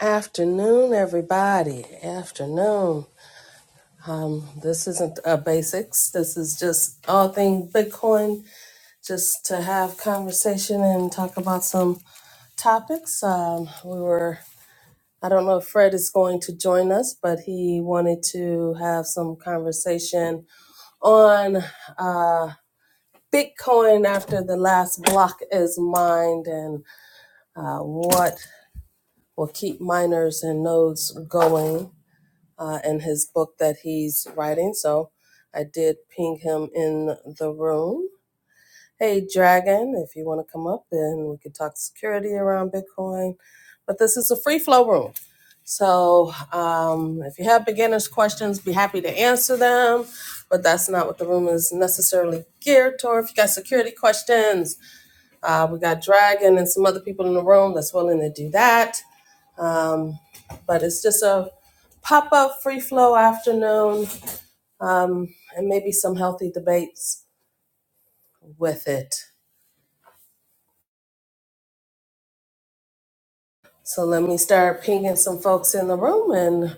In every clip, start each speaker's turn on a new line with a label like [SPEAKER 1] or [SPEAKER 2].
[SPEAKER 1] Afternoon, everybody. Afternoon. This isn't a basics. This is just all things Bitcoin, just to have conversation and talk about some topics. Um, we were, I don't know if Fred is going to join us, but he wanted to have some conversation on uh, Bitcoin after the last block is mined and uh, what will keep miners and nodes going. uh, and his book that he's writing. So I did ping him in the room. Hey, Dragon, if you want to come up and we could talk security around Bitcoin. But this is a free flow room. So um, if you have beginners' questions, be happy to answer them. But that's not what the room is necessarily geared toward. If you got security questions, uh, we got Dragon and some other people in the room that's willing to do that. Um, but it's just a pop up free flow afternoon um, and maybe some healthy debates with it. So let me start pinging some folks in the room and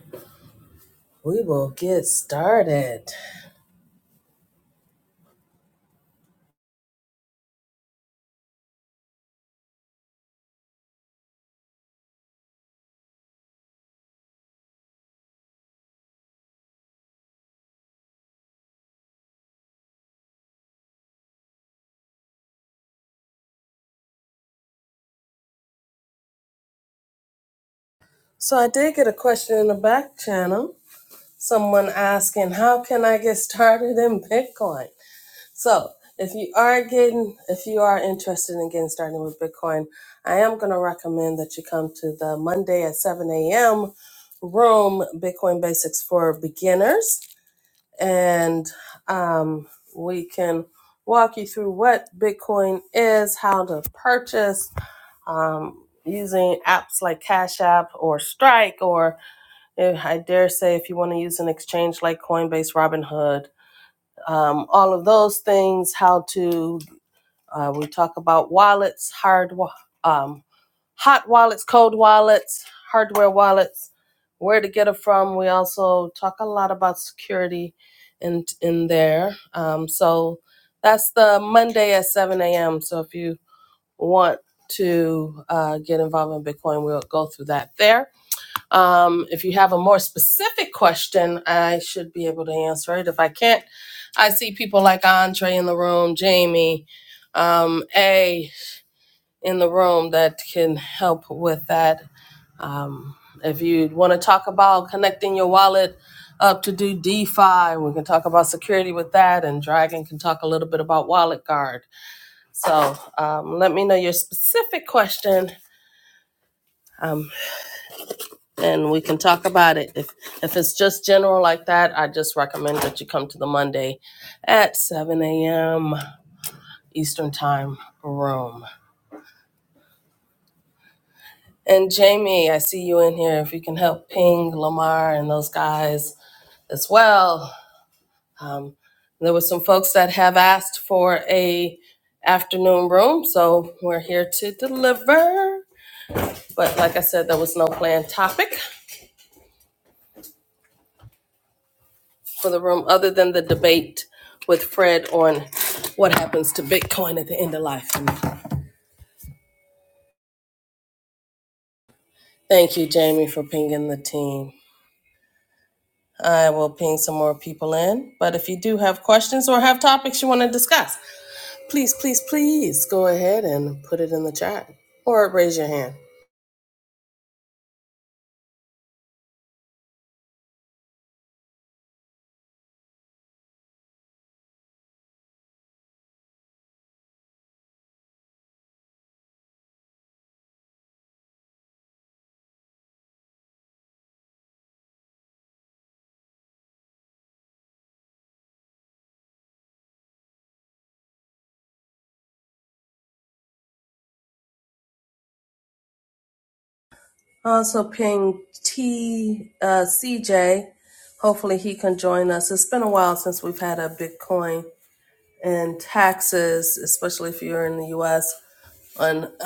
[SPEAKER 1] we will get started. So I did get a question in the back channel. Someone asking, How can I get started in Bitcoin? So if you are getting, if you are interested in getting started with Bitcoin, I am going to recommend that you come to the Monday at 7 a.m. room, Bitcoin Basics for Beginners, and um, we can walk you through what Bitcoin is, how to purchase, um, using apps like Cash App or Strike, or if, I dare say if you want to use an exchange like Coinbase, Robinhood, um, all of those things, how to uh, we talk about wallets, hard, um, hot wallets, cold wallets, hardware wallets, where to get them from. We also talk a lot about security in in there. Um, so that's the Monday at seven a.m. So if you want to uh, get involved in Bitcoin, we'll go through that there. Um, if you have a more specific question, I should be able to answer it. If I can't, I see people like Andre in the room, Jamie, um, A in the room that can help with that. Um, if you want to talk about connecting your wallet up to do DeFi, we can talk about security with that, and Dragon can talk a little bit about Wallet Guard. So um, let me know your specific question. Um, and we can talk about it. If if it's just general like that, I just recommend that you come to the Monday at 7 a.m. Eastern Time room. And Jamie, I see you in here. If you can help ping Lamar and those guys as well. Um, there were some folks that have asked for a afternoon room, so we're here to deliver. But like I said, there was no planned topic. for the room other than the debate with Fred on what happens to Bitcoin at the end of life. Thank you, Jamie, for pinging the team. I will ping some more people in. But if you do have questions or have topics you want to discuss, please, please, please go ahead and put it in the chat or raise your hand. I also ping T uh, CJ. Hopefully he can join us. It's been a while since we've had a Bitcoin and taxes, especially if you're in the U.S. on uh,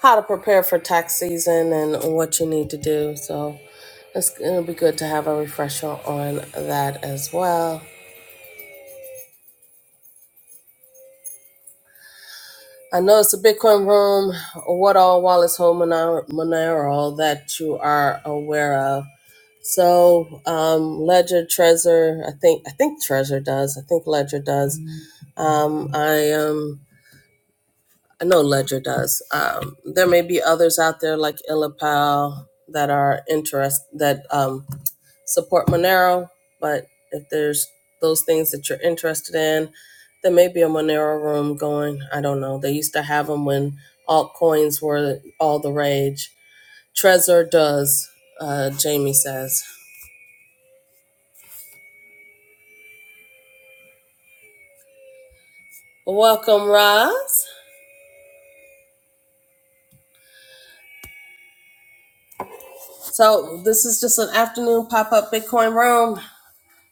[SPEAKER 1] how to prepare for tax season and what you need to do. So it's, it'll be good to have a refresher on that as well. I know it's a Bitcoin room. What all Wallace Hole Monar- Monero that you are aware of? So um, Ledger Trezor, I think I think Trezor does. I think Ledger does. Um, I um, I know Ledger does. Um, there may be others out there like Illapal that are interest that um, support Monero, but if there's those things that you're interested in, there may be a Monero room going. I don't know. They used to have them when altcoins were all the rage. Trezor does, uh, Jamie says. Welcome, Roz. So this is just an afternoon pop-up Bitcoin room.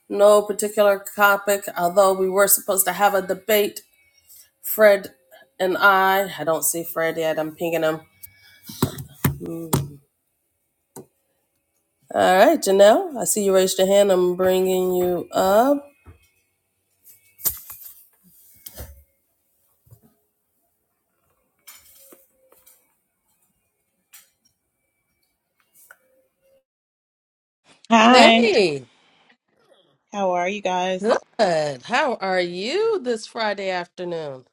[SPEAKER 1] No particular topic, although we were supposed to have a debate. Fred and I, I don't see Fred yet. I'm pinging him All right, Janelle, I see you raised your hand. I'm bringing you up.
[SPEAKER 2] Hi,
[SPEAKER 1] Hey,
[SPEAKER 2] how are you guys?
[SPEAKER 1] good. How are you this Friday afternoon?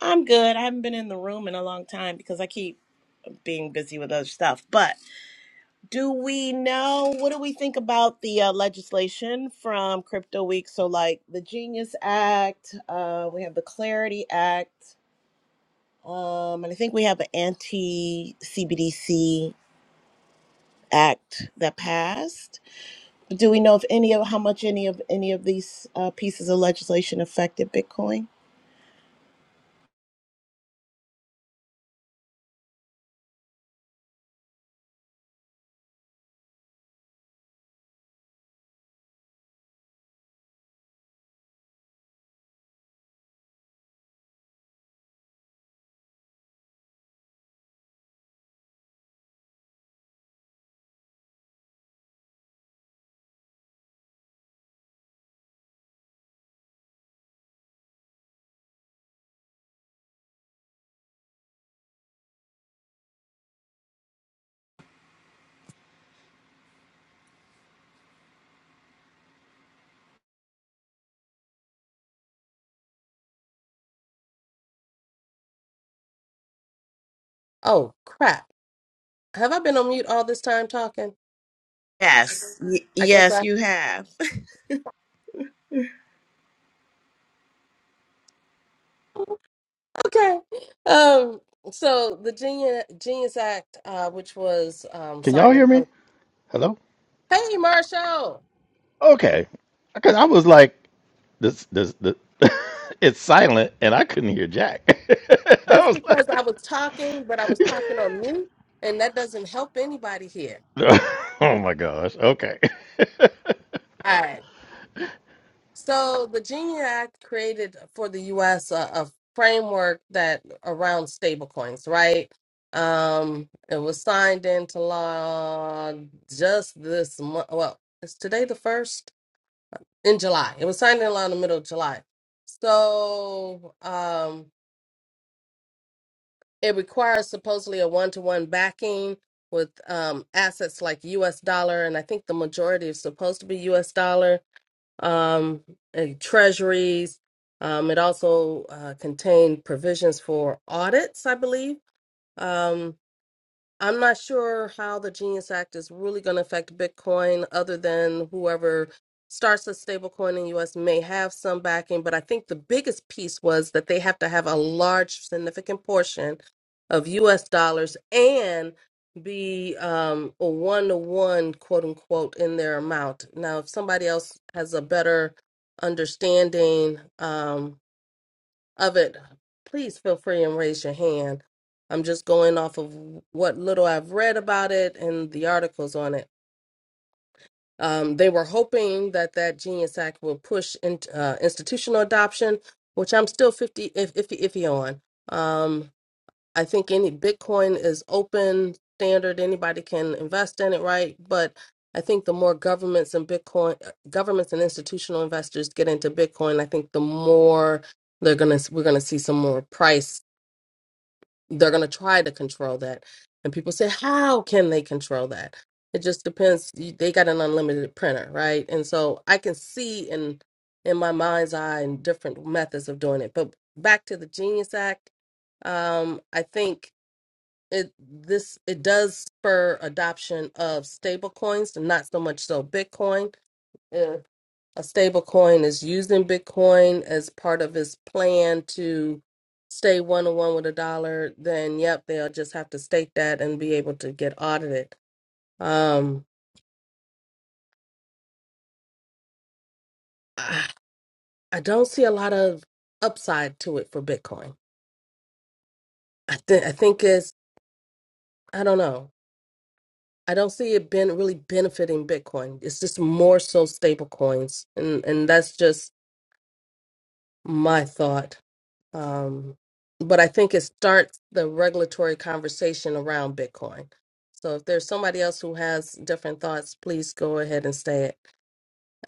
[SPEAKER 2] I'm good. I haven't been in the room in a long time because I keep being busy with other stuff. But do we know what do we think about the uh, legislation from Crypto Week? So, like the Genius Act, uh, we have the Clarity Act, um, and I think we have an anti CBDC act that passed. But do we know if any of how much any of any of these uh, pieces of legislation affected Bitcoin?
[SPEAKER 1] Oh, crap. Have I been on mute all this time talking?
[SPEAKER 2] Yes, y-
[SPEAKER 1] I guess
[SPEAKER 2] yes,
[SPEAKER 1] I.
[SPEAKER 2] you have.
[SPEAKER 1] Okay. Um, so the Genius, Genius Act, uh, which was um,
[SPEAKER 3] Can y'all
[SPEAKER 1] signed
[SPEAKER 3] hear
[SPEAKER 1] in.
[SPEAKER 3] me? Hello?
[SPEAKER 1] Hey, Marshall.
[SPEAKER 3] Okay. Because I was like, this, this, this it's silent and I couldn't hear Jack. I
[SPEAKER 1] That's
[SPEAKER 3] was
[SPEAKER 1] because I
[SPEAKER 3] like,
[SPEAKER 1] was talking, but I was talking on mute, and that doesn't help anybody here.
[SPEAKER 3] oh my gosh. Okay.
[SPEAKER 1] So the Genie Act created for the U.S. a, a framework that around stablecoins, right? Um, it was signed into law just this month. Well, is today the first in July? It was signed into law in the middle of July. So um, it requires supposedly a one-to-one backing with um, assets like U.S. dollar, and I think the majority is supposed to be U.S. dollar um, uh, treasuries. Um, it also uh, contained provisions for audits, I believe. Um, I'm not sure how the Genius Act is really going to affect Bitcoin, other than whoever starts a stablecoin in the US may have some backing. But I think the biggest piece was that they have to have a large, significant portion of US dollars and be um, a one to one, quote unquote, in their amount. Now, if somebody else has a better understanding, um, of it, please feel free and raise your hand. I'm just going off of what little I've read about it and the articles on it. Um, they were hoping that that Genius Act will push in, uh, institutional adoption, which I'm still 50 if, iffy, iffy on. Um, I think any Bitcoin is open standard; anybody can invest in it, right? But I think the more governments and Bitcoin uh, governments and institutional investors get into Bitcoin, I think the more they're gonna we're gonna see some more price they're going to try to control that. And people say, how can they control that? It just depends. You- They got an unlimited printer, right? And so I can see in in my mind's eye and different methods of doing it. But back to the Genius Act, um, I think it this it does spur adoption of stable coins, and not so much so Bitcoin a stablecoin is using Bitcoin as part of his plan to stay one to one with a dollar, then yep, they'll just have to stake that and be able to get audited. Um, I I don't see a lot of upside to it for Bitcoin. I think I think it's I don't know. I don't see it been really benefiting Bitcoin. It's just more so stablecoins, and and that's just my thought. Um, but I think it starts the regulatory conversation around Bitcoin. So if there's somebody else who has different thoughts, please go ahead and say it.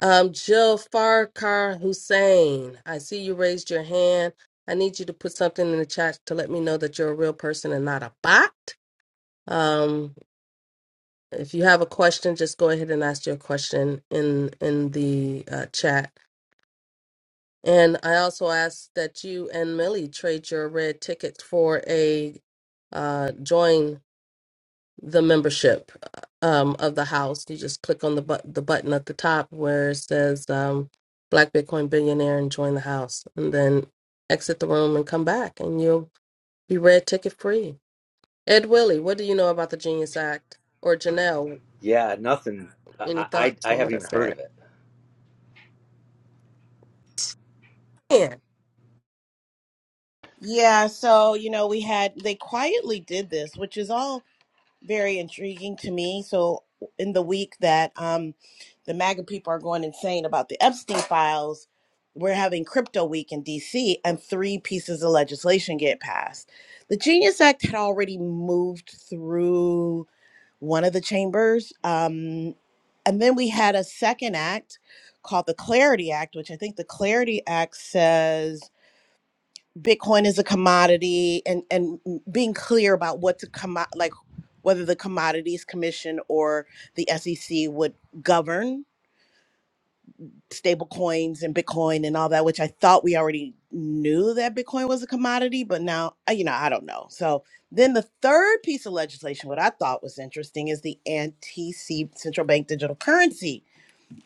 [SPEAKER 1] Um, Jill Farkar Hussein, I see you raised your hand. I need you to put something in the chat to let me know that you're a real person and not a bot. Um, if you have a question, just go ahead and ask your question in in the uh, chat And I also ask that you and Millie trade your red ticket for a uh, join the membership um, of the house. You just click on the but- the button at the top where it says um, Black Bitcoin Billionaire and join the house, and then exit the room and come back, and you'll be red ticket free. Ed Willie, what do you know about the Genius Act? Or Janelle,
[SPEAKER 4] Yeah, nothing.
[SPEAKER 1] any
[SPEAKER 4] I, I
[SPEAKER 1] thoughts
[SPEAKER 4] I
[SPEAKER 1] on what
[SPEAKER 4] haven't
[SPEAKER 1] I
[SPEAKER 4] even heard of
[SPEAKER 1] said?
[SPEAKER 4] it.
[SPEAKER 2] Yeah, so you know, we had they quietly did this, which is all very intriguing to me. So in the week that um the MAGA people are going insane about the Epstein files, we're having crypto week in DC and three pieces of legislation get passed. The Genius Act had already moved through one of the chambers. Um and then we had a second act called the Clarity Act, which I think the Clarity Act says Bitcoin is a commodity and and being clear about what to come like whether the commodities commission or the SEC would govern stable coins and Bitcoin and all that, which I thought we already knew that Bitcoin was a commodity, but now uh, you know, I don't know. So then the third piece of legislation, what I thought was interesting is the anti central bank digital currency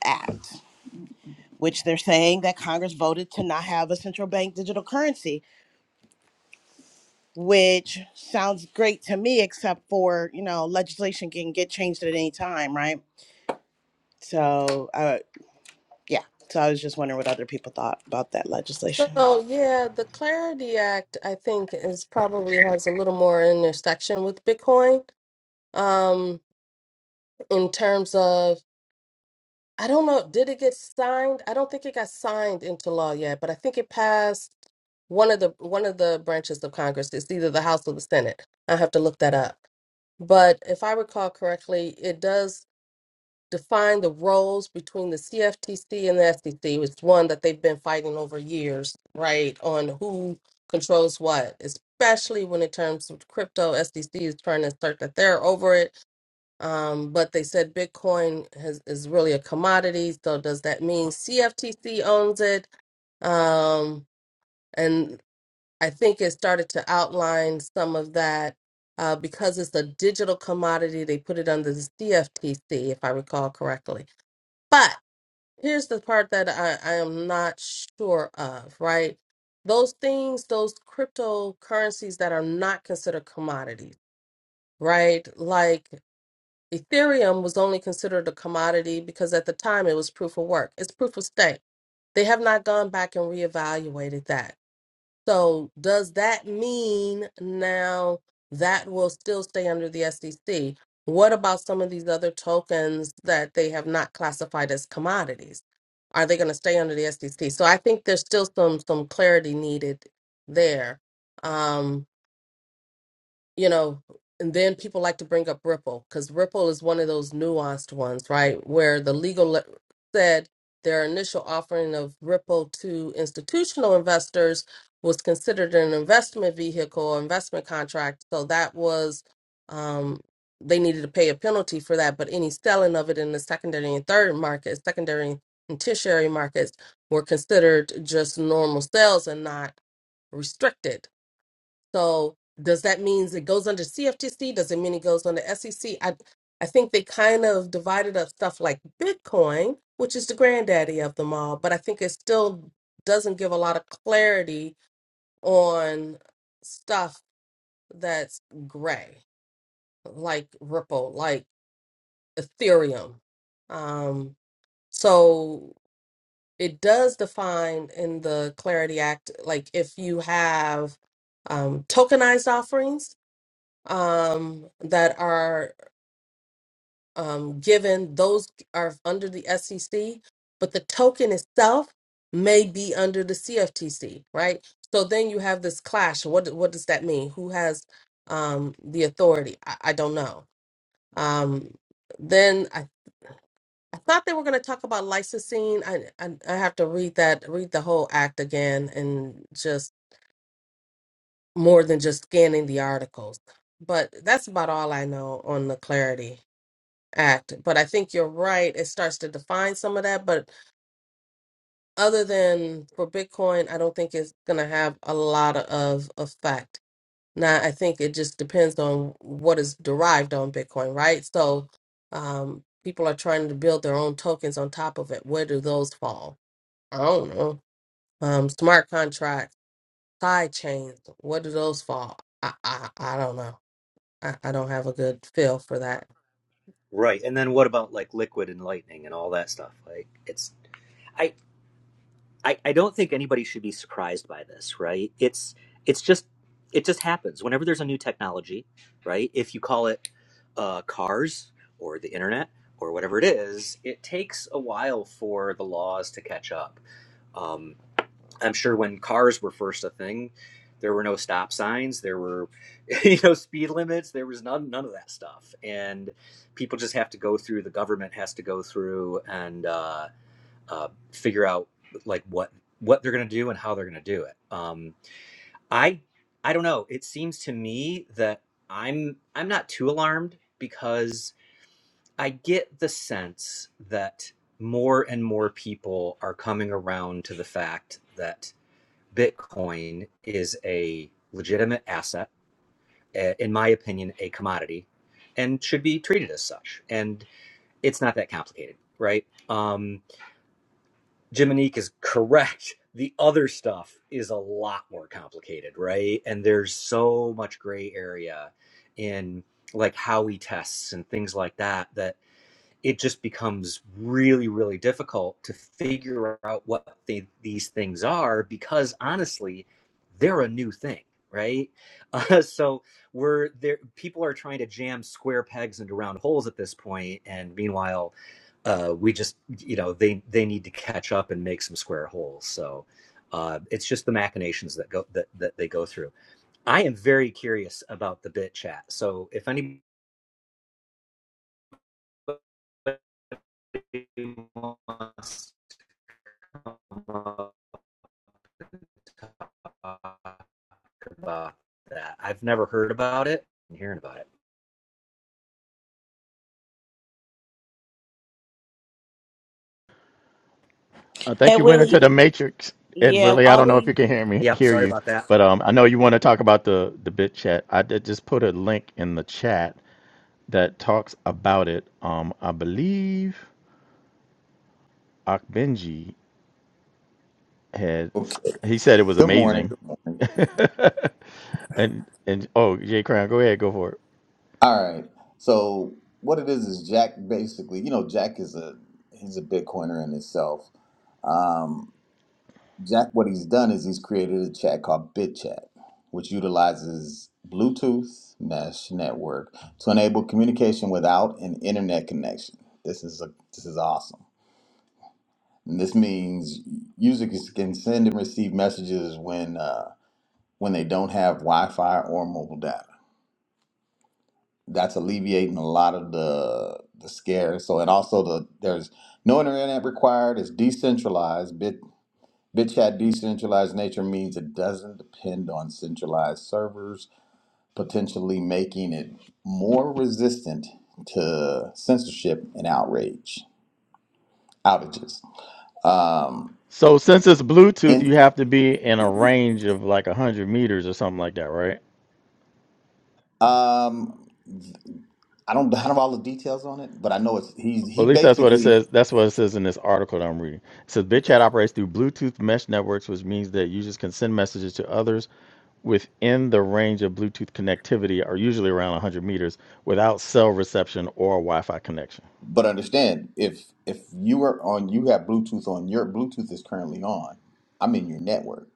[SPEAKER 2] act, which they're saying that Congress voted to not have a central bank digital currency which sounds great to me, except for, you know, legislation can get changed at any time, right? So, uh, yeah. So I was just wondering what other people thought about that legislation.
[SPEAKER 1] So, yeah, the Clarity Act, I think, is probably has a little more intersection with Bitcoin. Um, in terms of, I don't know, did it get signed? I don't think it got signed into law yet, but I think it passed one of the one of the branches of Congress. It's either the House or the Senate. I have to look that up. But if I recall correctly, it does define the roles between the CFTC and the SEC. It's one that they've been fighting over years, right? On who controls what, especially when it terms of crypto. SEC is trying to assert that they're over it, um, but they said Bitcoin has, is really a commodity. So does that mean CFTC owns it? Um, and I think it started to outline some of that. Uh, because it's a digital commodity, they put it under the CFTC, if I recall correctly but here's the part that I, I am not sure of, right? Those things, those cryptocurrencies that are not considered commodities, right? Like Ethereum was only considered a commodity because at the time it was proof of work, it's proof of stake. They have not gone back and reevaluated that. So does that mean now that will still stay under the SEC? What about some of these other tokens that they have not classified as commodities? Are they going to stay under the SEC? So I think there's still some some clarity needed there. Um, you know, and then people like to bring up Ripple because Ripple is one of those nuanced ones, right? Where the legal le- said their initial offering of Ripple to institutional investors was considered an investment vehicle or investment contract. So that was, um, they needed to pay a penalty for that. But any selling of it in the secondary and third markets, secondary and tertiary markets were considered just normal sales and not restricted so does that mean it goes under CFTC? Does it mean it goes under SEC? I I think they kind of divided up stuff like Bitcoin, which is the granddaddy of them all, but I think it still doesn't give a lot of clarity on stuff that's gray, like Ripple, like Ethereum. Um, so it does define in the Clarity Act, like if you have um, tokenized offerings um, that are um, given, those are under the SEC, but the token itself may be under the CFTC, right? So then you have this clash. What what does that mean? Who has um, the authority? I, I don't know. Um, then I, I thought they were going to talk about licensing. I, I I have to read that read the whole act again and just more than just scanning the articles. But that's about all I know on the clarity. act but i think you're right it starts to define some of that but other than for bitcoin i don't think it's going to have a lot of effect now i think it just depends on what is derived on bitcoin right so um, people are trying to build their own tokens on top of it where do those fall i don't know um, smart contracts side chains where do those fall i, I, I don't know I, I don't have a good feel for that.
[SPEAKER 4] Right. And then what about like liquid and lightning and all that stuff? Like it's I I, I don't think anybody should be surprised by this, right? It's it's just it just happens whenever there's a new technology, right? If you call it uh, cars or the internet or whatever it is, it takes a while for the laws to catch up. Um, I'm sure when cars were first a thing, there were no stop signs, there were you know speed limits, there was none none of that stuff, and people just have to go through. The government has to go through and uh, uh, figure out like what what they're going to do and how they're going to do it. Um, I I don't know. It seems to me that I'm I'm not too alarmed because I get the sense that more and more people are coming around to the fact that Bitcoin is a legitimate asset, eh, in my opinion, a commodity, and should be treated as such. And it's not that complicated, right? Um, Jiminique is correct. The other stuff is a lot more complicated, right? And there's so much gray area in like how we tests and things like that that it just becomes really really difficult to figure out what they, these things are because honestly they're a new thing right uh, so we're there people are trying to jam square pegs into round holes at this point and meanwhile uh, we just you know they they need to catch up and make some square holes so uh, it's just the machinations that go that, that they go through i am very curious about the bit chat so if anybody wants to come up and talk about that. I've never heard about it. I'm hearing about it.
[SPEAKER 3] I think
[SPEAKER 2] And
[SPEAKER 3] you went into the matrix,
[SPEAKER 2] yeah,
[SPEAKER 3] Ed Willie. I don't know if you can hear me,
[SPEAKER 4] Yep,
[SPEAKER 3] hear
[SPEAKER 4] sorry
[SPEAKER 3] you,
[SPEAKER 4] about that.
[SPEAKER 3] but um, I know you want to talk about the the bit chat. I did just put a link in the chat that talks about it. Um, I believe Akbenji had
[SPEAKER 5] Okay.
[SPEAKER 3] he said it was
[SPEAKER 5] Good morning.
[SPEAKER 3] amazing,
[SPEAKER 5] Good morning.
[SPEAKER 3] and and oh Jay Crown, go ahead, go for it.
[SPEAKER 5] All right. So what it is is Jack basically, you know, Jack is a he's a Bitcoiner in itself. Um, Jack, what he's done is he's created a chat called BitChat, which utilizes Bluetooth mesh network to enable communication without an internet connection. This is a this is awesome. And this means users can send and receive messages when uh, when they don't have Wi-Fi or mobile data. that's alleviating a lot of the the scare. So and also the there's no internet required. It's decentralized. Bit BitChat decentralized nature means it doesn't depend on centralized servers, potentially making it more resistant to censorship and outrage outages. Um,
[SPEAKER 3] So since it's Bluetooth,
[SPEAKER 5] in
[SPEAKER 3] you have to be in a range of like hundred meters or something like that, right?
[SPEAKER 5] um, I don't I don't have all the details on it, but I know it's he's
[SPEAKER 3] at
[SPEAKER 5] he
[SPEAKER 3] least that's what it
[SPEAKER 5] basically
[SPEAKER 3] says. That's what it says in this article that I'm reading. It says BitChat operates through Bluetooth mesh networks, which means that users can send messages to others within the range of Bluetooth connectivity, or usually around 100 meters, without cell reception or a Wi-Fi connection.
[SPEAKER 5] But understand, if if you are on, you have Bluetooth on. Your Bluetooth is currently on. I'm in your network.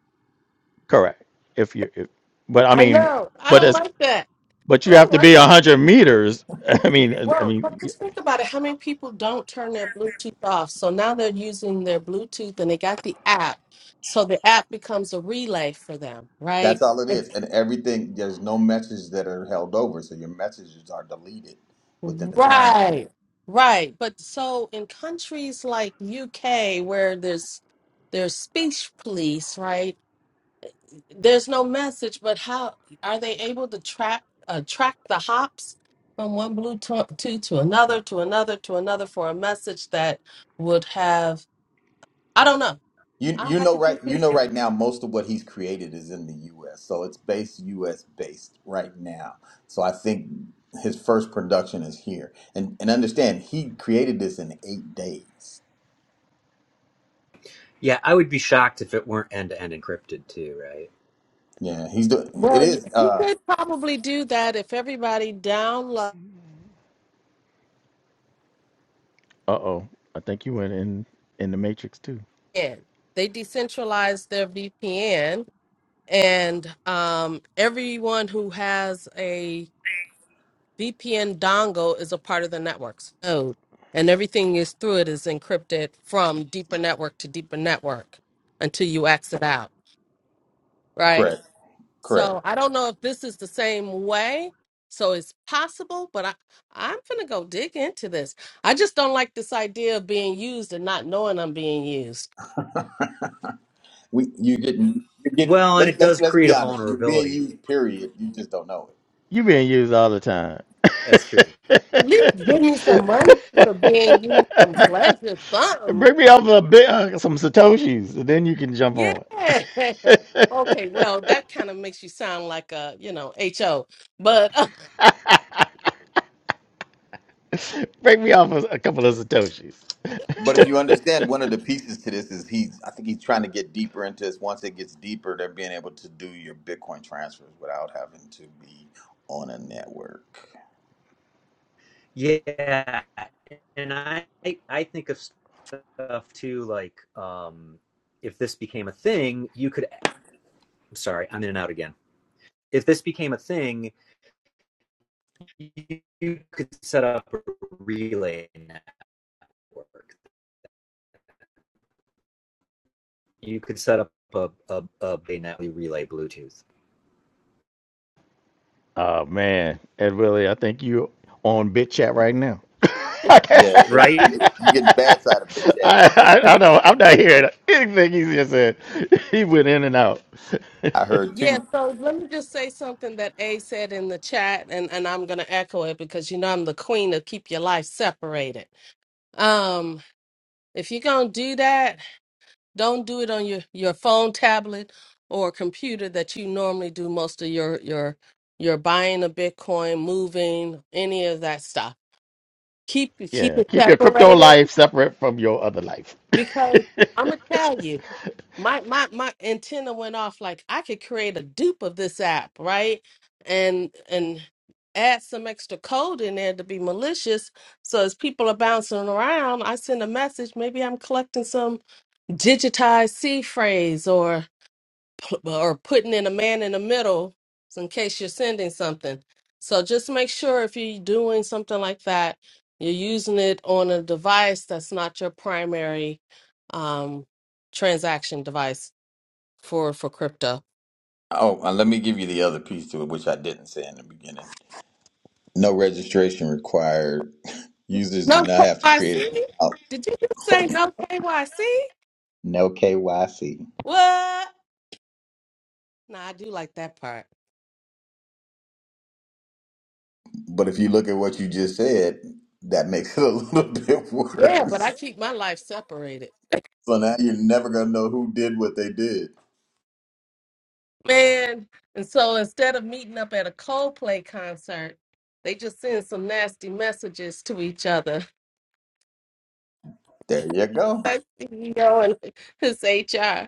[SPEAKER 3] Correct. If you, if, but I
[SPEAKER 1] I
[SPEAKER 3] mean,
[SPEAKER 1] know. I
[SPEAKER 3] but
[SPEAKER 1] don't
[SPEAKER 3] as
[SPEAKER 1] like that.
[SPEAKER 3] but you
[SPEAKER 1] I
[SPEAKER 3] have
[SPEAKER 1] don't
[SPEAKER 3] to
[SPEAKER 1] like.
[SPEAKER 3] be 100 meters. I mean, I
[SPEAKER 1] Well, but
[SPEAKER 3] mean,
[SPEAKER 1] just think about it. How many people don't turn their Bluetooth off? So now they're using their Bluetooth and they got the app. So the app becomes a relay for them,
[SPEAKER 5] That's
[SPEAKER 1] right?
[SPEAKER 5] all it is, and everything. There's no messages that are held over, so your messages are deleted within a time frame.
[SPEAKER 1] Right, right. But so in countries like UK where there's there's speech police, right? There's no message, but how are they able to track uh, track the hops from one Bluetooth to, to another to another to another for a message that would have I don't know.
[SPEAKER 5] You
[SPEAKER 1] I
[SPEAKER 5] you
[SPEAKER 1] have
[SPEAKER 5] know
[SPEAKER 1] to
[SPEAKER 5] right
[SPEAKER 1] think.
[SPEAKER 5] you
[SPEAKER 1] into
[SPEAKER 5] know right
[SPEAKER 1] it.
[SPEAKER 5] now most of what he's created is in the U.S., so it's based U.S. based right now. So I think his first production is here, and and understand he created this in eight days.
[SPEAKER 4] Yeah, I would be shocked if it weren't end to end encrypted too, right?
[SPEAKER 5] Yeah, he's doing it
[SPEAKER 1] Well, you-
[SPEAKER 5] is
[SPEAKER 1] he
[SPEAKER 5] uh
[SPEAKER 1] could probably do that if everybody downloaded.
[SPEAKER 3] uh oh, I think you went in in the matrix too.
[SPEAKER 1] They decentralized their VPN and um, everyone who has a VPN dongle is a part of the network's node, and everything is through it is encrypted from deeper network to deeper network until you exit out, right?
[SPEAKER 5] correct correct.
[SPEAKER 1] So I don't know if this is the same way. So it's possible, but I, I'm gonna go dig into this. I just don't like this idea of being used and not knowing I'm being used.
[SPEAKER 5] We you getting you get
[SPEAKER 4] Well, and it
[SPEAKER 5] let's let's
[SPEAKER 4] does
[SPEAKER 5] let's
[SPEAKER 4] create a
[SPEAKER 5] be honest. You're being
[SPEAKER 4] vulnerability.
[SPEAKER 5] used, period. You just don't know it.
[SPEAKER 3] You being used all the time.
[SPEAKER 4] That's true.
[SPEAKER 1] At least give me some money for being used, some pleasure, something
[SPEAKER 3] Break me off a bit, uh, some satoshis, and then you can jump
[SPEAKER 1] Yeah.
[SPEAKER 3] on.
[SPEAKER 1] Okay, well, that kind of makes you sound like a, you know, HO. But
[SPEAKER 3] Break me off a, a couple of satoshis.
[SPEAKER 5] But if you understand one of the pieces to this is he's I think he's trying to get deeper into this. Once it gets deeper, they're being able to do your Bitcoin transfers without having to be on a network.
[SPEAKER 4] Yeah, and I I think of stuff too, like um, if this became a thing, you could. I'm sorry, I'm in and out again. If this became a thing, you could set up a relay network. You could set up a a, a Baynet relay Bluetooth,
[SPEAKER 3] oh man, Ed Willie, I think you on bit chat right now. I,
[SPEAKER 5] Yeah, it,
[SPEAKER 4] right?
[SPEAKER 5] you you get the bad side of it, chat.
[SPEAKER 3] I, I don't. I'm not hearing anything he just said. He went in and out.
[SPEAKER 5] I heard
[SPEAKER 1] yeah,
[SPEAKER 5] too.
[SPEAKER 1] so let me just say something that A said in the chat and and I'm going to echo it because you know I'm the queen of keep your life separated. Um, if you're going to do that, Don't do it on your, your phone, tablet, or computer that you normally do most of your your your buying of Bitcoin, moving, any of that stuff. Keep keep
[SPEAKER 3] Yeah,
[SPEAKER 1] it
[SPEAKER 3] keep your crypto
[SPEAKER 1] separated
[SPEAKER 3] life separate from your other life.
[SPEAKER 1] because I'm gonna tell you, my my my antenna went off like I could create a dupe of this app, right? And and add some extra code in there to be malicious. So as people are bouncing around, I send a message. Maybe I'm collecting some digitized C phrase or pl- or putting in a man in the middle so in case you're sending something. So just make sure if you're doing something like that, you're using it on a device that's not your primary um, transaction device for for crypto.
[SPEAKER 5] Oh, and let me give you the other piece to it, which I didn't say in the beginning. No registration required. Users do
[SPEAKER 1] No
[SPEAKER 5] not have to create
[SPEAKER 1] KYC?
[SPEAKER 5] an
[SPEAKER 1] Did you just say
[SPEAKER 5] account.
[SPEAKER 1] no KYC?
[SPEAKER 5] No KYC.
[SPEAKER 1] What? Nah, I do like that part.
[SPEAKER 5] But if you look at what you just said, that makes it a little bit
[SPEAKER 1] Yeah, but I
[SPEAKER 5] worse.
[SPEAKER 1] keep my life separated.
[SPEAKER 5] So now you're never going to know who did what they did.
[SPEAKER 1] Man, and so instead of meeting up at a Coldplay concert, they just send some nasty messages to each other.
[SPEAKER 5] There you go.
[SPEAKER 1] Our CEO and his HR.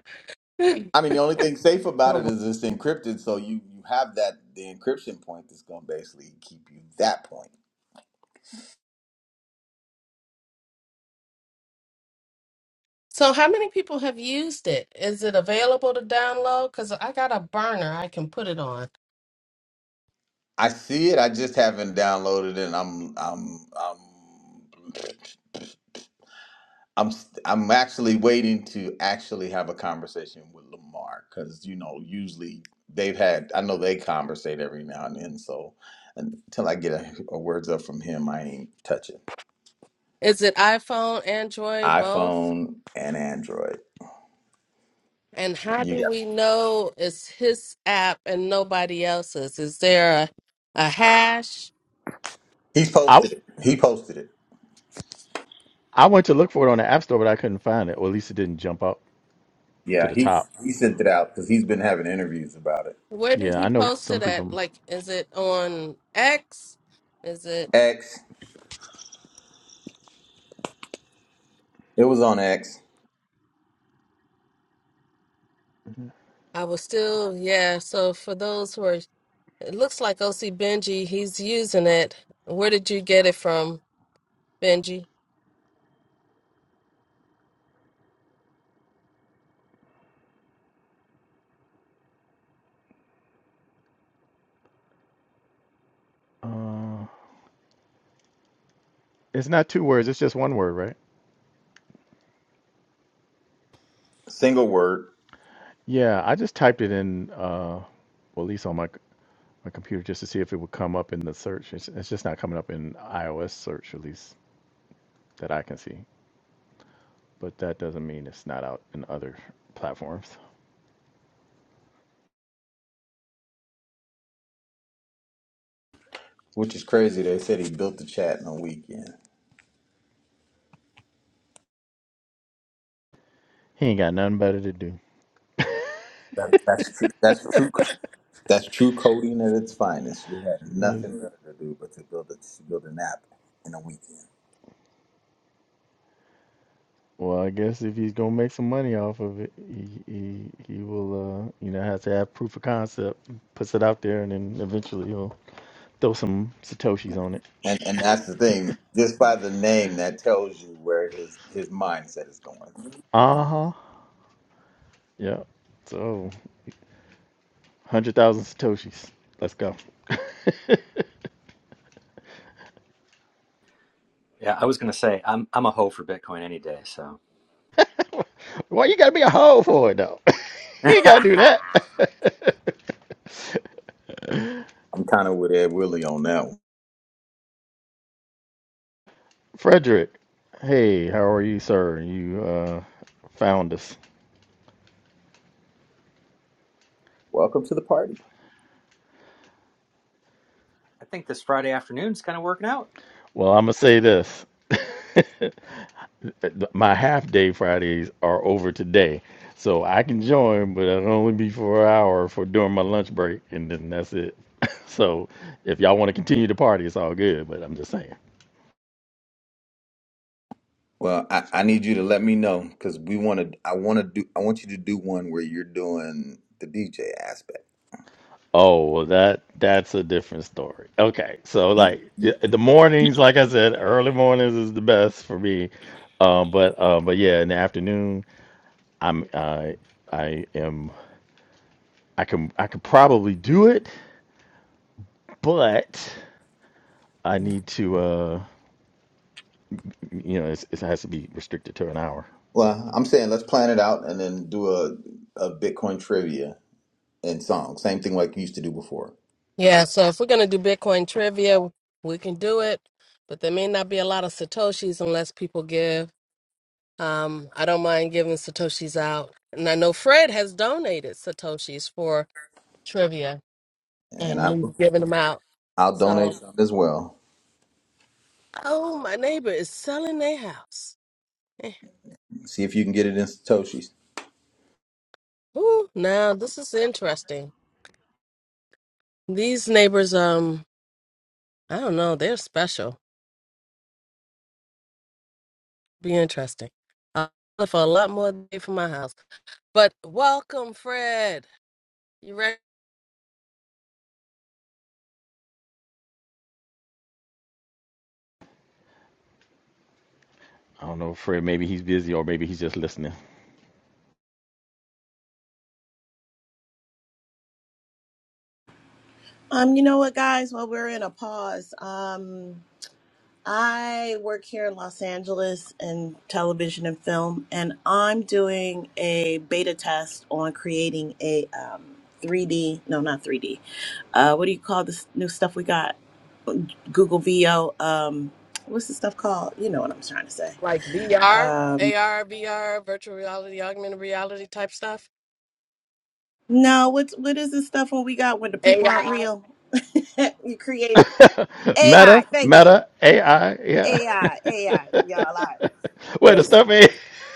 [SPEAKER 5] I mean, the only thing safe about
[SPEAKER 1] Oh.
[SPEAKER 5] it is it's encrypted, so you you have that the encryption point that's going to basically keep you that point.
[SPEAKER 1] So, so how many people have used it? Is it available to download? Because I got a burner I can put it on.
[SPEAKER 5] I see it. I just haven't downloaded it. and I'm I'm I'm I'm st- I'm actually waiting to actually have a conversation with Lamar because you know usually they've had I know they conversate every now and then so until I get a, a words up from him I ain't touching
[SPEAKER 1] Is it iPhone, Android, both?
[SPEAKER 5] iPhone and Android
[SPEAKER 1] And how
[SPEAKER 5] you
[SPEAKER 1] do
[SPEAKER 5] got it.
[SPEAKER 1] we know it's his app and nobody else's? Is there a, a hash?
[SPEAKER 5] he's
[SPEAKER 3] I
[SPEAKER 5] posted it he posted it
[SPEAKER 3] I went to look for it on the App Store, but I couldn't find it, or at least it didn't jump up to
[SPEAKER 5] yeah
[SPEAKER 3] the
[SPEAKER 5] he
[SPEAKER 3] top.
[SPEAKER 5] he sent it out because he's been having interviews about it
[SPEAKER 1] Where did
[SPEAKER 3] Yeah, I
[SPEAKER 1] he
[SPEAKER 3] know
[SPEAKER 1] post
[SPEAKER 3] some
[SPEAKER 1] it at?
[SPEAKER 3] people.
[SPEAKER 1] Like, is it on X? Is it?
[SPEAKER 5] X it was on X
[SPEAKER 1] I was still, yeah. So for those who are, it looks like OC Benji, he's using it. Where did you get it from, Benji?
[SPEAKER 3] It's not two words; it's just one word, right?
[SPEAKER 5] single word
[SPEAKER 3] Yeah, I just typed it in, uh, well, at least on my c- my computer, just to see if it would come up in the search. It's, it's just not coming up in iOS search, at least that I can see. But that doesn't mean it's not out in other platforms.
[SPEAKER 5] which is crazy they said he built the chat in a weekend
[SPEAKER 3] He ain't got nothing better to do.
[SPEAKER 5] that, that's true that's true That's true coding at its finest. You had nothing better to do but to build a to build an app in a weekend.
[SPEAKER 3] Well, I guess if he's gonna make some money off of it, he he, he will uh, you know have to have proof of concept, puts it out there, and then eventually he'll throw some satoshis on it.
[SPEAKER 5] And and that's the thing. Just by the name, that tells you where his his mindset is going.
[SPEAKER 3] Uh huh. Yeah. So hundred thousand satoshis. Let's go.
[SPEAKER 4] Yeah, I was gonna say I'm I'm a hoe for Bitcoin any day, so
[SPEAKER 3] Why you gotta be a hoe for it though? you gotta do
[SPEAKER 4] I
[SPEAKER 3] that.
[SPEAKER 5] I'm kind of with Ed Willie on that. One.
[SPEAKER 3] Frederick, hey, how are you, sir? You uh, found us.
[SPEAKER 5] Welcome to the party.
[SPEAKER 4] think this Friday afternoon's kind of working out.
[SPEAKER 3] Well, I'm gonna say this. But my half day Fridays are over today. So I can join, but it'll only be for an hour for during my lunch break, and then that's it. so if y'all want to continue the party, it's all good. But I'm just saying.
[SPEAKER 5] Well, I, I need you to let me know because we want to. I want to do. I want you to do one where you're doing the DJ aspect.
[SPEAKER 3] Oh well, that that's a different story. Okay, so
[SPEAKER 5] You,
[SPEAKER 3] like
[SPEAKER 5] you,
[SPEAKER 3] i- the mornings, like I said, early mornings is the best for me. Um, but uh, but yeah, in the afternoon, I'm I I am I can I could probably do it, but I need to. Uh, You know, it's, it has to be restricted to an hour.
[SPEAKER 5] well, I'm saying let's plan it out and then do a a Bitcoin trivia and song. Same thing like we used to do before.
[SPEAKER 1] Yeah. So if we're gonna do Bitcoin trivia, we can do it, but there may not be a lot of satoshis unless people give. Um, I don't mind giving satoshis out, and I know Fred has donated satoshis for trivia,
[SPEAKER 5] And
[SPEAKER 1] and
[SPEAKER 5] I
[SPEAKER 1] we've given them out.
[SPEAKER 5] I'll
[SPEAKER 1] So.
[SPEAKER 5] donate some as well.
[SPEAKER 1] Oh, my neighbor is selling their house. Eh,
[SPEAKER 5] See if you can get it in Satoshi's.
[SPEAKER 1] Ooh, now this is interesting. These neighbors, um, I don't know, they're special. Be interesting. I'll look for a lot more than for my house. But welcome, Fred. You ready?
[SPEAKER 3] I don't know, Fred. Maybe he's busy, or maybe he's just listening.
[SPEAKER 2] Um, you know what, guys? well, we're in a pause, um, I work here in Los Angeles in television and film, and I'm doing a beta test on creating a um, 3D, no, not 3D. Uh, what do you call this new stuff we got? Google VO. Um, what's the stuff called? You know what I'm trying to say.
[SPEAKER 1] Like VR,
[SPEAKER 2] Um,
[SPEAKER 1] AR, VR, virtual reality, augmented reality type stuff.
[SPEAKER 2] no, what's what is this stuff when we got when the people aren't
[SPEAKER 1] AI.
[SPEAKER 2] real? you created
[SPEAKER 3] Meta,
[SPEAKER 2] AI. Thank you.
[SPEAKER 3] Meta AI, yeah.
[SPEAKER 2] AI, AI, y'all. I
[SPEAKER 3] Where the
[SPEAKER 2] listen.
[SPEAKER 3] stuff ain't,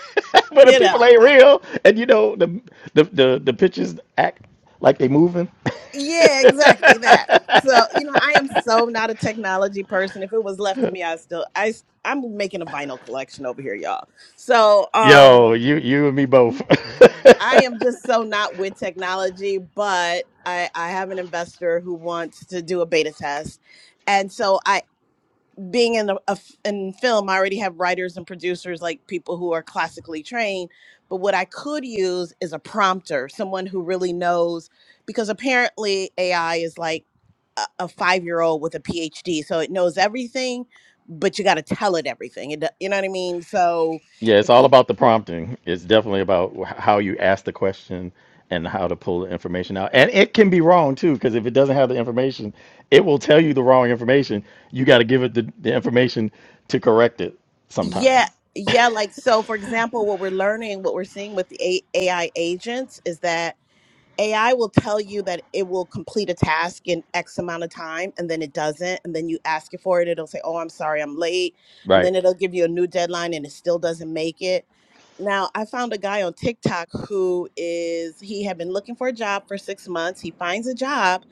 [SPEAKER 3] where the
[SPEAKER 2] You
[SPEAKER 3] people
[SPEAKER 2] know,
[SPEAKER 3] ain't real, and you know the the the, the pictures act like they moving.
[SPEAKER 2] Yeah, exactly that. So, you know, I am so not a technology person. If it was left to me, I still I s- I'm making a vinyl collection over here, y'all. So, um
[SPEAKER 3] Yo, you you and me both.
[SPEAKER 2] I am just so not with technology, but I I have an investor who wants to do a beta test. And so I being in a, a f- in film, I already have writers and producers like people who are classically trained. But what I could use is a prompter, someone who really knows, because apparently AI is like a, a five year old with a PhD, so it knows everything, but you got to tell it everything. It, do- you know what I mean? So
[SPEAKER 3] Yeah, it's
[SPEAKER 2] if
[SPEAKER 3] all
[SPEAKER 2] you
[SPEAKER 3] about the prompting. It's definitely about wh- how you ask the question and how to pull the information out. And it can be wrong too, because if it doesn't have the information, it will tell you the wrong information. You got to give it the, the information to correct it sometimes.
[SPEAKER 2] yeah, yeah. Like, so for example, what we're learning, what we're seeing with the A- AI agents is that AI will tell you that it will complete a task in X amount of time and then it doesn't. And then you ask it for it, it'll say, Oh, I'm sorry, I'm late. And then
[SPEAKER 3] Right.
[SPEAKER 2] it'll give you a new deadline and it still doesn't make it. Now, I found a guy on TikTok who is, he had been looking for a job for six months. He finds a job.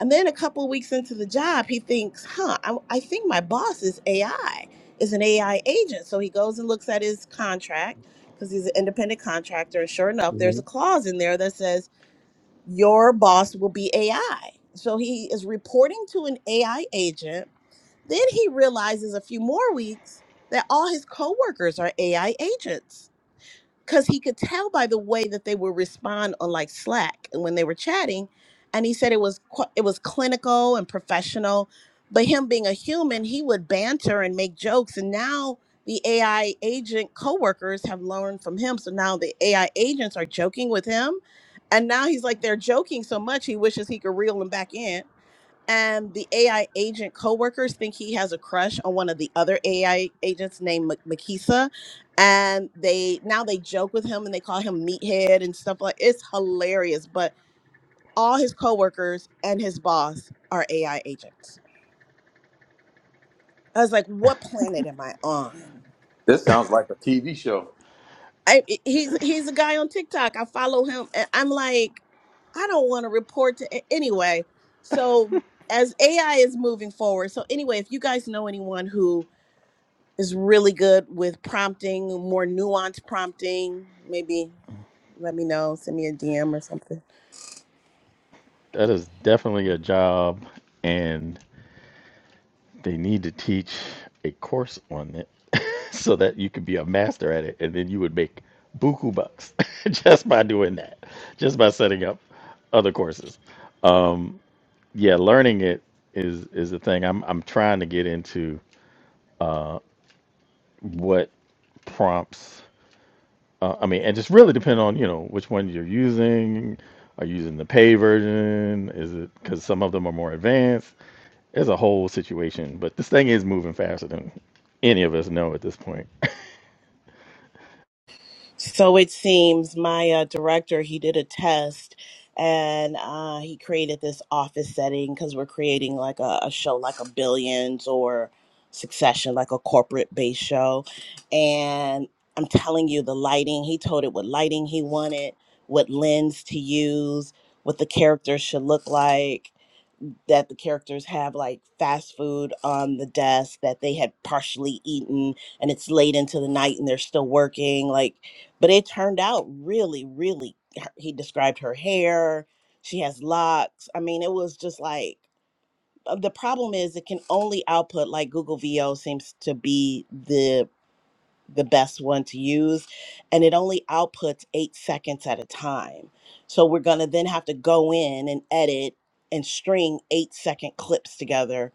[SPEAKER 2] And then a couple of weeks into the job, he thinks, Huh, I, I think my boss is AI, is an AI agent. So he goes and looks at his contract because he's an independent contractor. And sure enough, there's a
[SPEAKER 6] Mhm.
[SPEAKER 2] clause in there that says, your boss will be AI. So he is reporting to an AI agent. Then he realizes a few more weeks that all his coworkers are AI agents because he could tell by the way that they would respond on like Slack and when they were chatting, and he said it was qu- it was clinical and professional. But him being a human, he would banter and make jokes, and now the AI agent coworkers have learned from him. So now the AI agents are joking with him, and now he's like they're joking so much he wishes he could reel them back in and the AI agent coworkers think he has a crush on one of the other AI agents named Ma- Makisa, and they now they joke with him and they call him meathead and stuff like it's hilarious. But all his coworkers and his boss are AI agents. I was like, what planet am I on?
[SPEAKER 5] This sounds like a TV show.
[SPEAKER 2] I, I- he's he's a guy on TikTok. I follow him, and I'm like, I don't want to report to a- anyway. So as AI is moving forward, so anyway, if you guys know anyone who is really good with prompting, more nuanced prompting. Maybe let me know, send me a DM or something.
[SPEAKER 3] That is definitely a job, and they need to teach a course on it so that you could be a master at it. And then you would make buku bucks just by doing that, just by setting up other courses. yeah, learning it is is the thing. I'm I'm trying to get into what prompts. Uh, I mean, and just really depend on you know which one you're using. Are you using the pay version? Is it because some of them are more advanced? It's a whole situation, but this thing is moving faster than any of us know at this point.
[SPEAKER 2] So it seems my uh, director, he did a test and uh, he created this office setting because we're creating like a, a show like a Billions or Succession, like a corporate based show. And I'm telling you, the lighting, he told it what lighting he wanted, what lens to use, what the characters should look like that the characters have like fast food on the desk that they had partially eaten and it's late into the night and they're still working like but it turned out really really her- he described her hair she has locks i mean it was just like uh, the problem is it can only output like google vo seems to be the the best one to use and it only outputs eight seconds at a time so we're going to then have to go in and edit and string eight second clips together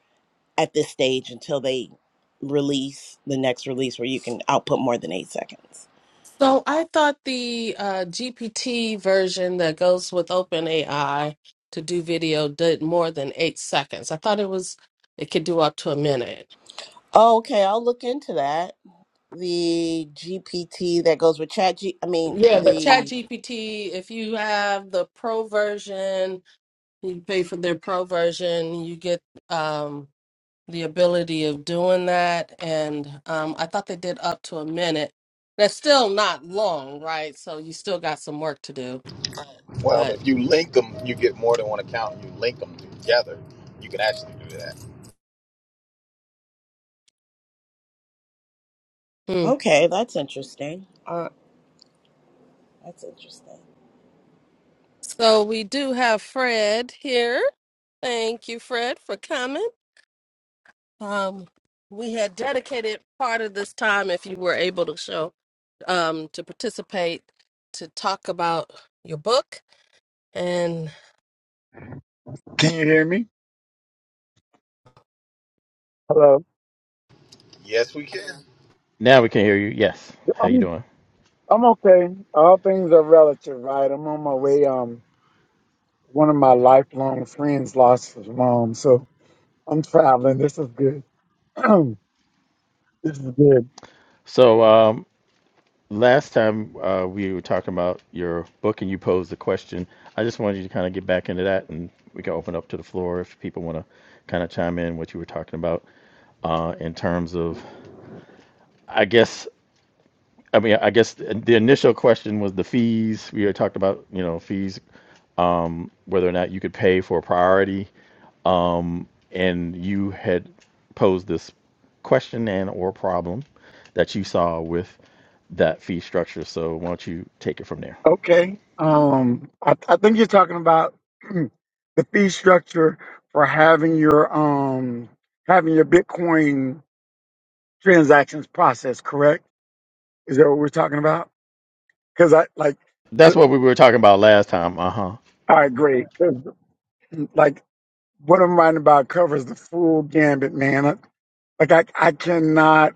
[SPEAKER 2] at this stage until they release the next release where you can output more than eight seconds
[SPEAKER 1] So I thought the uh, GPT version that goes with OpenAI to do video did more than eight seconds. I thought it was it could do up to a minute.
[SPEAKER 2] oh, okay i'll look into that the gpt that goes with chat g i mean
[SPEAKER 1] Yeah, but
[SPEAKER 2] the
[SPEAKER 1] ChatGPT, if you have the pro version, you pay for their pro version, you get um, the ability of doing that. And um, I thought they did up to a minute. That's still not long, right? So you still got some work to do,
[SPEAKER 5] Well,
[SPEAKER 1] but.
[SPEAKER 5] if you link them, you get more than one account. and You link them together, you can actually do that.
[SPEAKER 1] hmm.
[SPEAKER 2] okay that's interesting that's interesting
[SPEAKER 1] So we do have Fred here. Thank you, Fred, for coming. Um, we had dedicated part of this time, if you were able to show, um, to participate, to talk about your book. And
[SPEAKER 6] Can you hear me? Hello.
[SPEAKER 5] Yes, we can.
[SPEAKER 3] Now we can hear you. Yes. How you
[SPEAKER 6] I'm
[SPEAKER 3] doing?
[SPEAKER 6] I'm okay. All things are relative, right? I'm on my way. Um, one of my lifelong friends lost his mom, so I'm traveling. This is good. this is good.
[SPEAKER 3] So um, last time uh, we were talking about your book and you posed the question. I just wanted you to kind of get back into that and we can open up to the floor if people want to kind of chime in what you were talking about uh, in terms of, I guess, I mean, I guess the initial question was the fees. We had talked about, you know, fees, whether or not you could pay for a priority. And you had posed this question and or problem that you saw with that fee structure. So why don't you take it from there?
[SPEAKER 6] Okay. Um, I, I think you're talking about the fee structure for having your um having your Bitcoin transactions processed. Correct? Is that what we're talking about? Because I like
[SPEAKER 3] That's
[SPEAKER 6] the.
[SPEAKER 3] what we were talking about last time. Uh
[SPEAKER 6] All right, great. 'Cause, like. what I'm writing about covers the full gambit, man. Like I, I cannot.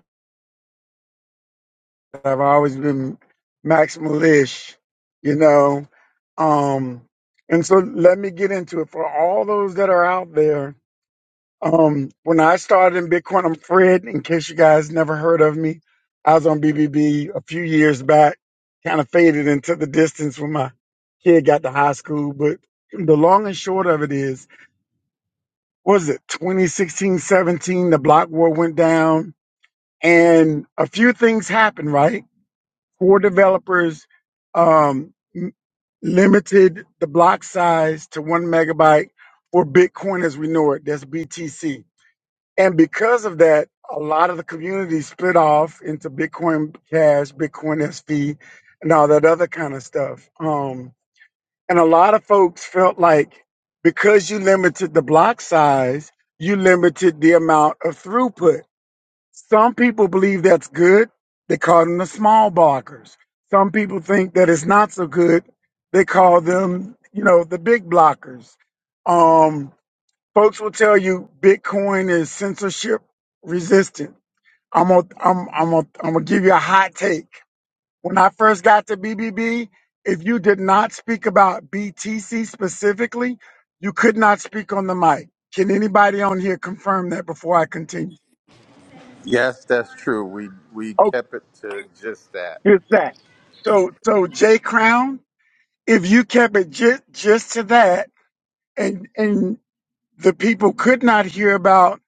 [SPEAKER 6] I've always been maximalish, you know. Um, and so let me get into it for all those that are out there. Um, when I started in Bitcoin, I'm Fred. In case you guys never heard of me, I was on B B B a few years back. Kind of faded into the distance when my kid got to high school. But the long and short of it is. what was it 2016 17 the block war went down and a few things happened right four developers um, m- limited the block size to one megabyte for bitcoin as we know it that's btc and because of that a lot of the community split off into bitcoin cash bitcoin sv and all that other kind of stuff um, and a lot of folks felt like because you limited the block size, you limited the amount of throughput. Some people believe that's good. They call them the small blockers. Some people think that it's not so good. They call them, you know, the big blockers. Um, folks will tell you Bitcoin is censorship resistant. I'm gonna, I'm, I'm gonna, I'm gonna give you a hot take. When I first got to BBB, if you did not speak about BTC specifically, you could not speak on the mic. Can anybody on here confirm that before I continue?
[SPEAKER 5] Yes, that's true. We we
[SPEAKER 6] Oh,
[SPEAKER 5] kept it to just that.
[SPEAKER 6] just that. So, so Jay Crown, if you kept it just, just to that, and and the people could not hear about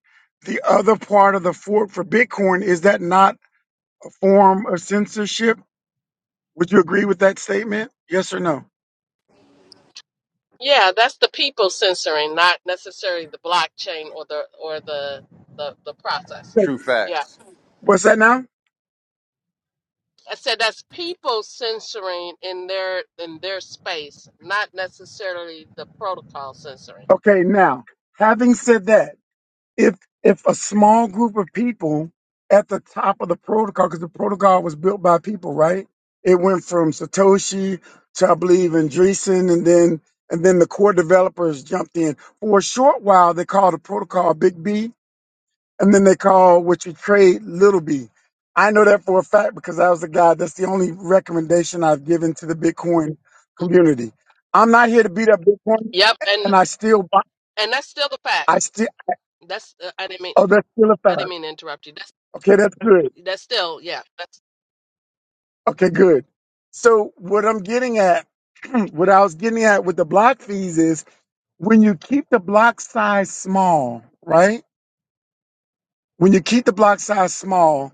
[SPEAKER 6] the other part of the fork for Bitcoin, is that not a form of censorship? Would you agree with that statement? Yes or no?
[SPEAKER 1] yeah, that's the people censoring, not necessarily the blockchain or the or the the, the process.
[SPEAKER 5] True
[SPEAKER 1] Yeah,
[SPEAKER 5] facts.
[SPEAKER 6] What's that now?
[SPEAKER 1] I said that's people censoring in their in their space, not necessarily the protocol censoring.
[SPEAKER 6] Okay, now, having said that, if if a small group of people at the top of the protocol, because the protocol was built by people, right? It went from Satoshi to I believe Andreessen, and then and then the core developers jumped in. For a short while, they called the protocol Big B, and then they called what you trade Little B. I know that for a fact because I was the guy. That's the only recommendation I've given to the Bitcoin community. I'm not here to beat up Bitcoin,
[SPEAKER 1] Yep, and
[SPEAKER 6] and I still buy.
[SPEAKER 1] and that's still the fact.
[SPEAKER 6] I still.
[SPEAKER 1] That's uh, I didn't mean
[SPEAKER 6] Oh, that's still a
[SPEAKER 1] I didn't
[SPEAKER 6] fact.
[SPEAKER 1] mean to interrupt you. That's
[SPEAKER 6] Okay, that's good.
[SPEAKER 1] that's still yeah. That's
[SPEAKER 6] Okay, good. So what I'm getting at, what I was getting at with the block fees is when you keep the block size small, right? When you keep the block size small,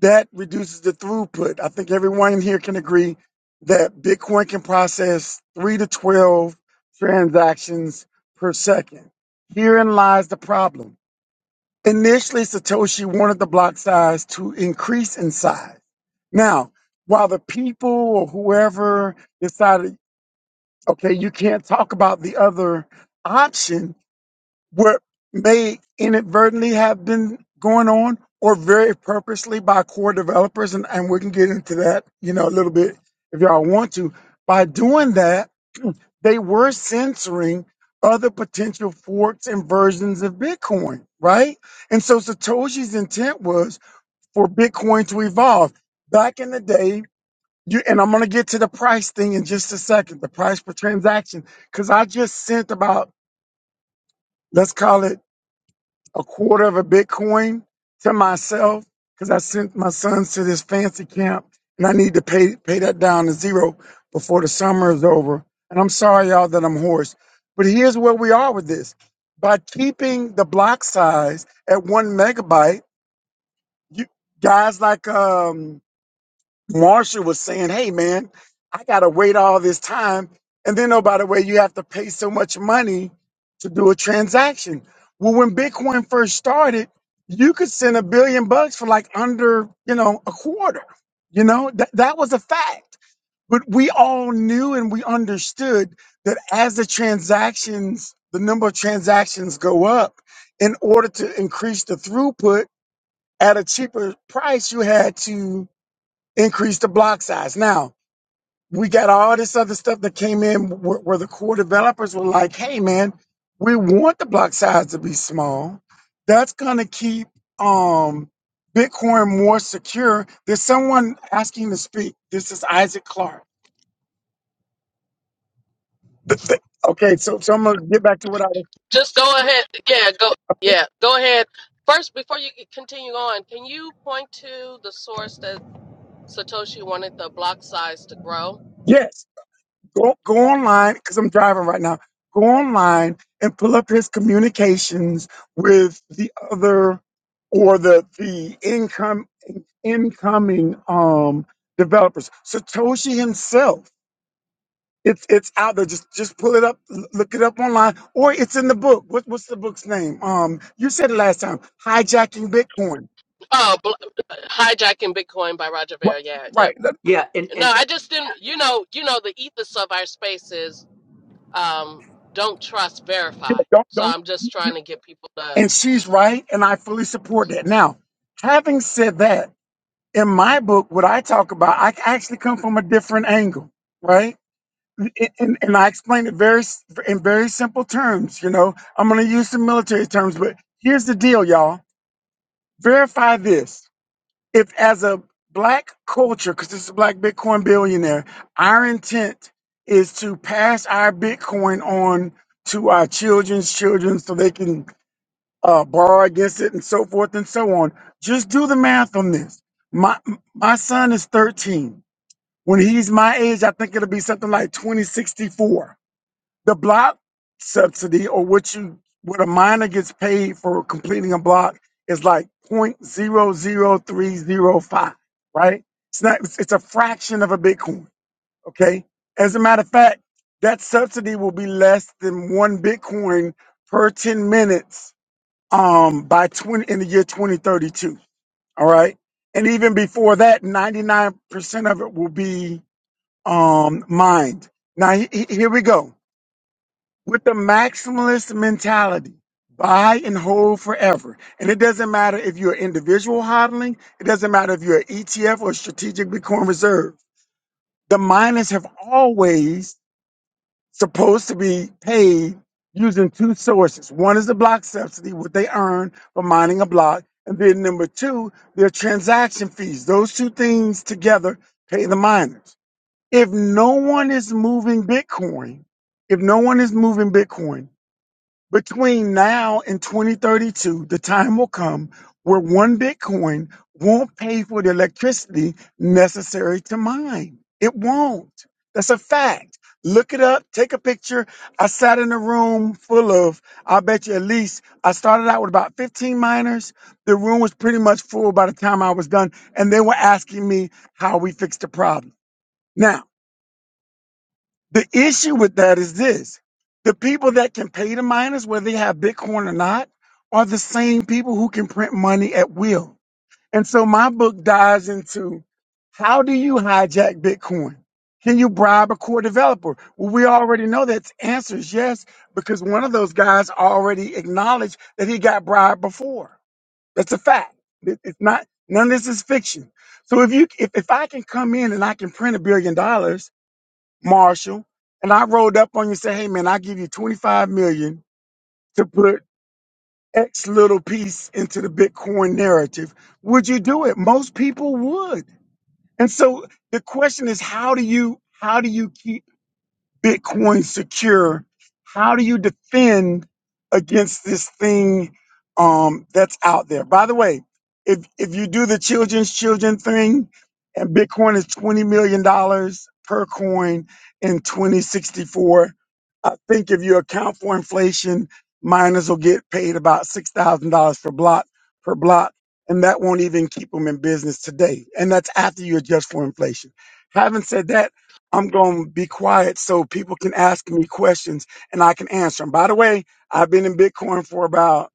[SPEAKER 6] that reduces the throughput. I think everyone in here can agree that Bitcoin can process three to 12 transactions per second. Herein lies the problem Initially, Satoshi wanted the block size to increase in size. Now, while the people or whoever decided, okay, you can't talk about the other option, what may inadvertently have been going on or very purposely by core developers and, and we can get into that you know a little bit if y'all want to by doing that they were censoring other potential forks and versions of bitcoin right and so satoshi's intent was for bitcoin to evolve back in the day you and i'm going to get to the price thing in just a second the price per transaction because i just sent about let's call it a quarter of a Bitcoin to myself because I sent my sons to this fancy camp and I need to pay pay that down to zero before the summer is over. And I'm sorry, y'all, that I'm hoarse. But here's where we are with this. By keeping the block size at one megabyte, you guys like um Marsha was saying, hey, man, I got to wait all this time. And then, oh, by the way, you have to pay so much money to do a transaction. Well, when Bitcoin first started, you could send a billion bucks for like under, you know, a quarter. You know, that, that was a fact. But we all knew and we understood that as the transactions, the number of transactions go up, in order to increase the throughput at a cheaper price, you had to increase the block size. Now, we got all this other stuff that came in where, where the core developers were like, hey, man, we want the block size to be small. That's going to keep um, Bitcoin more secure. There's someone asking to speak. This is Isaac Clark. Th- th- okay, so, so I'm going to get back to what I was.
[SPEAKER 1] just go ahead. Yeah, go yeah, go ahead. First, before you continue on, can you point to the source that Satoshi wanted the block size to grow?
[SPEAKER 6] Yes, go, go online because I'm driving right now. Go online and pull up his communications with the other or the the income incoming um developers. Satoshi himself. It's it's out there. Just just pull it up, l- look it up online, or it's in the book. What, what's the book's name? Um, you said it last time. Hijacking Bitcoin.
[SPEAKER 1] Oh, bl- hijacking Bitcoin by Roger
[SPEAKER 6] Wha-
[SPEAKER 1] Ver. Yeah, yeah.
[SPEAKER 6] Right. Let-
[SPEAKER 4] Yeah, and
[SPEAKER 1] No,
[SPEAKER 4] and
[SPEAKER 1] I just didn't. You know, you know the ethos of our space is um, don't trust,
[SPEAKER 6] yeah,
[SPEAKER 1] verify.
[SPEAKER 6] Don't
[SPEAKER 1] So
[SPEAKER 6] don't.
[SPEAKER 1] I'm just
[SPEAKER 6] you-
[SPEAKER 1] trying to get people to.
[SPEAKER 6] And she's right, and I fully support that. Now, having said that, in my book, what I talk about, I actually come from a different angle, right? and, and and I explained it very s- in very simple terms. You know, I'm going to use some military terms, but here's the deal, y'all. Verify this. If as a black culture, because this is a black Bitcoin billionaire, our intent is to pass our Bitcoin on to our children's children so they can uh, borrow against it and so forth and so on. Just do the math on this. My my son is 13. When he's my age, I think it'll be something like 2064 the block subsidy or what you what a miner gets paid for completing a block is like point zero zero three zero five, right it's not it's, it's a fraction of a bitcoin okay as a matter of fact that subsidy will be less than one bitcoin per 10 minutes um by 20 in the year 2032 all right and even before that 99% of it will be um mined now he, he- here we go with the maximalist mentality. Buy and hold forever. And it doesn't matter if you're individual hodling, it doesn't matter if you're an ETF or strategic Bitcoin reserve. The miners have always supposed to be paid using two sources. One is the block subsidy, what they earn for mining a block. And then number two, their transaction fees. Those two things together pay the miners. If no one is moving Bitcoin, if no one is moving Bitcoin, between now and 2032, the time will come where one Bitcoin won't pay for the electricity necessary to mine. It won't. That's a fact. Look it up, take a picture. I sat in a room full of, I bet you at least, I started out with about 15 miners. The room was pretty much full by the time I was done, and they were asking me how we fixed the problem. Now, the issue with that is this the people that can pay the miners, whether they have Bitcoin or not, are the same people who can print money at will. And so my book dives into how do you hijack Bitcoin? Can you bribe a core developer? Well, we already know that the answer is yes, because one of those guys already acknowledged that he got bribed before. That's a fact. It- It's not, none of this is fiction. So if you, if, if I can come in and I can print a billion dollars, Marshall, and I rolled up on you and said, hey man, i give you 25 million to put X little piece into the Bitcoin narrative, would you do it? Most people would. And so the question is, how do you how do you keep Bitcoin secure. How do you defend against this thing um, that's out there? By the way, if if you do the children's children thing, and Bitcoin is twenty million dollars per coin in twenty sixty four, I think if you account for inflation, miners will get paid about six thousand dollars per block per block, and that won't even keep them in business today. And that's after you adjust for inflation. Having said that I'm going to be quiet so people can ask me questions and I can answer them. By the way, I've been in Bitcoin for about,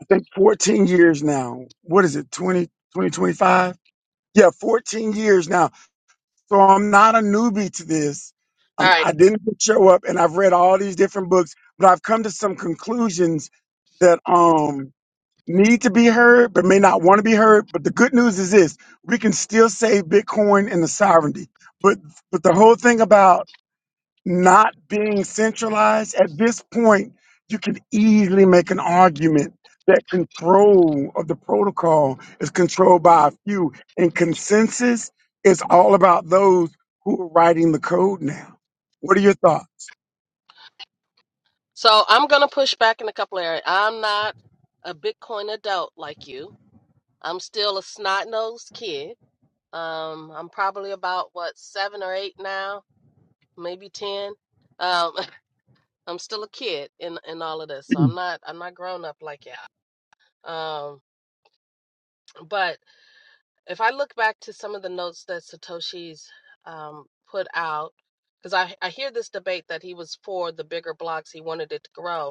[SPEAKER 6] I think 14 years now. What is it? 20, 2025? Yeah, 14 years now. So I'm not a newbie to this.
[SPEAKER 1] All
[SPEAKER 6] Um,
[SPEAKER 1] right.
[SPEAKER 6] I didn't just show up and I've read all these different books, but I've come to some conclusions that, um, need to be heard, but may not want to be heard. But the good news is this, we can still save Bitcoin and the sovereignty. But, but the whole thing about not being centralized at this point you can easily make an argument that control of the protocol is controlled by a few and consensus is all about those who are writing the code now what are your thoughts
[SPEAKER 1] So I'm going to push back in a couple areas. I'm not a Bitcoin adult like you. I'm still a snot-nosed kid. Um, I'm probably about what seven or eight now, maybe ten. Um, I'm still a kid in in all of this, so
[SPEAKER 6] Mm.
[SPEAKER 1] I'm not I'm not grown up like y'all. Um, but if I look back to some of the notes that Satoshi's um, put out, because I I hear this debate that he was for the bigger blocks, he wanted it to grow,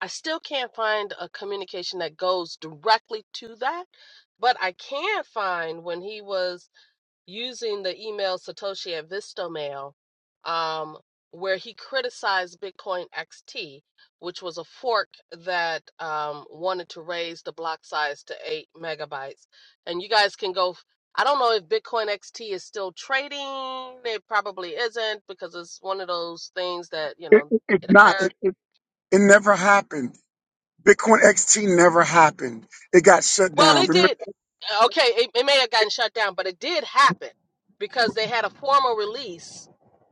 [SPEAKER 1] I still can't find a communication that goes directly to that, but I can find when he was using the email Satoshi at Vistomail, um, where he criticized Bitcoin XT, which was a fork that um, wanted to raise the block size to eight megabytes. And you guys can go. f- I don't know if Bitcoin XT is still trading. It probably isn't because it's one of those things that, you
[SPEAKER 6] it,
[SPEAKER 1] know,
[SPEAKER 6] it- it's
[SPEAKER 1] it
[SPEAKER 6] not
[SPEAKER 1] occurs
[SPEAKER 6] it, it, it never happened bitcoin xt never happened it got shut
[SPEAKER 1] Well,
[SPEAKER 6] down
[SPEAKER 1] it
[SPEAKER 6] remember
[SPEAKER 1] did. Okay, it, it may have gotten shut down, but it did happen because they had a formal release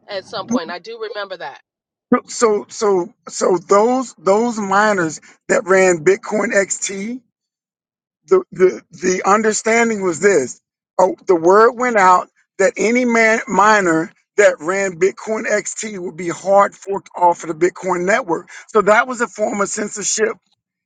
[SPEAKER 1] at some point. I do remember that.
[SPEAKER 6] so so so those those miners that ran bitcoin xt the the the understanding was this: oh, the word went out that any man miner that ran Bitcoin XT would be hard forked off of the Bitcoin network. So that was a form of censorship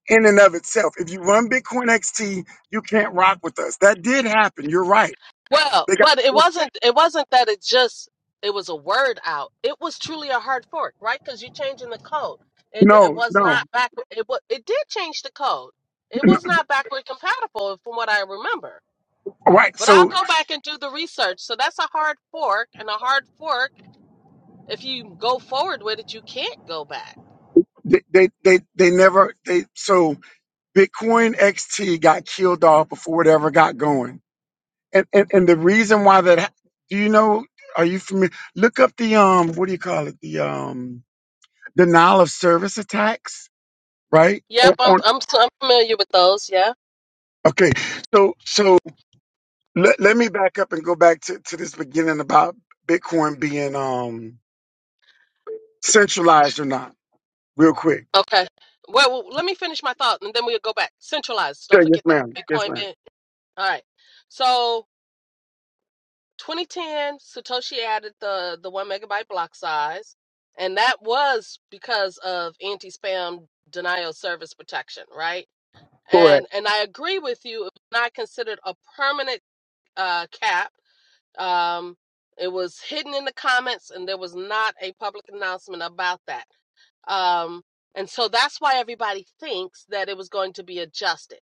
[SPEAKER 6] in and of itself. If you run Bitcoin XT, you can't rock with us. That did happen. You're right.
[SPEAKER 1] Well,
[SPEAKER 6] They got
[SPEAKER 1] but it
[SPEAKER 6] forked.
[SPEAKER 1] wasn't. It wasn't that it just. It was a word out. It was truly a hard fork, right? Because you're changing the code. It it
[SPEAKER 6] no,
[SPEAKER 1] was
[SPEAKER 6] no,
[SPEAKER 1] not back. It was. It did change the code. It
[SPEAKER 6] no.
[SPEAKER 1] was not backward compatible, from what I remember.
[SPEAKER 6] Right.
[SPEAKER 1] But I'll
[SPEAKER 6] So
[SPEAKER 1] go back and do the research. So that's a hard fork, and a hard fork. If you go forward with it, you can't go back.
[SPEAKER 6] they, they they they never they so Bitcoin XT got killed off before it ever got going and, and and the reason why that ha- do you know are you familiar look up the um what do you call it the um denial of service attacks right on,
[SPEAKER 1] Yep, I'm
[SPEAKER 6] on
[SPEAKER 1] I'm so- I'm familiar with those. Yeah.
[SPEAKER 6] okay so so let, let me back up and go back to, to this beginning about bitcoin being um centralized or not real quick
[SPEAKER 1] Okay. Well, well, let me finish my thought, and then we'll go back. Centralized.
[SPEAKER 6] yeah,
[SPEAKER 1] Don't
[SPEAKER 6] yes
[SPEAKER 1] forget that
[SPEAKER 6] ma'am yes
[SPEAKER 1] Bitcoin.
[SPEAKER 6] ma'am
[SPEAKER 1] bit- All right. So 2010, Satoshi added the the one megabyte block size, and that was because of anti-spam denial of service protection, right?
[SPEAKER 6] correct
[SPEAKER 1] And and I agree with you. It was not considered a permanent uh, cap. Um, it was hidden in the comments, and there was not a public announcement about that. Um, and so that's why everybody thinks that it was going to be adjusted.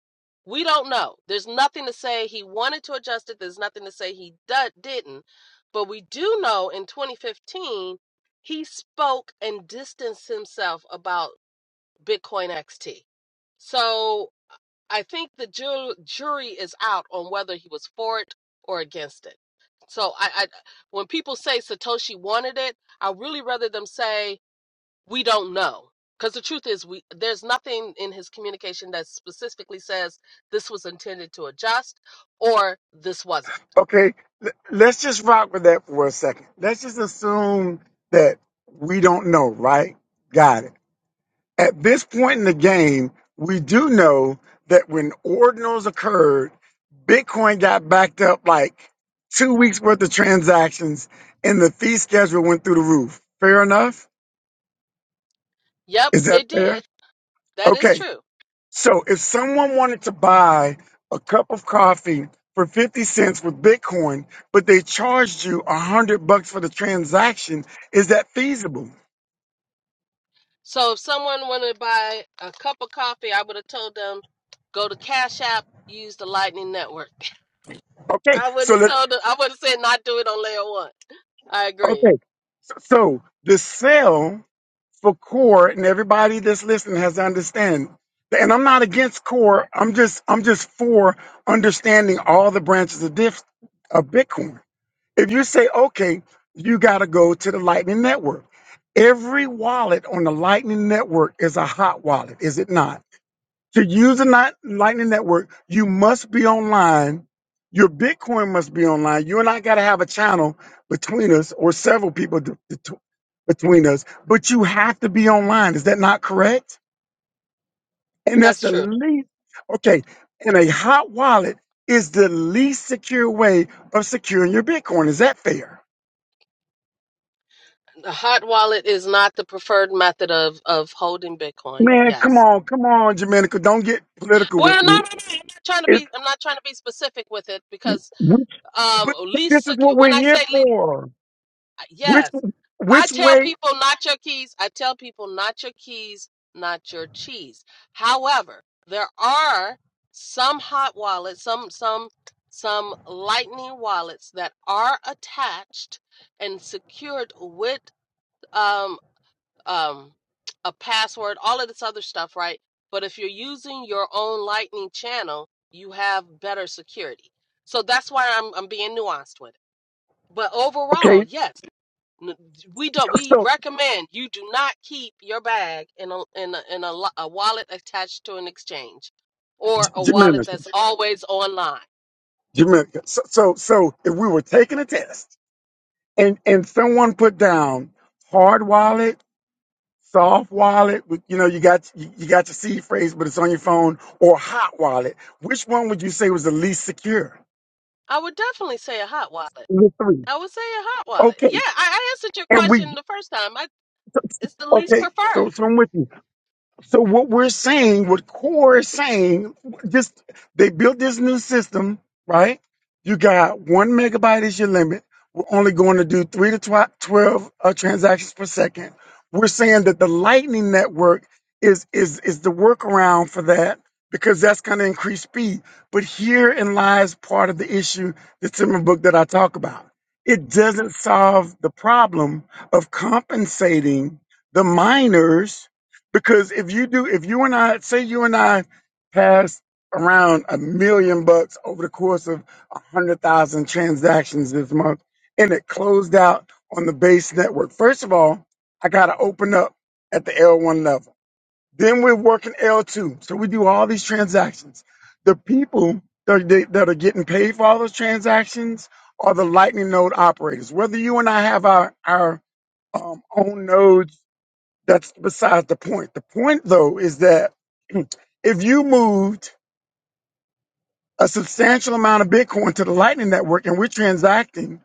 [SPEAKER 1] We don't know. There's nothing to say he wanted to adjust it. There's nothing to say he do- didn't. But we do know in 2015, he spoke and distanced himself about Bitcoin XT. So I think the ju- jury is out on whether he was for it or against it. So I, I, when people say Satoshi wanted it, I really rather them say we don't know because the truth is we there's nothing in his communication that specifically says this was intended to adjust or this wasn't
[SPEAKER 6] okay l- let's just rock with that for a second let's just assume that we don't know right got it At this point in the game, we do know that when ordinals occurred, Bitcoin got backed up like two weeks worth of transactions and the fee schedule went through the roof. Fair enough?
[SPEAKER 1] yep
[SPEAKER 6] Is that
[SPEAKER 1] it did
[SPEAKER 6] fair?
[SPEAKER 1] that is
[SPEAKER 6] Okay.
[SPEAKER 1] true
[SPEAKER 6] So if someone wanted to buy a cup of coffee for 50 cents with Bitcoin, but they charged you a hundred bucks for the transaction, is that feasible?
[SPEAKER 1] so if someone wanted to buy a cup of coffee i would have told them go to cash app use the lightning network
[SPEAKER 6] Okay.
[SPEAKER 1] i
[SPEAKER 6] So
[SPEAKER 1] wouldn't
[SPEAKER 6] let
[SPEAKER 1] have told them i would have said not do it on layer one i agree
[SPEAKER 6] okay. So the sale for core and everybody that's listening has to understand and i'm not against core i'm just i'm just for understanding all the branches of, diff, of bitcoin if you say okay you got to go to the lightning network every wallet on the lightning network is a hot wallet is it not to use the Light- Lightning Network, you must be online. Your Bitcoin must be online. You and I got to have a channel between us or several people to- to- between us, but you have to be online. Is that not correct? And that's
[SPEAKER 1] that's
[SPEAKER 6] the
[SPEAKER 1] true
[SPEAKER 6] least, okay. And a hot wallet is the least secure way of securing your Bitcoin. Is that fair?
[SPEAKER 1] the hot wallet is not the preferred method of of holding bitcoin
[SPEAKER 6] Man, come
[SPEAKER 1] yes
[SPEAKER 6] on, come on, Jamaica. Don't get political
[SPEAKER 1] Well, no,
[SPEAKER 6] with
[SPEAKER 1] no, no. I'm
[SPEAKER 6] me.
[SPEAKER 1] not trying to
[SPEAKER 6] It's,
[SPEAKER 1] be. I'm not trying to be specific with it because
[SPEAKER 6] which,
[SPEAKER 1] um,
[SPEAKER 6] but this
[SPEAKER 1] least
[SPEAKER 6] is
[SPEAKER 1] sec-
[SPEAKER 6] what
[SPEAKER 1] when
[SPEAKER 6] we're
[SPEAKER 1] I say
[SPEAKER 6] here
[SPEAKER 1] le
[SPEAKER 6] for. Which,
[SPEAKER 1] yes, I
[SPEAKER 6] which
[SPEAKER 1] tell
[SPEAKER 6] way?
[SPEAKER 1] people not your keys. I tell people not your keys, not your cheese. However, there are some hot wallets, some some some lightning wallets that are attached and secured with um, um, a password, all of this other stuff, right? But if you're using your own Lightning channel, you have better security. So that's why I'm I'm being nuanced with it. But overall,
[SPEAKER 6] Okay,
[SPEAKER 1] yes, we don't. We
[SPEAKER 6] so
[SPEAKER 1] recommend you do not keep your bag in a in a, in a, a wallet attached to an exchange, or a
[SPEAKER 6] Jamaica,
[SPEAKER 1] wallet
[SPEAKER 6] Jamaica.
[SPEAKER 1] that's always online.
[SPEAKER 6] So, so, so if we were taking a test and and someone put down hard wallet, soft wallet, with- you know, you got you, you got your seed phrase, but it's on your phone, or hot wallet, which one would you say was the least secure?
[SPEAKER 1] I would definitely say a hot wallet.
[SPEAKER 6] The three.
[SPEAKER 1] I would say a hot wallet. Yeah,
[SPEAKER 6] Okay,
[SPEAKER 1] I, I answered your
[SPEAKER 6] and
[SPEAKER 1] question
[SPEAKER 6] we.
[SPEAKER 1] the first time. I, it's the least
[SPEAKER 6] Okay, so
[SPEAKER 1] preferred.
[SPEAKER 6] so I'm with you. So what we're saying, what Core is saying, just they built this new system, right? You got one megabyte is your limit. We're only going to do three to tw- twelve uh, transactions per second. We're saying that the Lightning network is is is the workaround for that because that's going to increase speed. But herein lies part of the issue, the Timmer book that I talk about. It doesn't solve the problem of compensating the miners because if you do, if you and I, say you and I pass around a million bucks over the course of a hundred thousand transactions this month and it closed out on the base network, first of all, I got to open up at the L1 level. Then we're working L2. So we do all these transactions. The people that are, that are getting paid for all those transactions are the Lightning node operators. Whether you and I have our, our um, own nodes that's besides the point. The point, though, is that if you moved a substantial amount of Bitcoin to the Lightning Network and we're transacting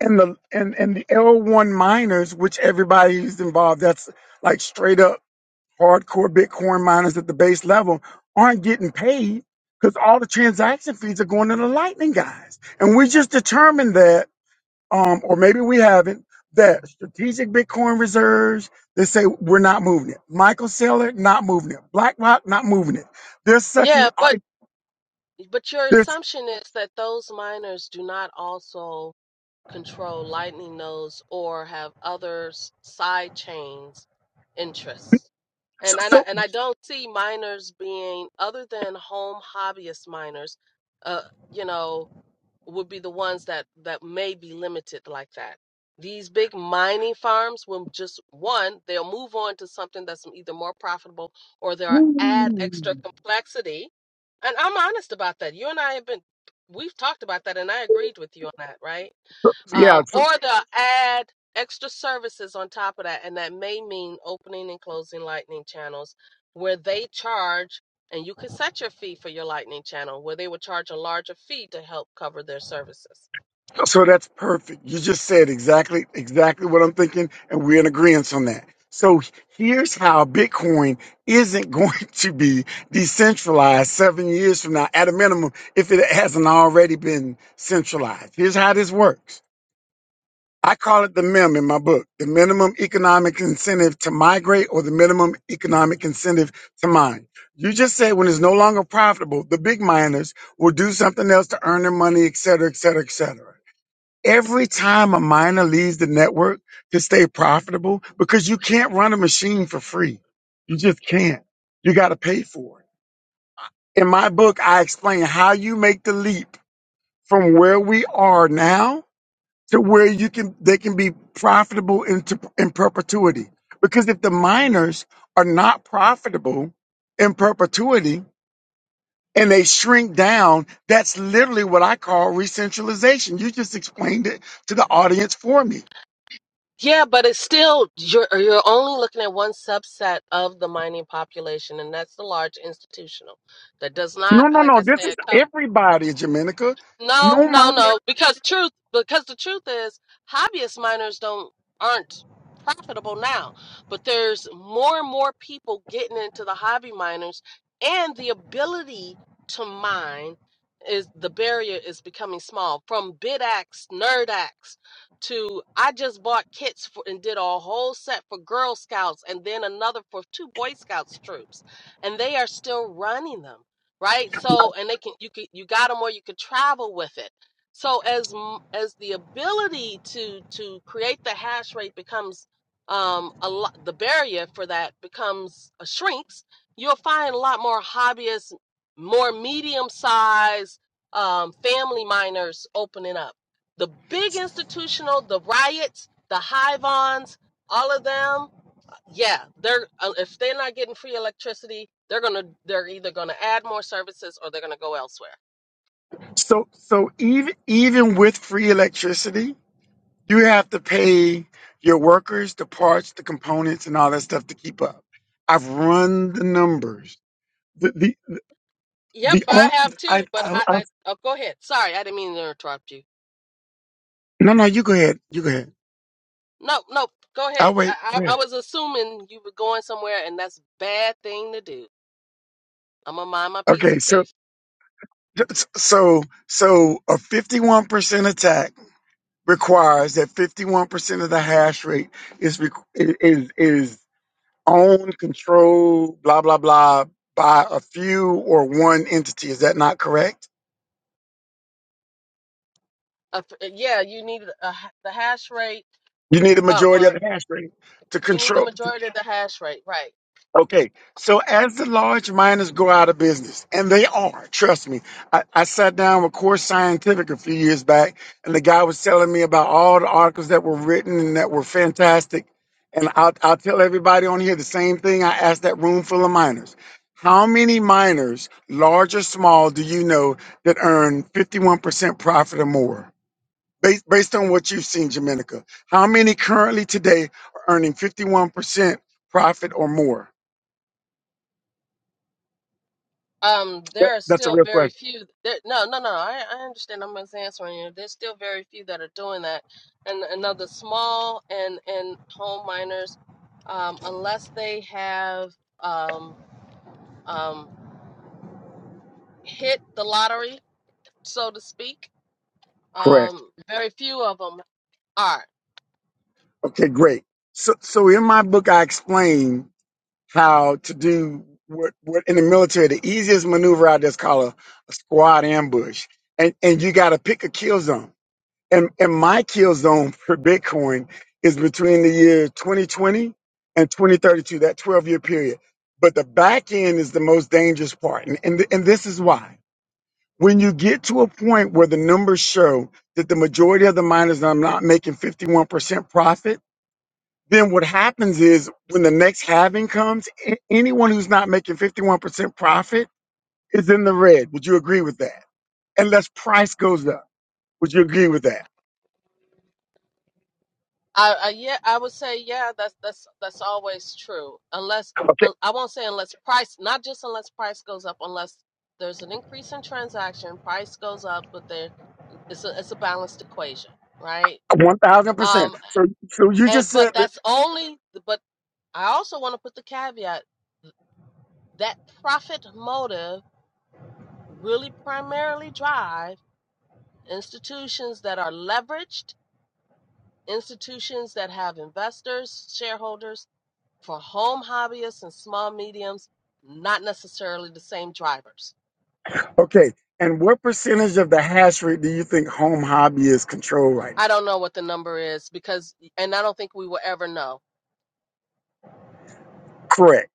[SPEAKER 6] and the and, and the L1 miners, which everybody is involved, that's like straight up hardcore Bitcoin miners at the base level, aren't getting paid because all the transaction fees are going to the Lightning guys. And we just determined that um, or maybe we haven't, that strategic Bitcoin reserves, they say we're not moving it. Michael Saylor, not moving it. BlackRock, not moving it. They're sucking.
[SPEAKER 1] Yeah, but
[SPEAKER 6] I-
[SPEAKER 1] But your
[SPEAKER 6] They're,
[SPEAKER 1] assumption is that those miners do not also control Lightning Nodes or have other s- side chains interests.
[SPEAKER 6] so,
[SPEAKER 1] And I don't-
[SPEAKER 6] so
[SPEAKER 1] and I don't see miners being other than home hobbyist miners, uh, you know, would be the ones that that may be limited like that. These big mining farms will just one, they'll move on to something that's either more profitable or they'll add extra
[SPEAKER 6] ooh.
[SPEAKER 1] complexity. And I'm honest about that. You and I have been we've talked about that and I agreed with you on that, right?
[SPEAKER 6] yeah,
[SPEAKER 1] Um, or
[SPEAKER 6] so,
[SPEAKER 1] they'll add extra services on top of that, and that may mean opening and closing lightning channels where they charge and you could set your fee for your Lightning channel where they would charge a larger fee to help cover their services.
[SPEAKER 6] so that's perfect. You just said exactly, exactly what I'm thinking, and we're in agreement on that. So here's how Bitcoin isn't going to be decentralized seven years from now, at a minimum, if it hasn't already been centralized. Here's how this works I call it the MIM in my book, the minimum economic incentive to migrate or the minimum economic incentive to mine. You just said when it's no longer profitable, the big miners will do something else to earn their money, et cetera, et cetera, et cetera. Every time a miner leaves the network to stay profitable, because you can't run a machine for free. You just can't. You got to pay for it. In my book, I explain how you make the leap from where we are now to where you can they can be profitable into in perpetuity. Because if the miners are not profitable in perpetuity and they shrink down, that's literally what I call re-centralization. You just explained it to the audience for me.
[SPEAKER 1] Yeah, but it's still you're you're only looking at one subset of the mining population and that's the large institutional. That does not
[SPEAKER 6] No, no,
[SPEAKER 1] like
[SPEAKER 6] no.
[SPEAKER 1] I
[SPEAKER 6] This is
[SPEAKER 1] said cover.
[SPEAKER 6] everybody, Jamenica.
[SPEAKER 1] No,
[SPEAKER 6] No
[SPEAKER 1] no,
[SPEAKER 6] miner.
[SPEAKER 1] no. Because truth, because the truth is, hobbyist miners don't aren't profitable now. But there's more and more people getting into the hobby miners, and the ability to mine is the barrier is becoming small. From bidax, nerdax, to I just bought kits for and did a whole set for Girl Scouts, and then another for two Boy Scouts troops, and they are still running them right? So and they can you can you got them where you could travel with it. So as as the ability to to create the hash rate becomes um a lot the barrier for that becomes uh, shrinks, you'll find a lot more hobbyists, more medium sized um, family miners opening up. The big institutional, the riots, the hivons, all of them yeah, they're uh, if they're not getting free electricity, they're gonna they're either gonna add more services or they're gonna go elsewhere.
[SPEAKER 6] So so even even with free electricity, you have to pay your workers, the parts, the components, and all that stuff to keep up. I've run the numbers the the
[SPEAKER 1] Yep,
[SPEAKER 6] the
[SPEAKER 1] I
[SPEAKER 6] on,
[SPEAKER 1] have too.
[SPEAKER 6] I,
[SPEAKER 1] But
[SPEAKER 6] I,
[SPEAKER 1] I,
[SPEAKER 6] I
[SPEAKER 1] I oh, go ahead. Sorry, I didn't mean to interrupt you.
[SPEAKER 6] no no you go ahead you go ahead
[SPEAKER 1] No, no, go ahead.
[SPEAKER 6] I'll wait
[SPEAKER 1] I,
[SPEAKER 6] go
[SPEAKER 1] I I
[SPEAKER 6] ahead.
[SPEAKER 1] was assuming you were going somewhere, and that's a bad thing to do. I'm gonna mind my p's
[SPEAKER 6] okay
[SPEAKER 1] and
[SPEAKER 6] so
[SPEAKER 1] q's.
[SPEAKER 6] so so a 51% attack requires that 51% of the hash rate is requ- is is owned controlled blah blah blah by a few or one entity is that not correct
[SPEAKER 1] Uh, yeah, you need a, h- the hash rate.
[SPEAKER 6] you need a
[SPEAKER 1] Uh,
[SPEAKER 6] majority
[SPEAKER 1] well,
[SPEAKER 6] of the hash rate to
[SPEAKER 1] you need a
[SPEAKER 6] control
[SPEAKER 1] majority of the hash rate, right?
[SPEAKER 6] Okay, so as the large miners go out of business, and they are, trust me. I, I sat down with Core Scientific a few years back, and the guy was telling me about all the articles that were written and that were fantastic. And I'll, I'll tell everybody on here the same thing I asked that room full of miners. How many miners, large or small, do you know that earn 51% profit or more? Based, based on what you've seen, Jamenica, how many currently today are earning 51% profit or more?
[SPEAKER 1] Um,
[SPEAKER 6] That,
[SPEAKER 1] there are
[SPEAKER 6] that's a
[SPEAKER 1] still
[SPEAKER 6] real
[SPEAKER 1] very
[SPEAKER 6] question.
[SPEAKER 1] few. There, no, no, no. I, I understand. I'm just answering you. There's still very few that are doing that, and another small and and home miners, um, unless they have um um hit the lottery, so to speak.
[SPEAKER 6] Correct.
[SPEAKER 1] Um, very few of them are.
[SPEAKER 6] Okay, great. So, so in my book, I explain how to do what, what in the military, the easiest maneuver I just call a, a squad ambush. And, and you got to pick a kill zone. And, and my kill zone for Bitcoin is between the year 2020 and 2032, that 12 year period. But the back end is the most dangerous part. And, and, and this is why. When you get to a point where the numbers show that the majority of the miners are not making 51% profit, then what happens is when the next halving comes, a- anyone who's not making 51% profit is in the red. Would you agree with that? Unless price goes up. Would you agree with that?
[SPEAKER 1] I, I yeah, I would say yeah. That's that's that's always true. Unless
[SPEAKER 6] Okay,
[SPEAKER 1] un- I won't say unless price, not just unless price goes up, unless there's an increase in transaction, price goes up, but there It's a it's a balanced equation, right?
[SPEAKER 6] 1000%.
[SPEAKER 1] Um,
[SPEAKER 6] So, so you just
[SPEAKER 1] and but
[SPEAKER 6] said, that,
[SPEAKER 1] that's only but I also want to put the caveat that profit motive really primarily drive institutions that are leveraged, institutions that have investors, shareholders for home hobbyists and small mediums, not necessarily the same drivers.
[SPEAKER 6] okay, and what percentage of the hash rate do you think home hobby is controlled right
[SPEAKER 1] I
[SPEAKER 6] now?
[SPEAKER 1] don't know what the number is because and I don't think we will ever know
[SPEAKER 6] Correct.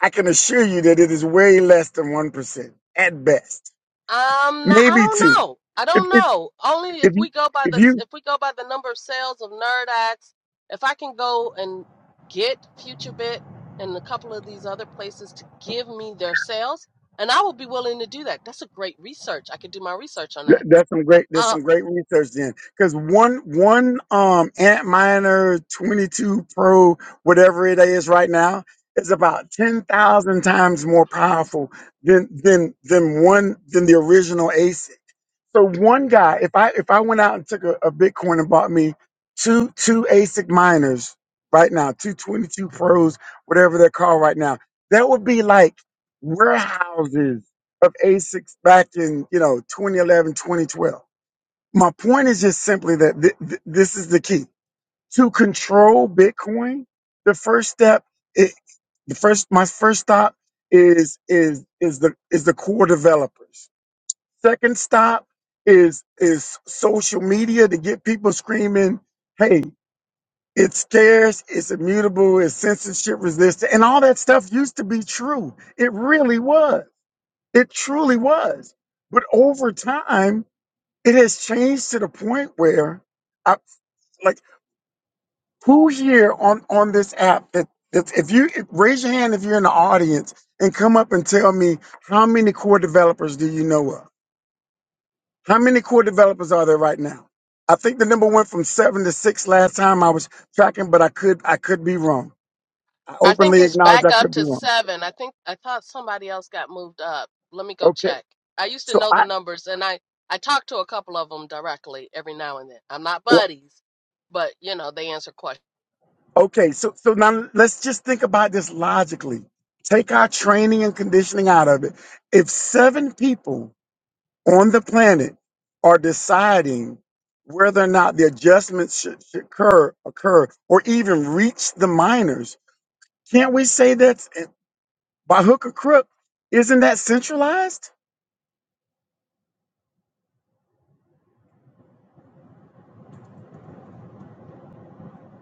[SPEAKER 6] I can assure you that it is way less than 1% at best.
[SPEAKER 1] Um, nah, I
[SPEAKER 6] maybe
[SPEAKER 1] don't
[SPEAKER 6] two.
[SPEAKER 1] know. I
[SPEAKER 6] If
[SPEAKER 1] don't
[SPEAKER 6] if
[SPEAKER 1] know. Only if
[SPEAKER 6] if you
[SPEAKER 1] we go by
[SPEAKER 6] if
[SPEAKER 1] the
[SPEAKER 6] you
[SPEAKER 1] if we go by the number of sales of nerd ads, if I can go and get FutureBit and a couple of these other places to give me their sales, and I will be willing to do that. That's a great research. I could do my research on
[SPEAKER 6] that-
[SPEAKER 1] that.
[SPEAKER 6] that's some great that's
[SPEAKER 1] Uh,
[SPEAKER 6] some great research then because one one um Antminer 22 Pro whatever it is right now is about 10,000 times more powerful than than than one than the original AC So one guy, if I if I went out and took a, a Bitcoin and bought me two two ASIC miners right now, two twenty two pros, whatever they're called right now, that would be like warehouses of ASICs back in you know 2011, 2012. My point is just simply that th- th- this is the key to control Bitcoin. The first step, i- the first my first stop is is is the is the core developers Second stop is is social media to get people screaming, "Hey, it's scarce, it's immutable, it's censorship resistant," and all that stuff used to be true. It really was. It truly was. But over time, it has changed to the point where, I, like, who here on on this app that that if you if- raise your hand if you're in the audience and come up and tell me how many core developers do you know of? How many core developers are there right now? I think the number went from seven to six last time I was tracking, but I could I could be wrong. I
[SPEAKER 1] I think
[SPEAKER 6] openly
[SPEAKER 1] it's
[SPEAKER 6] acknowledge
[SPEAKER 1] back
[SPEAKER 6] I
[SPEAKER 1] up
[SPEAKER 6] could be
[SPEAKER 1] to
[SPEAKER 6] wrong.
[SPEAKER 1] seven. I think I thought somebody else got moved up. Let me go
[SPEAKER 6] Okay,
[SPEAKER 1] check. I used to
[SPEAKER 6] so
[SPEAKER 1] know the
[SPEAKER 6] I
[SPEAKER 1] numbers, and I I talk to a couple of them directly every now and then. I'm not
[SPEAKER 6] well,
[SPEAKER 1] buddies, but you know they answer questions.
[SPEAKER 6] okay so so now let's just think about this logically. Take our training and conditioning out of it. If seven people on the planet are deciding whether or not the adjustments should, should occur, occur, or even reach the minors, can't we say that? by hook or crook, isn't that centralized?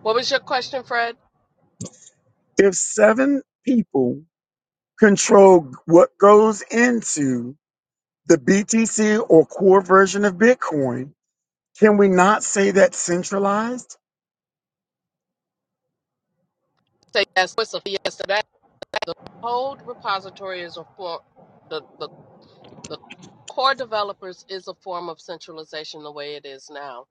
[SPEAKER 1] What was your question, Fred?
[SPEAKER 6] If seven people control what goes into the BTC or core version of Bitcoin, can we not say that's centralized?
[SPEAKER 1] Say yes. Whistle. a yes? So that whole repository is a for the, the the core developers is a form of centralization the way it is now.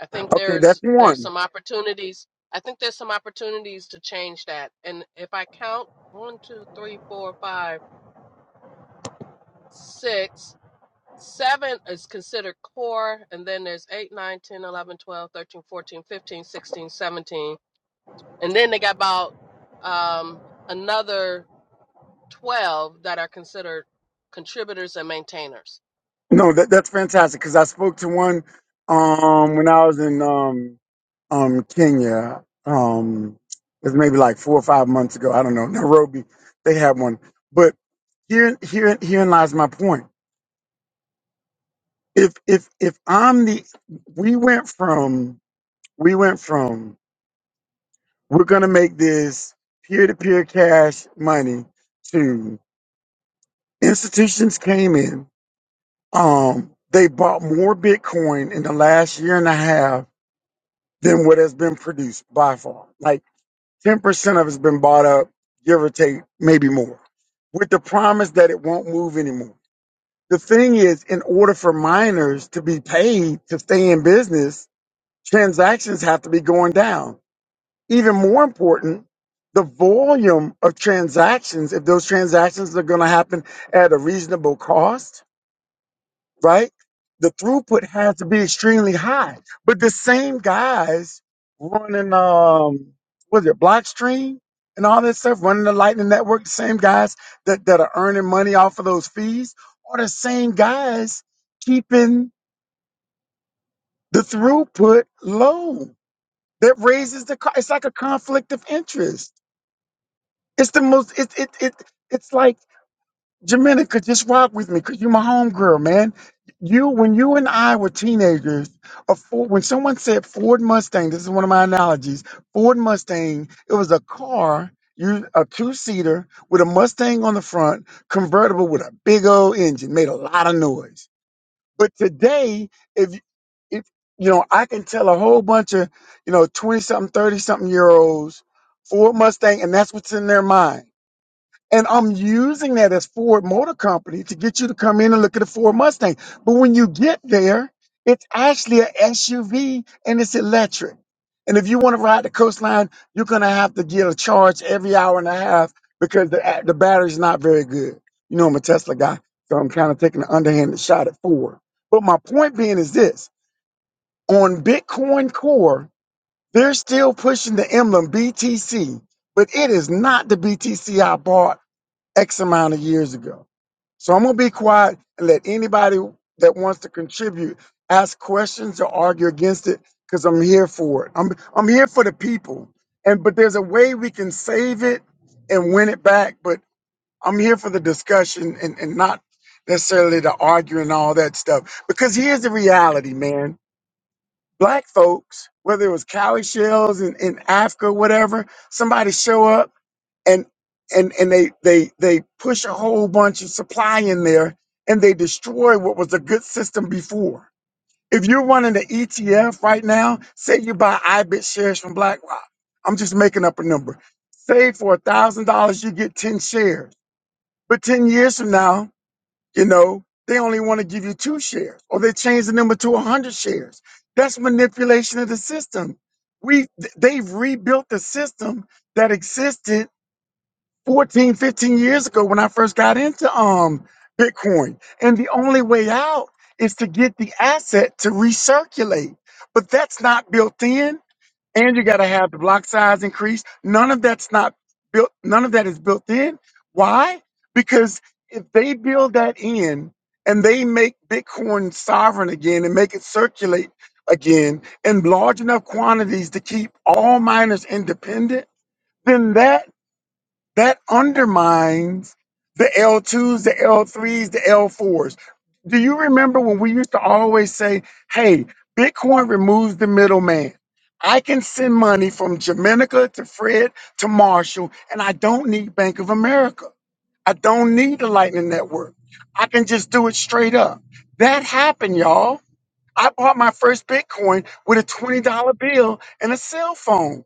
[SPEAKER 1] I think
[SPEAKER 6] Okay, that's
[SPEAKER 1] there's there's
[SPEAKER 6] one.
[SPEAKER 1] some opportunities. I think there's some opportunities to change that. And if I count one, two, three, four, five, six, seven is considered core, and then there's eight, nine, ten, eleven, twelve, thirteen, fourteen, fifteen, sixteen, seventeen, and then they got about um another 12 that are considered contributors and maintainers.
[SPEAKER 6] No, that, that's fantastic because I spoke to one um, when I was in um, um, Kenya. Um, it was maybe like four or five months ago. I don't know. Nairobi, they had one. But here, here, herein lies my point if if if I'm the we went from we went from we're gonna make this peer to peer cash money to institutions came in. Um they bought more Bitcoin in the last year and a half than what has been produced by far. Like ten percent of it's been bought up, give or take, maybe more. With the promise that it won't move anymore. The thing is, in order for miners to be paid to stay in business, transactions have to be going down. Even more important, the volume of transactions, if those transactions are going to happen at a reasonable cost, right? The throughput has to be extremely high. But the same guys running, um, what is it, Blockstream and all that stuff, running the Lightning Network, the same guys that, that are earning money off of those fees are the same guys keeping the throughput low that raises the co- it's like a conflict of interest it's the most it it, it it's like Jamenica, just rock with me because you're my homegirl, man. You, when you and I were teenagers, a Ford, when someone said Ford Mustang, this is one of my analogies. Ford Mustang, it was a car, you a two seater with a Mustang on the front, convertible with a big old engine, made a lot of noise but today, if if you know, I can tell a whole bunch of you know twenty something, thirty something year olds Ford Mustang, and that's what's in their mind. And I'm using that as Ford Motor Company to get you to come in and look at a Ford Mustang. But when you get there, it's actually an SUV and it's electric. And if you want to ride the coastline, you're going to have to get a charge every hour and a half because the, the battery's not very good. You know, I'm a Tesla guy, so I'm kind of taking an underhanded shot at Ford. But my point being is this on Bitcoin Core, they're still pushing the emblem BTC, but it is not the BTC I bought X amount of years ago. So I'm going to be quiet and let anybody that wants to contribute ask questions or argue against it because I'm here for it. I'm, I'm here for the people. And but there's a way we can save it and win it back. But I'm here for the discussion and, and not necessarily the arguing and all that stuff. Because here's the reality, man. Black folks, whether it was cowrie shells in, in Africa, whatever, somebody show up and and and they they they push a whole bunch of supply in there and they destroy what was a good system before. If you're running an ETF right now, say you buy IBIT shares from BlackRock. I'm just making up a number. Say for a thousand dollars you get 10 shares. But 10 years from now, you know, they only want to give you two shares or they change the number to a hundred shares. That's manipulation of the system. We th- they've rebuilt the system that existed 14, 15 years ago when I first got into um Bitcoin. And the only way out is to get the asset to recirculate. But that's not built in. And you gotta have the block size increase. None of that's not built, none of that is built in. Why? Because if they build that in and they make Bitcoin sovereign again and make it circulate again in large enough quantities to keep all miners independent, then that that undermines the L2s, the L3s, the L4s. Do you remember when we used to always say, hey, Bitcoin removes the middleman? I can send money from Jamaica to Fred to Marshall, and I don't need Bank of America. I don't need the Lightning Network. I can just do it straight up. That happened, y'all. I bought my first Bitcoin with a $20 bill and a cell phone.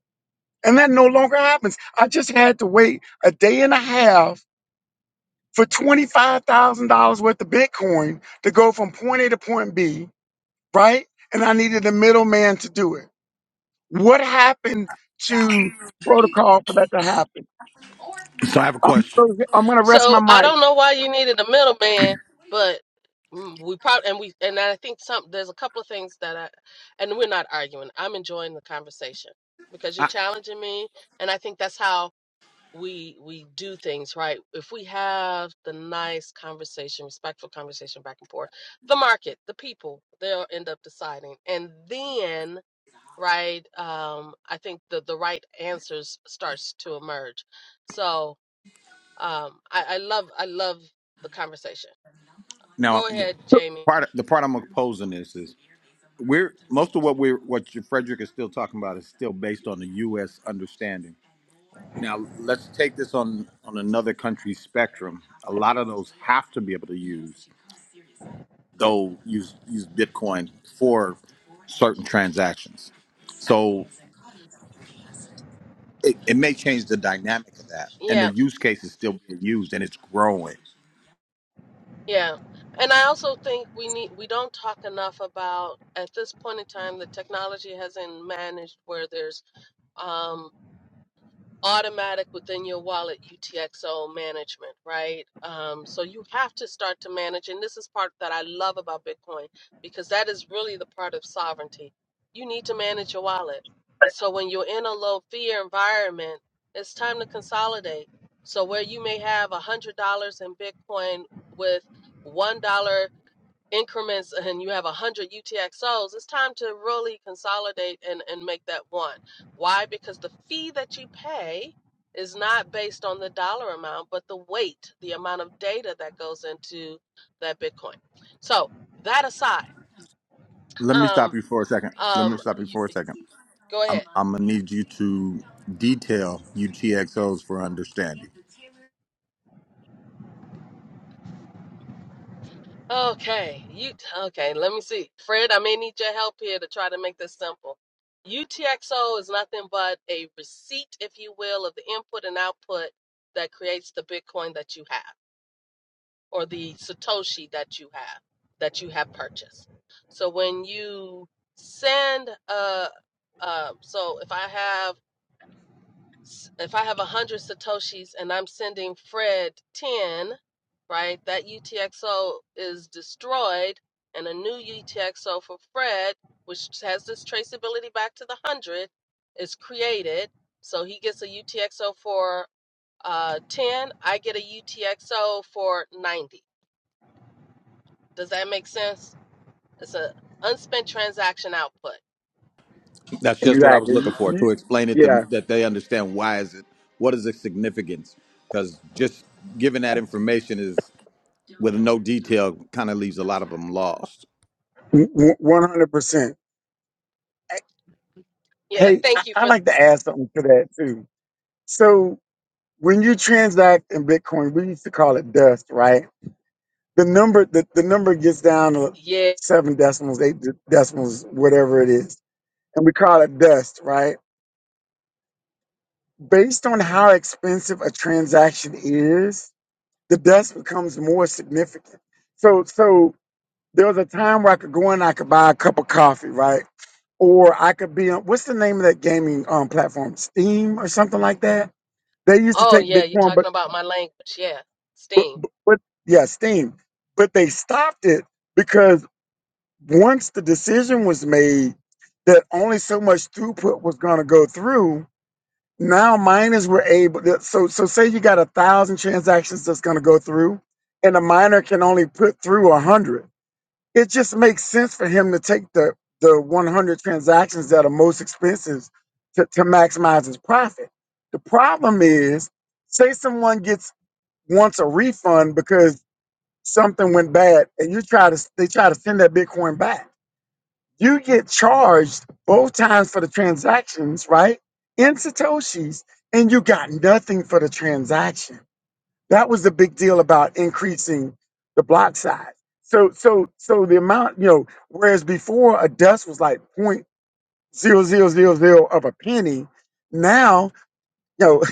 [SPEAKER 6] And that no longer happens. I just had to wait a day and a half for $25,000 worth of Bitcoin to go from point A to point B, right? And I needed a middleman to do it. What happened to protocol for that to happen?
[SPEAKER 5] So I have a
[SPEAKER 6] I'm,
[SPEAKER 5] question.
[SPEAKER 6] gonna- I'm going to rest my
[SPEAKER 1] So I
[SPEAKER 6] mic.
[SPEAKER 1] don't know why you needed a middleman, but mm, we probably and we and I think some there's a couple of things that I and we're not arguing. I'm enjoying the conversation because you're
[SPEAKER 5] I,
[SPEAKER 1] challenging me and I think that's how we we do things, right? If we have the nice conversation, respectful conversation back and forth, the market, the people, they'll end up deciding. And then right um i think the the right answers starts to emerge so um i i love i love the conversation
[SPEAKER 5] now
[SPEAKER 1] go
[SPEAKER 5] the
[SPEAKER 1] ahead jamie
[SPEAKER 5] part the part I'm opposing this is we're most of what we're what you- Frederick is still talking about is still based on the U.S. understanding. Now, let's take this on, on another country's spectrum. A lot of those have to be able to use, though, use, use Bitcoin for certain transactions. So it, it may change the dynamic of that. And
[SPEAKER 1] yeah
[SPEAKER 5] the use case is still being used and it's growing.
[SPEAKER 1] yeah and i also think we need we don't talk enough about at this point in time the technology hasn't managed where there's um, automatic within your wallet UTXO management, right? Um, so you have to start to manage, and this is part that I love about Bitcoin because that is really the part of sovereignty. You need to manage your wallet, and so when you're in a low fear environment, it's time to consolidate. So where you may have a hundred dollars in Bitcoin with one dollar increments and you have 100 UTXOs, it's time to really consolidate and, and make that one. Why? Because the fee that you pay is not based on the dollar amount, but the weight, the amount of data that goes into that Bitcoin. So, that aside,
[SPEAKER 5] Let me stop
[SPEAKER 1] um,
[SPEAKER 5] you for a second. Let me
[SPEAKER 1] um,
[SPEAKER 5] stop you for a second.
[SPEAKER 1] go ahead.
[SPEAKER 5] I'm, I'm going to need you to detail U T X Os for understanding.
[SPEAKER 1] Okay, you okay? Let me see, Fred. I may need your help here to try to make this simple. UTXO is nothing but a receipt, if you will, of the input and output that creates the Bitcoin that you have, or the Satoshi that you have, that you have purchased. So when you send, uh, uh, so if I have s- if I have a hundred satoshis and I'm sending Fred ten, right? That UTXO is destroyed, and a new UTXO for Fred, which has this traceability back to the hundred, is created. So he gets a UTXO for uh, ten. I get a UTXO for ninety. Does that make sense? It's a unspent transaction output.
[SPEAKER 5] That's just what I was
[SPEAKER 6] Exactly.
[SPEAKER 5] looking for
[SPEAKER 6] You-
[SPEAKER 5] to explain it to,
[SPEAKER 6] Yeah,
[SPEAKER 5] that they understand why is it what is the significance because just giving that information is with no detail kind of leaves a lot of them lost.
[SPEAKER 6] w- 100%. Hey,
[SPEAKER 1] Yeah.
[SPEAKER 6] hey, I,
[SPEAKER 1] Thank you
[SPEAKER 6] I
[SPEAKER 1] for
[SPEAKER 6] like to add something to that too. So when you transact in Bitcoin, we used to call it dust, right? the number the, the number gets down to
[SPEAKER 1] yeah.
[SPEAKER 6] seven decimals eight de- decimals whatever it is and we call it dust right based on how expensive a transaction is the dust becomes more significant so so there was a time where i could go in i could buy a cup of coffee right or i could be on what's the name of that gaming um platform steam or something like that they used to
[SPEAKER 1] Oh
[SPEAKER 6] take
[SPEAKER 1] yeah, you're
[SPEAKER 6] bitcoin
[SPEAKER 1] talking
[SPEAKER 6] but
[SPEAKER 1] about my language. Yeah.
[SPEAKER 6] but
[SPEAKER 1] Steam.
[SPEAKER 6] but, but yeah steam but they stopped it because once the decision was made that only so much throughput was going to go through, now miners were able. To, so so say you got a thousand transactions that's going to go through, and a miner can only put through a hundred. It just makes sense for him to take the the 100 transactions that are most expensive to, to maximize his profit. The problem is, say someone gets wants a refund because something went bad, and you try to they try to send that Bitcoin back you get charged both times for the transactions, right? In Satoshis, and you got nothing for the transaction. That was the big deal about increasing the block size. So, so, so the amount, you know, whereas before a dust was like point zero zero zero zero of a penny, now, you know,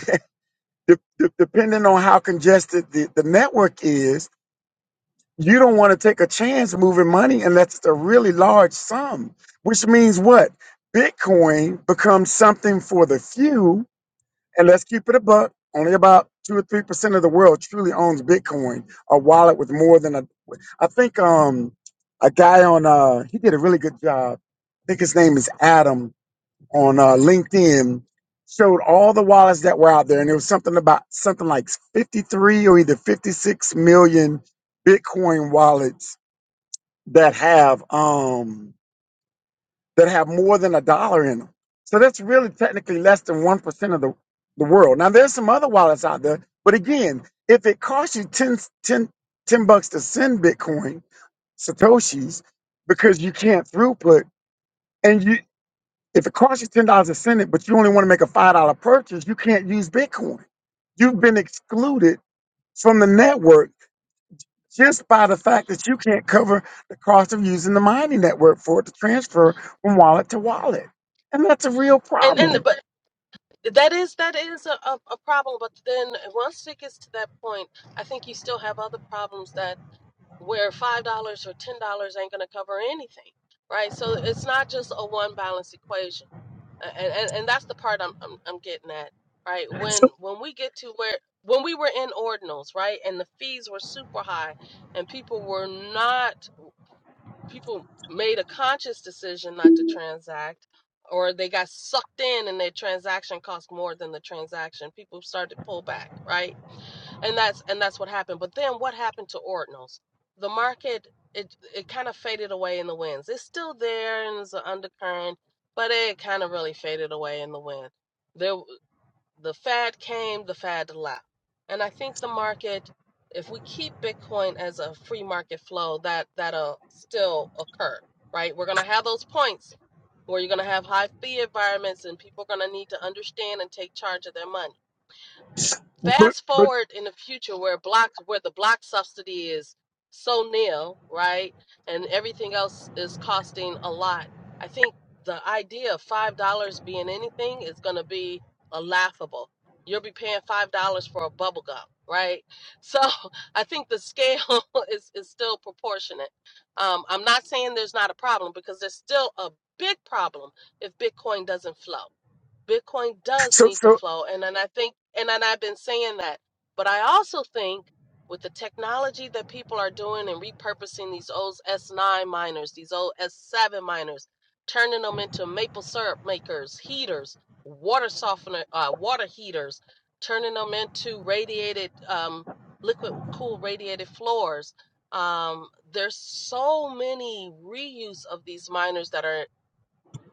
[SPEAKER 6] de- de- depending on how congested the, the network is, you don't want to take a chance moving money unless it's a really large sum, which means what? Bitcoin becomes something for the few. And let's keep it a buck. Only about two or three percent of the world truly owns Bitcoin, a wallet with more than a. I think um a guy on uh he did a really good job. I think his name is Adam on uh, LinkedIn showed all the wallets that were out there, and it was something about something like 53 or either 56 million Bitcoin wallets that have um that have more than a dollar in them. So that's really technically less than one percent of the the world. Now there's some other wallets out there, but again, if it costs you 10 10 ten bucks to send Bitcoin satoshis because you can't throughput, and you. If it costs you ten dollars a cent, but you only want to make a five dollar purchase, you can't use Bitcoin. You've been excluded from the network just by the fact that you can't cover the cost of using the mining network for it to transfer from wallet to wallet, and that's a real
[SPEAKER 1] and and
[SPEAKER 6] problem.
[SPEAKER 1] but that is that is a, a a problem but then once it gets to that point i think you still have other problems that where five dollars or ten dollars ain't going to cover anything right so it's not just a one balance equation A- and, and and that's the part I'm, I'm i'm getting at right
[SPEAKER 6] So,
[SPEAKER 1] when when we get to where when we were in ordinals right and the fees were super high and people were not people made a conscious decision not to transact or they got sucked in and their transaction cost more than the transaction people started to pull back right and that's and that's what happened but then what happened to ordinals the market it it kind of faded away in the winds it's still there and it's an undercurrent but it kind of really faded away in the wind there the fad came, the fad left. And I think the market, if we keep Bitcoin as a free market flow, that that'll still occur, right? We're gonna have those points where you're gonna have high fee environments and people are gonna need to understand and take charge of their money
[SPEAKER 6] but
[SPEAKER 1] fast
[SPEAKER 6] but
[SPEAKER 1] forward in the future where blocks where the block subsidy is so nil, right? And everything else is costing a lot. I think the idea of five dollars being anything is gonna be a laughable. You'll be paying five dollars for a bubble gum, right? So I think the scale is, is still proportionate. Um, I'm not saying there's not a problem because there's still a big problem if Bitcoin doesn't flow. Bitcoin does
[SPEAKER 6] so
[SPEAKER 1] need to
[SPEAKER 6] so
[SPEAKER 1] flow. And and I think and, and I've been saying that. But I also think with the technology that people are doing and repurposing these old S9 miners, these old S7 miners, turning them into maple syrup makers, heaters, water softener, uh, water heaters, turning them into radiated um, liquid cool radiated floors. Um, there's so many reuse of these miners that are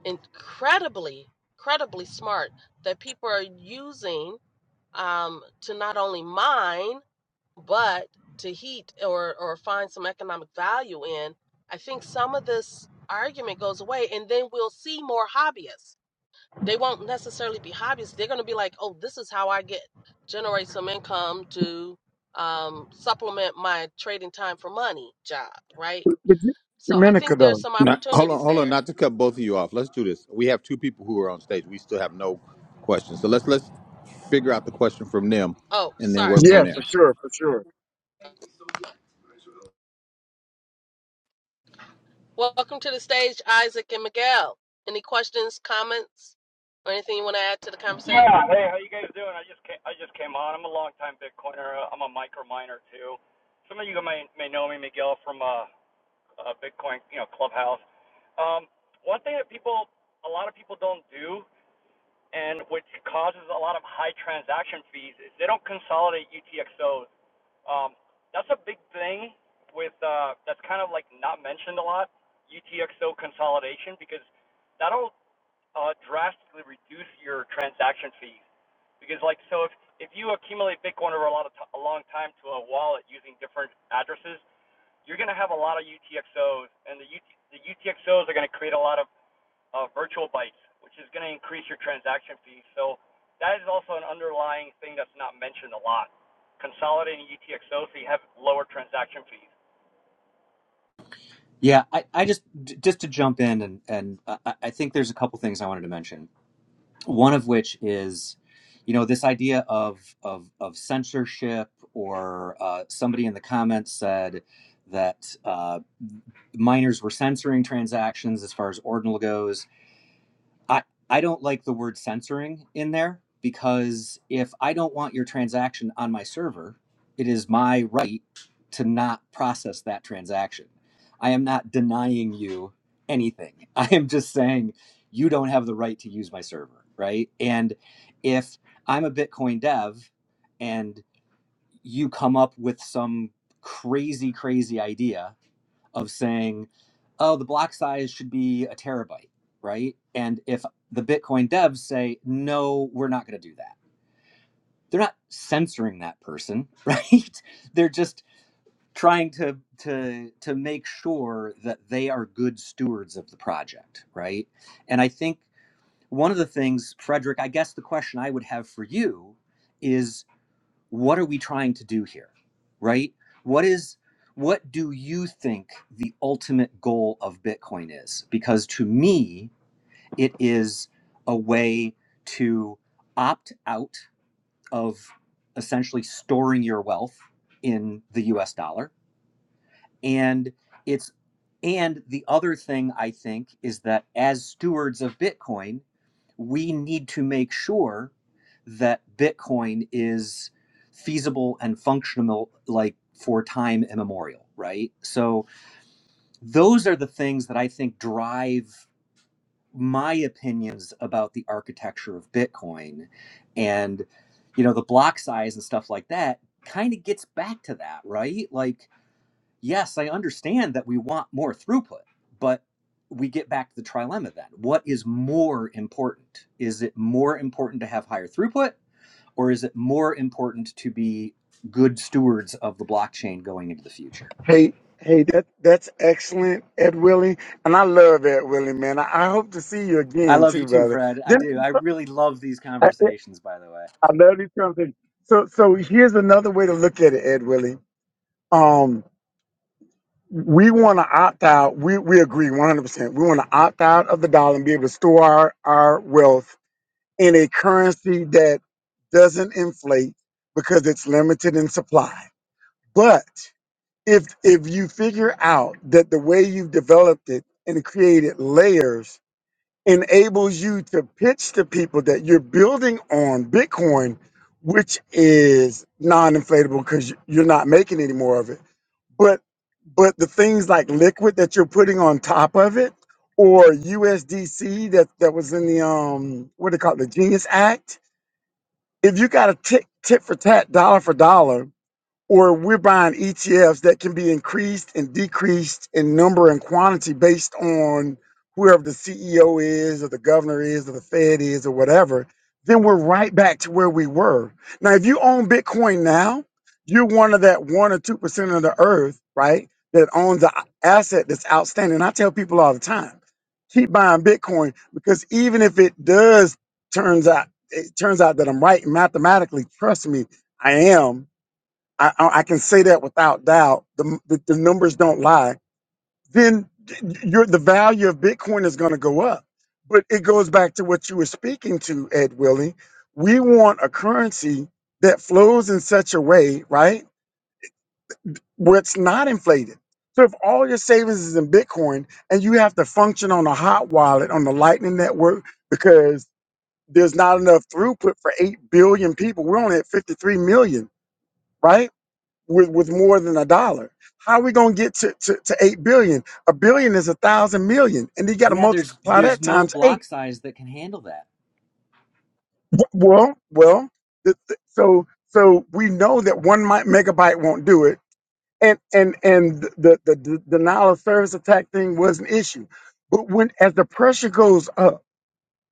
[SPEAKER 1] incredibly, incredibly smart that people are using um, to not only mine but to heat or or find some economic value in. I think some of this argument goes away, and then we'll see more hobbyists. They won't necessarily be hobbyists. They're going to be like, "Oh, this is how I get generate some income to um, supplement my trading time for money job." Right.
[SPEAKER 6] but
[SPEAKER 1] So I
[SPEAKER 6] Dominica
[SPEAKER 1] think there's
[SPEAKER 6] though,
[SPEAKER 1] some
[SPEAKER 5] Now, hold on,
[SPEAKER 1] opportunities
[SPEAKER 5] hold on,
[SPEAKER 1] there.
[SPEAKER 5] not to cut both of you off. Let's do this. We have two people who are on stage. We still have no questions, so let's let's figure out the question from them
[SPEAKER 1] Oh,
[SPEAKER 5] and then
[SPEAKER 1] sorry.
[SPEAKER 5] work from
[SPEAKER 6] yeah,
[SPEAKER 1] Thank you.
[SPEAKER 6] for
[SPEAKER 5] there.
[SPEAKER 6] sure, for sure.
[SPEAKER 1] Welcome to the stage, Isaac and Miguel. Any questions, comments, or anything you want to add to the conversation?
[SPEAKER 7] Yeah. Hey, how you guys doing? I just came, I just came on. I'm a longtime Bitcoiner. Uh, I'm a micro miner too. Some of you may may know me, Miguel, from uh, uh Bitcoin, you know, Clubhouse. Um, one thing that people, a lot of people don't do, and which causes a lot of high transaction fees, is they don't consolidate UTXOs. Um, that's a big thing with uh, that's kind of like not mentioned a lot, UTXO consolidation, because that'll uh, drastically reduce your transaction fees. Because like so, if if you accumulate Bitcoin over a lot of t- a long time to a wallet using different addresses, you're going to have a lot of UTXOs, and the UT, the UTXOs are going to create a lot of uh, virtual bytes, which is going to increase your transaction fees. So that is also an underlying thing that's not mentioned a lot. Consolidating UTXOs so you have lower transaction fees.
[SPEAKER 4] Yeah, I, I just just to jump in and and I, I think there's a couple things I wanted to mention. One of which is, you know, this idea of of of censorship or uh, somebody in the comments said that. uh, miners were censoring transactions as far as ordinal goes. I, I don't like the word censoring in there because if I don't want your transaction on my server, it is my right to not process that transaction. I am not denying you anything. I am just saying you don't have the right to use my server, right? And if I'm a Bitcoin dev and you come up with some crazy, crazy idea of saying, oh, the block size should be a terabyte, right? And if the Bitcoin devs say, no, we're not going to do that, they're not censoring that person, right? they're just trying to to to make sure that they are good stewards of the project, right? And I think one of the things, Frederick, I guess the question I would have for you is what are we trying to do here right what is what do you think the ultimate goal of bitcoin is because to me it is a way to opt out of essentially storing your wealth in the US dollar and it's and the other thing i think is that as stewards of bitcoin we need to make sure that Bitcoin is feasible and functional like for time immemorial, right? So those are the things that I think drive my opinions about the architecture of Bitcoin and you know the block size and stuff like that kind of gets back to that, right? Like yes, I understand that we want more throughput, but we get back to the trilemma then. What is more important? Is it more important to have higher throughput, or is it more important to be good stewards of the blockchain going into the future?
[SPEAKER 6] Hey hey, that that's excellent, Ed Willie, and I love Ed Willie, man. I, I hope to see you
[SPEAKER 4] I
[SPEAKER 6] again
[SPEAKER 4] love you
[SPEAKER 6] too,
[SPEAKER 4] too,
[SPEAKER 6] brother.
[SPEAKER 4] Fred. I
[SPEAKER 6] Then
[SPEAKER 4] do. I really love these conversations, by the way.
[SPEAKER 6] I love these conversations. So, so here's another way to look at it, Ed Willie. Um, we want to opt out. We we agree 100%. We want to opt out of the dollar and be able to store our, our wealth in a currency that doesn't inflate because it's limited in supply. But if if you figure out that the way you've developed it and created layers enables you to pitch to people that you're building on Bitcoin, which is non-inflatable because you're not making any more of it. But but the things like liquid that you're putting on top of it, or USDC that that was in the um what do they call it, the Genius Act. If you got a tit tit for tat, dollar for dollar, or we're buying ETFs that can be increased and decreased in number and quantity based on whoever the CEO is or the governor is or the Fed is or whatever, then we're right back to where we were. Now, if you own Bitcoin now, you're one of that one or two percent of the earth, right? That owns the asset that's outstanding. I tell people all the time, keep buying Bitcoin because even if it does turns out it turns out that I'm right mathematically, trust me, I am I, I I can say that without doubt. The, the, the numbers don't lie. Then your the value of Bitcoin is going to go up. But it goes back to what you were speaking to, Ed Willie. We want a currency that flows in such a way, right, where it's not inflated. So if all your savings is in Bitcoin and you have to function on a hot wallet on the Lightning Network because there's not enough throughput for 8 billion people, we're only at 53 million, right? with, with more than a dollar. How are we gonna get to, to, to eight billion? A billion is a thousand million, and you got to
[SPEAKER 4] Yeah, there's
[SPEAKER 6] multiply
[SPEAKER 4] there's
[SPEAKER 6] that
[SPEAKER 4] no
[SPEAKER 6] times
[SPEAKER 4] block
[SPEAKER 6] eight.
[SPEAKER 4] size that can handle that.
[SPEAKER 6] W- Well, well, th- th- so so we know that one mi- megabyte won't do it, and and and the the, the denial of service attack thing was an issue. But when as the pressure goes up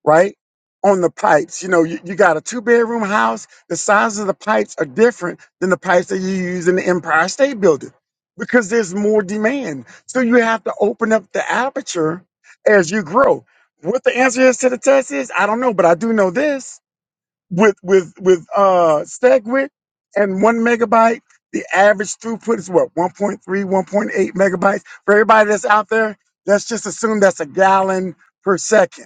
[SPEAKER 6] right? On the pipes. You know, you, you got a two bedroom house, the size of the pipes are different than the pipes that you use in the Empire State Building because there's more demand. So you have to open up the aperture as you grow. What the answer is to the test is, I don't know, but I do know this. With with with uh SegWit and one megabyte, the average throughput is what 1.3, 1.8 megabytes. For everybody that's out there, let's just assume that's a gallon per second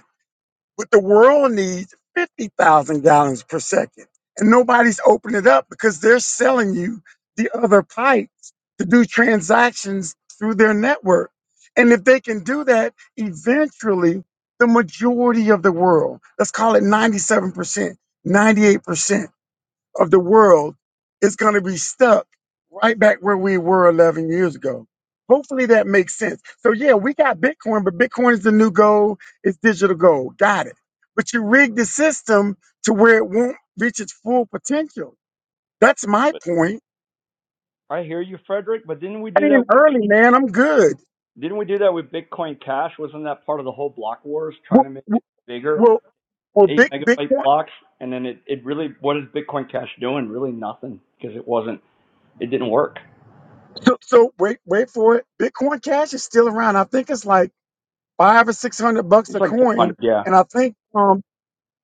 [SPEAKER 6] but the world needs 50,000 gallons per second. And nobody's opening it up because they're selling you the other pipes to do transactions through their network. And if they can do that, eventually the majority of the world, let's call it 97%, 98% of the world is going to be stuck right back where we were 11 years ago. Hopefully that makes sense. So yeah, we got Bitcoin, but Bitcoin is the new gold. It's digital gold. Got it. But you rig the system to where it won't reach its full potential. That's my
[SPEAKER 7] But
[SPEAKER 6] point.
[SPEAKER 7] I hear you, Frederick. But didn't we
[SPEAKER 6] I
[SPEAKER 7] do
[SPEAKER 6] in
[SPEAKER 7] that? With,
[SPEAKER 6] early, man. I'm good.
[SPEAKER 7] didn't we do that with Bitcoin Cash? Wasn't that part of the whole block wars, trying
[SPEAKER 6] Well,
[SPEAKER 7] to make it bigger?
[SPEAKER 6] well, well
[SPEAKER 7] eight
[SPEAKER 6] big, big.
[SPEAKER 7] megabyte blocks, and then it, it really what is Bitcoin Cash doing? Really nothing because it wasn't it didn't work.
[SPEAKER 6] So, so wait, wait for it. Bitcoin Cash is still around. I think it's like five or six hundred bucks
[SPEAKER 7] It's
[SPEAKER 6] a
[SPEAKER 7] like
[SPEAKER 6] coin,
[SPEAKER 7] 400, yeah,
[SPEAKER 6] and I think um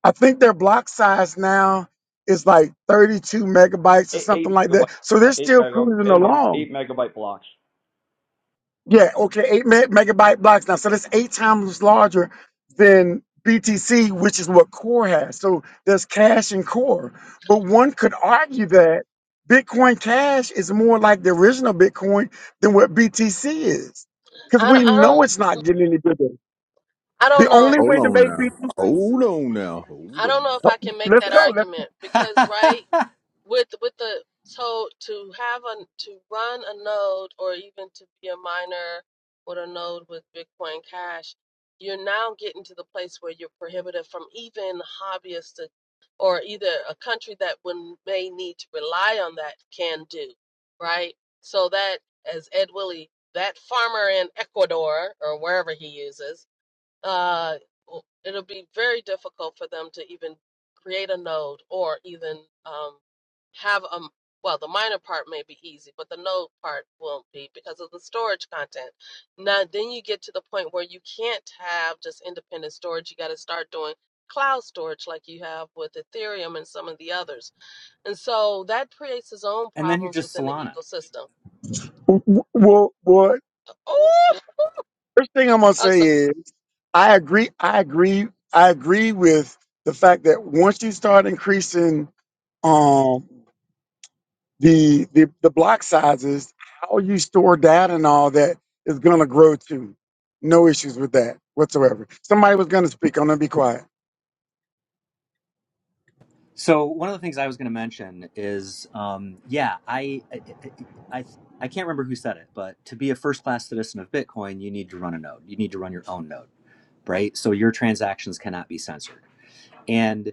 [SPEAKER 6] I think their block size now is like 32 megabytes or
[SPEAKER 7] eight,
[SPEAKER 6] something
[SPEAKER 7] eight
[SPEAKER 6] like
[SPEAKER 7] megabyte,
[SPEAKER 6] that. So they're
[SPEAKER 7] eight
[SPEAKER 6] still
[SPEAKER 7] mega,
[SPEAKER 6] cruising
[SPEAKER 7] em- em-
[SPEAKER 6] along.
[SPEAKER 7] eight megabyte blocks,
[SPEAKER 6] Yeah, okay, eight me- megabyte blocks now. So that's eight times larger than BTC, which is what Core has. So there's Cash and Core. But one could argue that Bitcoin Cash is more like the original Bitcoin than what BTC is. Because
[SPEAKER 1] I don't,
[SPEAKER 6] we
[SPEAKER 1] I don't,
[SPEAKER 6] know it's not getting any bigger.
[SPEAKER 1] I
[SPEAKER 6] The
[SPEAKER 1] don't know.
[SPEAKER 6] only
[SPEAKER 5] Hold
[SPEAKER 6] way to
[SPEAKER 5] on
[SPEAKER 6] make
[SPEAKER 5] now.
[SPEAKER 6] BTC,
[SPEAKER 5] Hold on now,
[SPEAKER 1] I
[SPEAKER 5] hold
[SPEAKER 1] don't
[SPEAKER 5] on
[SPEAKER 1] know if
[SPEAKER 5] now.
[SPEAKER 1] I can make
[SPEAKER 6] let's
[SPEAKER 1] that
[SPEAKER 6] go. Let's,
[SPEAKER 1] argument because, right? with with the so to have a to run a node or even to be a miner with a node with Bitcoin Cash, you're now getting to the place where you're prohibited from even hobbyists to, or either a country that would may need to rely on that can do, right? So that as Ed Willie, that farmer in Ecuador or wherever he uses, uh, w- it'll be very difficult for them to even create a node or even um, have a m- well the minor part may be easy but the node part won't be because of the storage content now then you get to the point where you can't have just independent storage you got to start doing cloud storage like you have with ethereum and some of the others and so that creates its own
[SPEAKER 4] and then you're
[SPEAKER 1] problems
[SPEAKER 4] just
[SPEAKER 1] within the
[SPEAKER 4] Solana.
[SPEAKER 1] ecosystem
[SPEAKER 6] well, well,
[SPEAKER 1] oh
[SPEAKER 6] First thing I'm gonna
[SPEAKER 1] i'm
[SPEAKER 6] say
[SPEAKER 1] so
[SPEAKER 6] is I agree. I agree. I agree with the fact that once you start increasing um, the, the the block sizes, how you store data and all that is gonna grow too. No issues with that whatsoever. Somebody was gonna speak. I'm gonna be quiet.
[SPEAKER 4] So one of the things I was going to mention is, um, yeah, I, I, I, I I can't remember who said it, but to be a first-class citizen of Bitcoin, you need to run a node. You need to run your own node, right? So your transactions cannot be censored. And.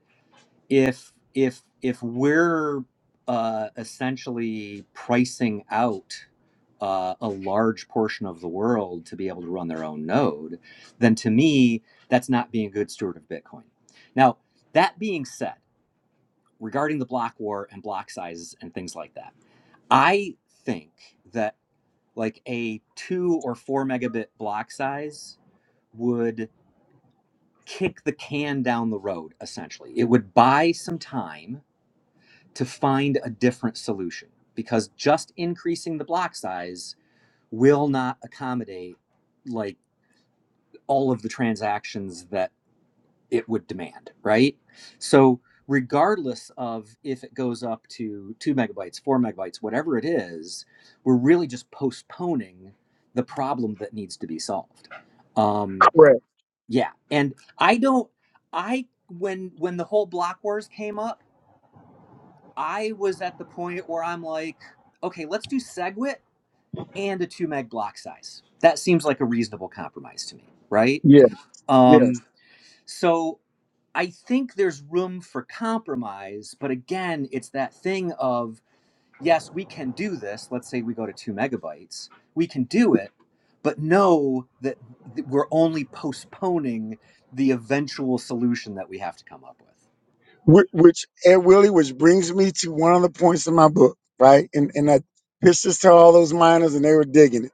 [SPEAKER 4] if if if we're uh, essentially pricing out uh, a large portion of the world to be able to run their own node, then to me that's not being a good steward of Bitcoin. Now that being said, regarding the block war and block sizes and things like that, I think that like a two or four megabit block size would kick the can down the road essentially. It would buy some time to find a different solution because just increasing the block size will not accommodate like all of the transactions that it would demand, right? So regardless of if it goes up to 2 megabytes, 4 megabytes, whatever it is, we're really just postponing the problem that needs to be solved. Um
[SPEAKER 6] Correct.
[SPEAKER 4] yeah, and I don't I when when the whole block wars came up I was at the point where I'm like, okay, let's do SegWit and a two meg block size. That seems like a reasonable compromise to me, right?
[SPEAKER 6] Yeah. Yes.
[SPEAKER 4] Um, so I think there's room for compromise, but again, it's that thing of yes, we can do this. Let's say we go to two megabytes, we can do it, but know that th- we're only postponing the eventual solution that we have to come up with.
[SPEAKER 6] Wh- Which Ed Willie, which brings me to one of the points in my book, right? And and I pitched this to all those miners, and they were digging it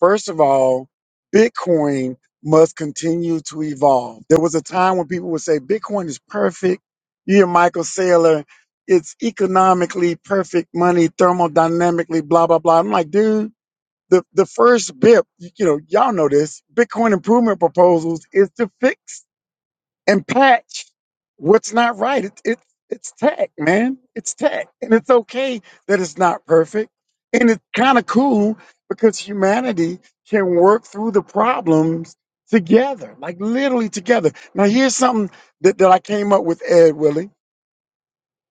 [SPEAKER 6] First of all, Bitcoin must continue to evolve. There was a time when people would say Bitcoin is perfect. You hear Michael Saylor, it's economically perfect money, thermodynamically, blah, blah, blah. I'm like, dude, the, the first BIP, you know, y'all know this, Bitcoin improvement proposals is to fix and patch what's not right. It it it's tech, man. It's tech, and it's okay that it's not perfect, and it's kind of cool because humanity can work through the problems together, like literally together. Now, here's something that, that I came up with, Ed Willie.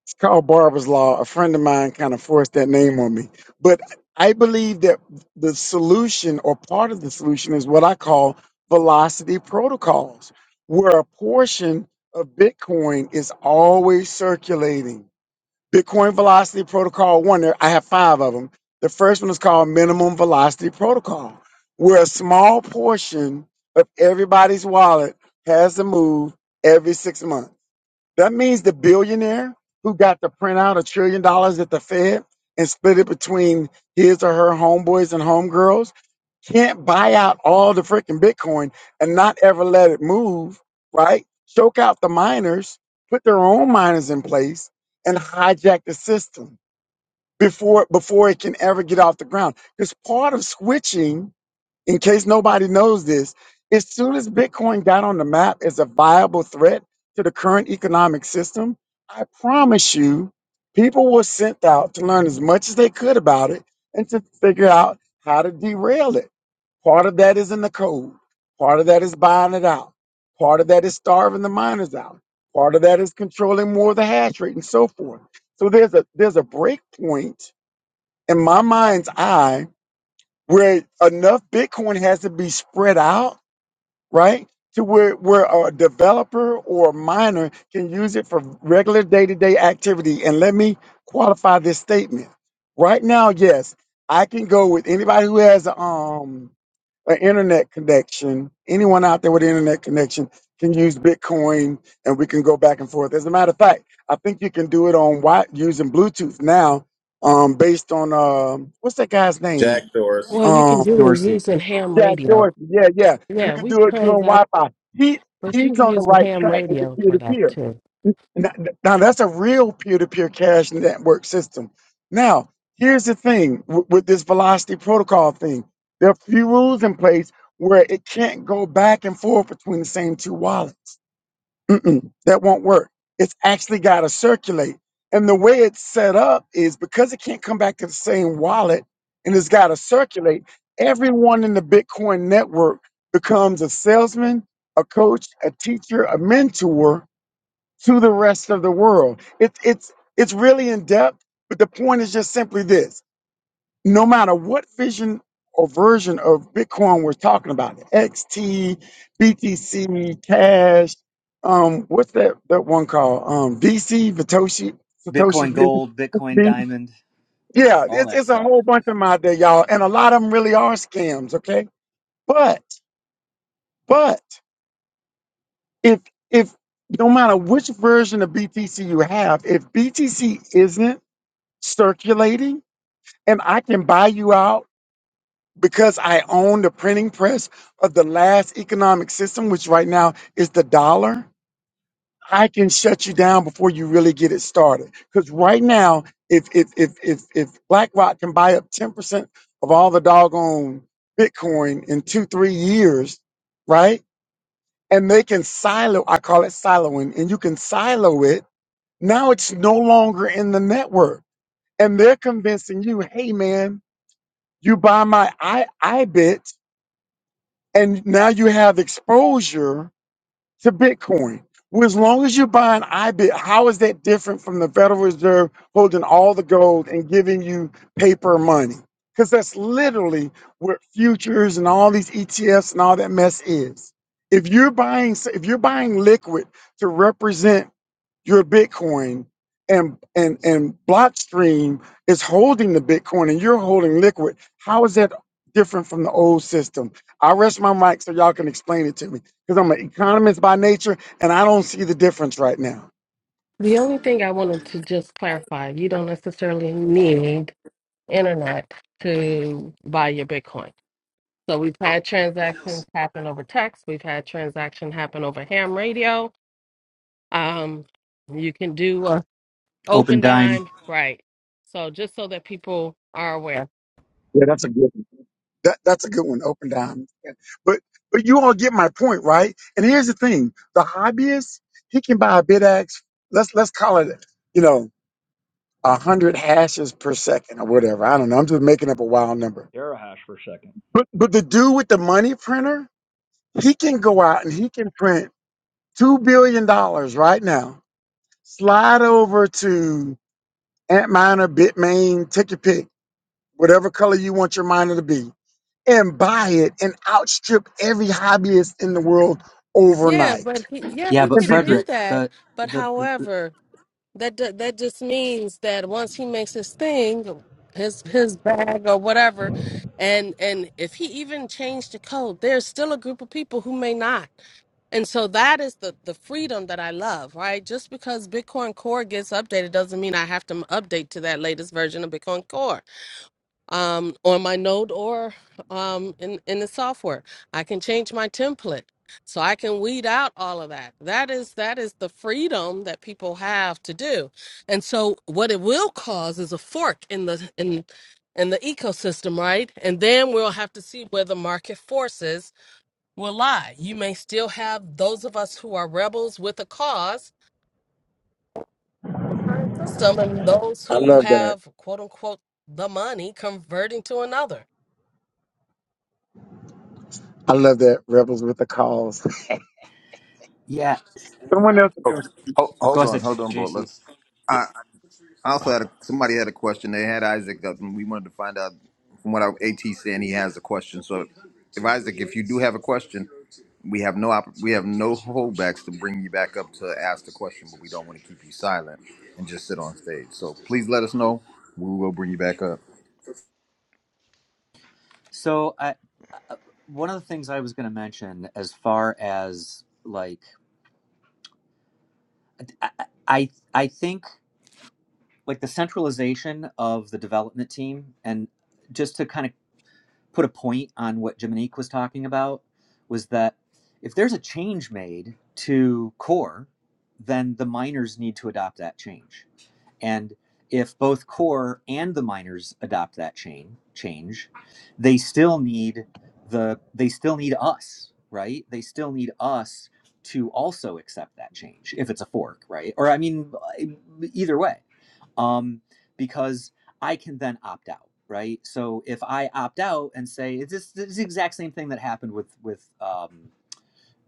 [SPEAKER 6] It's called Barber's Law. A friend of mine kind of forced that name on me. But I believe that the solution or part of the solution is what I call velocity protocols, where a portion of Bitcoin is always circulating. Bitcoin Velocity Protocol 1, there, I have five of them. The first one is called Minimum Velocity Protocol, where a small portion of everybody's wallet has to move every six months. That means the billionaire who got to print out a trillion dollars at the Fed and split it between his or her homeboys and homegirls can't buy out all the freaking Bitcoin and not ever let it move, right? Choke out the miners, put their own miners in place, and hijack the system before before it can ever get off the ground. Because part of switching in case nobody knows this, as soon as Bitcoin got on the map as a viable threat to the current economic system, I promise you, people were sent out to learn as much as they could about it and to figure out how to derail it. Part of that is in the code, part of that is buying it out, part of that is starving the miners out, part of that is controlling more of the hash rate and so forth. So there's a there's a break point in my mind's eye where enough Bitcoin has to be spread out, right? To where, where a developer or a miner can use it for regular day to day activity. And let me qualify this statement. Right now, yes, I can go with anybody who has um, an internet connection. Anyone out there with an internet connection can use Bitcoin and we can go back and forth. As a matter of fact, I think you can do it on Wi using Bluetooth now um, based on um, what's that guy's name?
[SPEAKER 5] Jack Dorsey.
[SPEAKER 1] Well,
[SPEAKER 6] Um,
[SPEAKER 1] you were
[SPEAKER 4] Dorsey,
[SPEAKER 1] using ham
[SPEAKER 6] Jack
[SPEAKER 1] radio.
[SPEAKER 6] Dorsey. Yeah, yeah. You
[SPEAKER 1] Yeah,
[SPEAKER 6] could
[SPEAKER 1] we
[SPEAKER 6] do it doing
[SPEAKER 1] transact.
[SPEAKER 6] Wi-Fi. He
[SPEAKER 1] But you
[SPEAKER 6] he's
[SPEAKER 1] can
[SPEAKER 6] on the
[SPEAKER 1] use the
[SPEAKER 6] right
[SPEAKER 1] ham
[SPEAKER 6] track with the
[SPEAKER 1] radio for that
[SPEAKER 6] peer-to-peer.
[SPEAKER 1] too.
[SPEAKER 6] Now, now that's a real peer-to-peer cash network system. Now, here's the thing with, with this velocity protocol thing. There are a few rules in place where it can't go back and forth between the same two wallets. Mm-mm, that won't work. It's actually got to circulate. And the way it's set up is because it can't come back to the same wallet and it's got to circulate, everyone in the Bitcoin network becomes a salesman, a coach, a teacher, a mentor to the rest of the world. It, it's, it's really in depth, but the point is just simply this no matter what vision or version of Bitcoin we're talking about, XT, BTC, Cash, um, what's that that one called? Um, VC, Satoshi, Satoshi's
[SPEAKER 4] Bitcoin Gold, Bitcoin
[SPEAKER 6] business.
[SPEAKER 4] Diamond,
[SPEAKER 6] Yeah,
[SPEAKER 4] all
[SPEAKER 6] it's
[SPEAKER 4] that
[SPEAKER 6] it's a
[SPEAKER 4] stuff.
[SPEAKER 6] whole bunch of them out there, y'all, and a lot of them really are scams. Okay, but but if if no matter which version of BTC you have, if BTC isn't circulating and I can buy you out because I own the printing press of the last economic system, which right now is the dollar, I can shut you down before you really get it started. Because right now, if if if if if BlackRock can buy up ten percent of all the doggone Bitcoin in two three years, right? And they can silo, I call it siloing, and you can silo it. Now it's no longer in the network, and they're convincing you, hey man, you buy my I I bit and now you have exposure to Bitcoin. Well, as long as you're buying IBIT, how is that different from the Federal Reserve holding all the gold and giving you paper money? Because that's literally what futures and all these ETFs and all that mess is. If you're buying, if you're buying liquid to represent your Bitcoin and and and Blockstream is holding the Bitcoin and you're holding liquid. How is that different from the old system? I rest my mic so y'all can explain it to me because I'm an economist by nature and I don't see the difference right now.
[SPEAKER 1] The only thing I wanted to just clarify, you don't necessarily need internet to buy your Bitcoin. So we've had transactions happen over text. We've had transaction happen over ham radio. Um, you can do uh,
[SPEAKER 4] Open
[SPEAKER 1] open
[SPEAKER 4] Dime.
[SPEAKER 1] dime, right? So just so that people are aware.
[SPEAKER 6] Yeah, that's a good one. That, that's a good one. Open down. Yeah. But but you all get my point, right? And here's the thing: the hobbyist he can buy a bidax. Let's let's call it, you know, a hundred hashes per second or whatever. I don't know. I'm just making up a wild number
[SPEAKER 7] terahash per second,
[SPEAKER 6] But but the dude with the money printer, he can go out and he can print two billion dollars right now. Slide over to Antminer, Bitmain, take your pick, whatever color you want your miner to be, and buy it and outstrip every hobbyist in the world
[SPEAKER 1] Yeah,
[SPEAKER 6] overnight.
[SPEAKER 1] but he, yeah,
[SPEAKER 4] Yeah,
[SPEAKER 1] he
[SPEAKER 4] but
[SPEAKER 6] And
[SPEAKER 1] could
[SPEAKER 6] people,
[SPEAKER 1] do
[SPEAKER 4] Frederick,
[SPEAKER 1] that.
[SPEAKER 4] the
[SPEAKER 1] But
[SPEAKER 4] the
[SPEAKER 1] however, That ju- that just means that once he makes his thing, his his bag or whatever, and and if he even changed the code, there's still a group of people who may not. And so that is the the freedom that I love, right? Just because Bitcoin Core gets updated doesn't mean I have to m- update to that latest version of Bitcoin Core um, on my node or um, in, in the software. I can change my template. So I can weed out all of that. That is that is the freedom that people have to do. And so what it will cause is a fork in the in in the ecosystem, right? And then we'll have to see where the market forces will lie. You may still have those of us who are rebels with a cause current system and those
[SPEAKER 6] I
[SPEAKER 1] who
[SPEAKER 6] love that.
[SPEAKER 1] have quote unquote the money converting to another.
[SPEAKER 6] I love that. Rebels with the cause.
[SPEAKER 4] Yeah,
[SPEAKER 6] Someone else.
[SPEAKER 5] Oh,
[SPEAKER 6] Go
[SPEAKER 5] ho-
[SPEAKER 4] go
[SPEAKER 5] hold on,
[SPEAKER 4] ahead, J-
[SPEAKER 5] hold on, but
[SPEAKER 4] JC.
[SPEAKER 5] let's.
[SPEAKER 3] huh.
[SPEAKER 5] I also had a, somebody had a question. They had Isaac up, and we wanted to find out from what our AT saying he has a question. So, if Isaac, if you do have a question, we have no op- we have no holdbacks to bring you back up to ask the question, but we don't want to keep you silent and just sit on stage. So please let us know. We will bring you back up.
[SPEAKER 4] So, uh, one of the things I was going to mention, as far as like, I, I I think like the centralization of the development team, and just to kind of put a point on what Jiminique was talking about, was that if there's a change made to core, then the miners need to adopt that change And if both core and the miners adopt that chain change, they still need the they still need us, right? They still need us to also accept that change if it's a fork, right? Or I mean, either way, um, because I can then opt out, right? So if I opt out and say it's this, this is the exact same thing that happened with with um,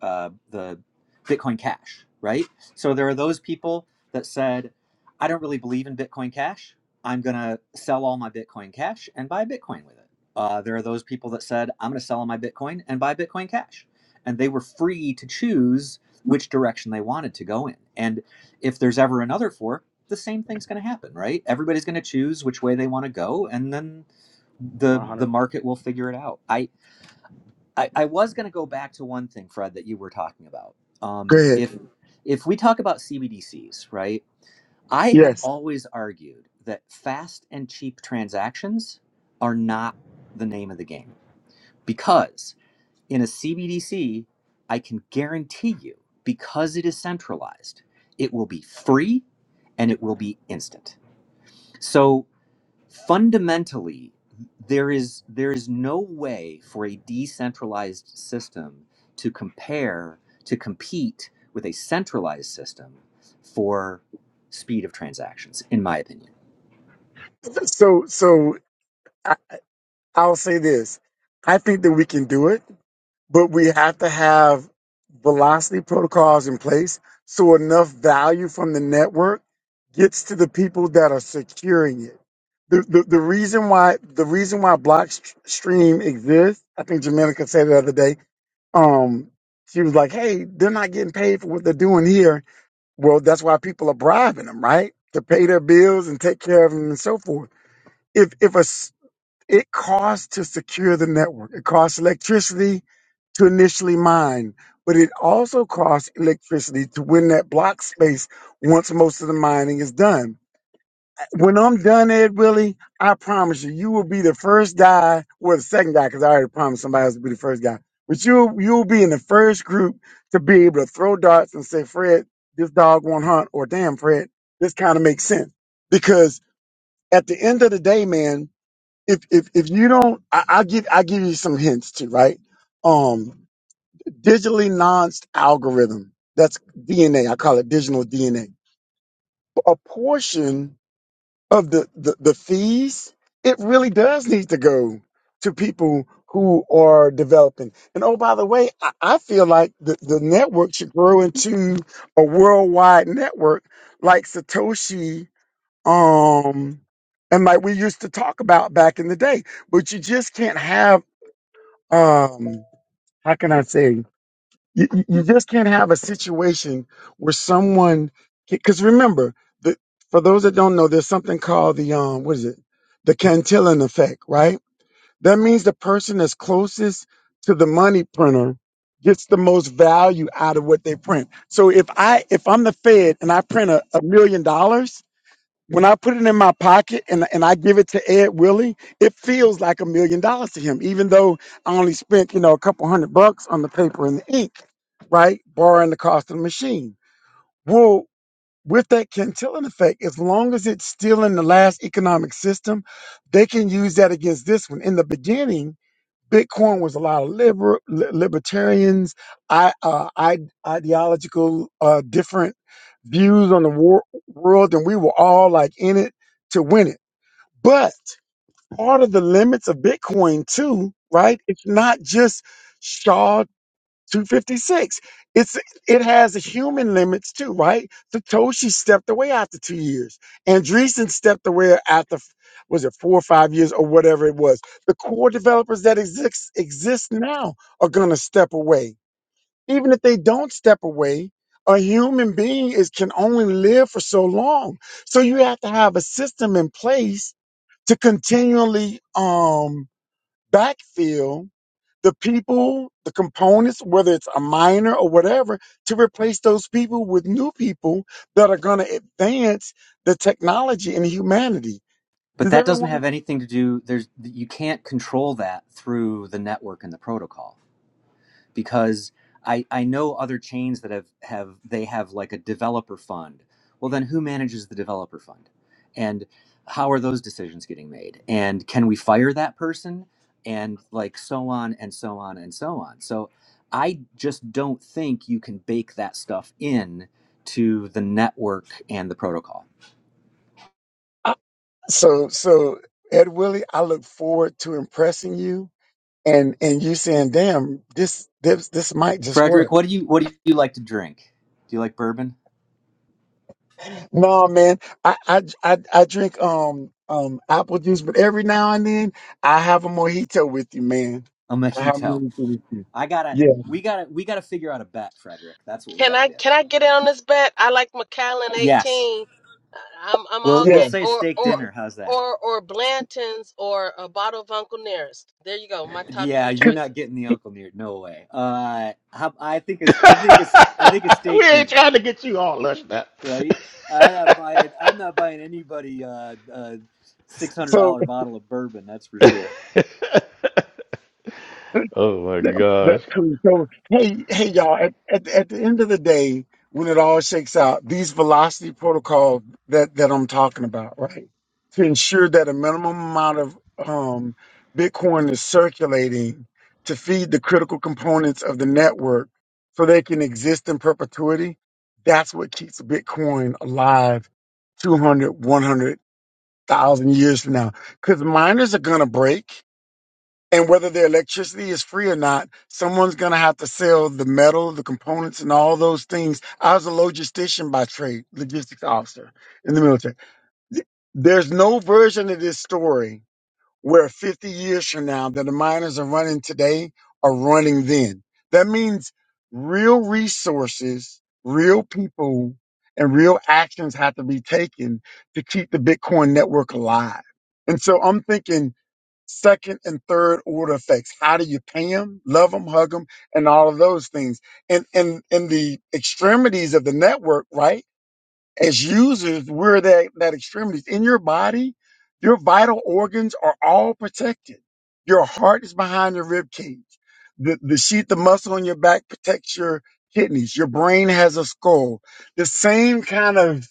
[SPEAKER 4] uh, the Bitcoin Cash, right? So there are those people that said, I don't really believe in Bitcoin Cash. I'm going to sell all my Bitcoin Cash and buy Bitcoin with it. Uh, there are those people that said, I'm going to sell all my Bitcoin and buy Bitcoin Cash. And they were free to choose which direction they wanted to go in. And if there's ever another fork, the same thing's going to happen, right? Everybody's going to choose which way they want to go, and then the
[SPEAKER 7] 100.
[SPEAKER 4] the market will figure it out. I I, I was going to go back to one thing, Fred, that you were talking about.
[SPEAKER 6] go
[SPEAKER 4] Um,
[SPEAKER 6] ahead.
[SPEAKER 4] if if we talk about CBDCs, right? I have
[SPEAKER 6] Yes.
[SPEAKER 4] always argued that fast and cheap transactions are not the name of the game because in a CBDC, I can guarantee you, because it is centralized, it will be free and it will be instant. So fundamentally there is there is no way for a decentralized system to compare to compete with a centralized system for speed of transactions in my opinion
[SPEAKER 6] So so I, I'll say this. I think that we can do it. but we have to have velocity protocols in place so enough value from the network gets to the people that are securing it. The, the, the reason why the reason why Blockstream exists, I think Jamenica said it the other day. Um, she was like, "Hey, they're not getting paid for what they're doing here." Well, that's why people are bribing them, right, to pay their bills and take care of them and so forth. If if a s- it costs to secure the network. It costs electricity to initially mine, but it also costs electricity to win that block space once most of the mining is done. When I'm done, Ed Willie, I promise you, you will be the first guy, well, the second guy, because I already promised somebody else to be the first guy. But you, you'll be in the first group to be able to throw darts and say, Fred, this dog won't hunt, or damn, Fred, this kind of makes sense. Because at the end of the day, man, if if if you don't, I, I give I give you some hints too, right? Um, digitally nonced algorithm. That's DNA. I call it digital DNA. A A portion of the the, the fees, it really does need to go to people who are developing. And oh, by the way, I, I feel like the, the network should grow into a worldwide network like Satoshi. Um, and like we used to talk about back in the day, but you just can't have um how can i say you, you you just can't have a situation where someone because remember the, for those that don't know there's something called the um what is it the cantillon effect right that means the person that's closest to the money printer gets the most value out of what they print so if i if i'm the fed and i print a, a million dollars when I put it in my pocket and, and I give it to Ed Willie, it feels like a million dollars to him, even though I only spent, you know, a couple hundred bucks on the paper and the ink, right? Borrowing the cost of the machine. Well, with that Cantillon effect, as long as it's still in the last economic system, they can use that against this one. In the beginning, Bitcoin was a lot of liber, li- libertarians, I, uh, I, ideological, uh, different views on the war, world, and we were all like in it to win it. But part of the limits of Bitcoin too, right? It's not just Shaw's 256. It's it has human limits too, right? Satoshi stepped away after two years. Andreessen stepped away after was it four or five years or whatever it was. The core developers that exist exist now are gonna step away. Even if they don't step away, a human being is can only live for so long. So you have to have a system in place to continually um backfill the people, the components, whether it's a minor or whatever, to replace those people with new people that are going to advance the technology and humanity.
[SPEAKER 4] but
[SPEAKER 6] Does
[SPEAKER 4] that doesn't
[SPEAKER 6] everyone?
[SPEAKER 4] have anything to do there's you can't control that through the network and the protocol because I I know other chains that have have they have like a developer fund. Well, then who manages the developer fund, and how are those decisions getting made? And can we fire that person? And like so on and so on and so on. So I just don't think you can bake that stuff in to the network and the protocol.
[SPEAKER 6] I, so, so Ed Willie, I look forward to impressing you and and you saying, "Damn, this this this might just
[SPEAKER 4] Frederick,
[SPEAKER 6] work."
[SPEAKER 4] what do you what do you like to drink? Do you like bourbon?
[SPEAKER 6] No, man, I I I, I drink um um apple juice, but every now and then I have a mojito with you, man.
[SPEAKER 4] A
[SPEAKER 6] I have a
[SPEAKER 4] mojito.
[SPEAKER 6] mojito with you.
[SPEAKER 4] I gotta
[SPEAKER 6] Yeah,
[SPEAKER 4] we gotta we gotta figure out a bet, Frederick. That's what we
[SPEAKER 1] Can
[SPEAKER 4] gotta
[SPEAKER 1] I
[SPEAKER 4] do.
[SPEAKER 1] can I get in on this bet? I like McAllen
[SPEAKER 4] Yes.
[SPEAKER 1] eighteen. I'm I'm
[SPEAKER 4] We'll
[SPEAKER 1] all
[SPEAKER 4] we'll
[SPEAKER 1] game
[SPEAKER 6] yeah.
[SPEAKER 4] say
[SPEAKER 1] or
[SPEAKER 4] steak
[SPEAKER 1] or
[SPEAKER 4] dinner. How's that?
[SPEAKER 1] or or Blanton's or a bottle of Uncle Nearest. There you go. My top
[SPEAKER 4] Yeah,
[SPEAKER 1] three
[SPEAKER 4] you're not
[SPEAKER 1] choices.
[SPEAKER 4] getting the uncle near. No way. Uh, how, I think it's I think it's I think it's
[SPEAKER 3] we
[SPEAKER 4] steak
[SPEAKER 3] ain't
[SPEAKER 4] dinner,
[SPEAKER 3] trying to get you all lushed up.
[SPEAKER 4] right? I'm not buying I'm not buying anybody uh, a six hundred
[SPEAKER 6] So
[SPEAKER 4] dollar bottle of bourbon. That's for sure.
[SPEAKER 3] oh my
[SPEAKER 6] that,
[SPEAKER 3] gosh.
[SPEAKER 6] that's cool. So hey, hey y'all, at, at at the end of the day, when it all shakes out, these velocity protocols that that I'm talking about, right? To ensure that a minimum amount of um Bitcoin is circulating to feed the critical components of the network so they can exist in perpetuity. That's what keeps Bitcoin alive two hundred, one hundred thousand years from now. Because miners are going to break and whether the electricity is free or not, someone's going to have to sell the metal, the components, and all those things. I was a logistician by trade, logistics officer in the military. There's no version of this story where 50 years from now that the miners are running today are running then. That means real resources, real people, and real actions have to be taken to keep the Bitcoin network alive. And so I'm thinking second and third order effects. How do you pay them, love them, hug them, and all of those things. And and in the extremities of the network, right? As users, we're that that extremities in your body. Your vital organs are all protected. Your heart is behind your rib cage. The the sheath, the muscle on your back protects your kidneys. Your brain has a skull. The same kind of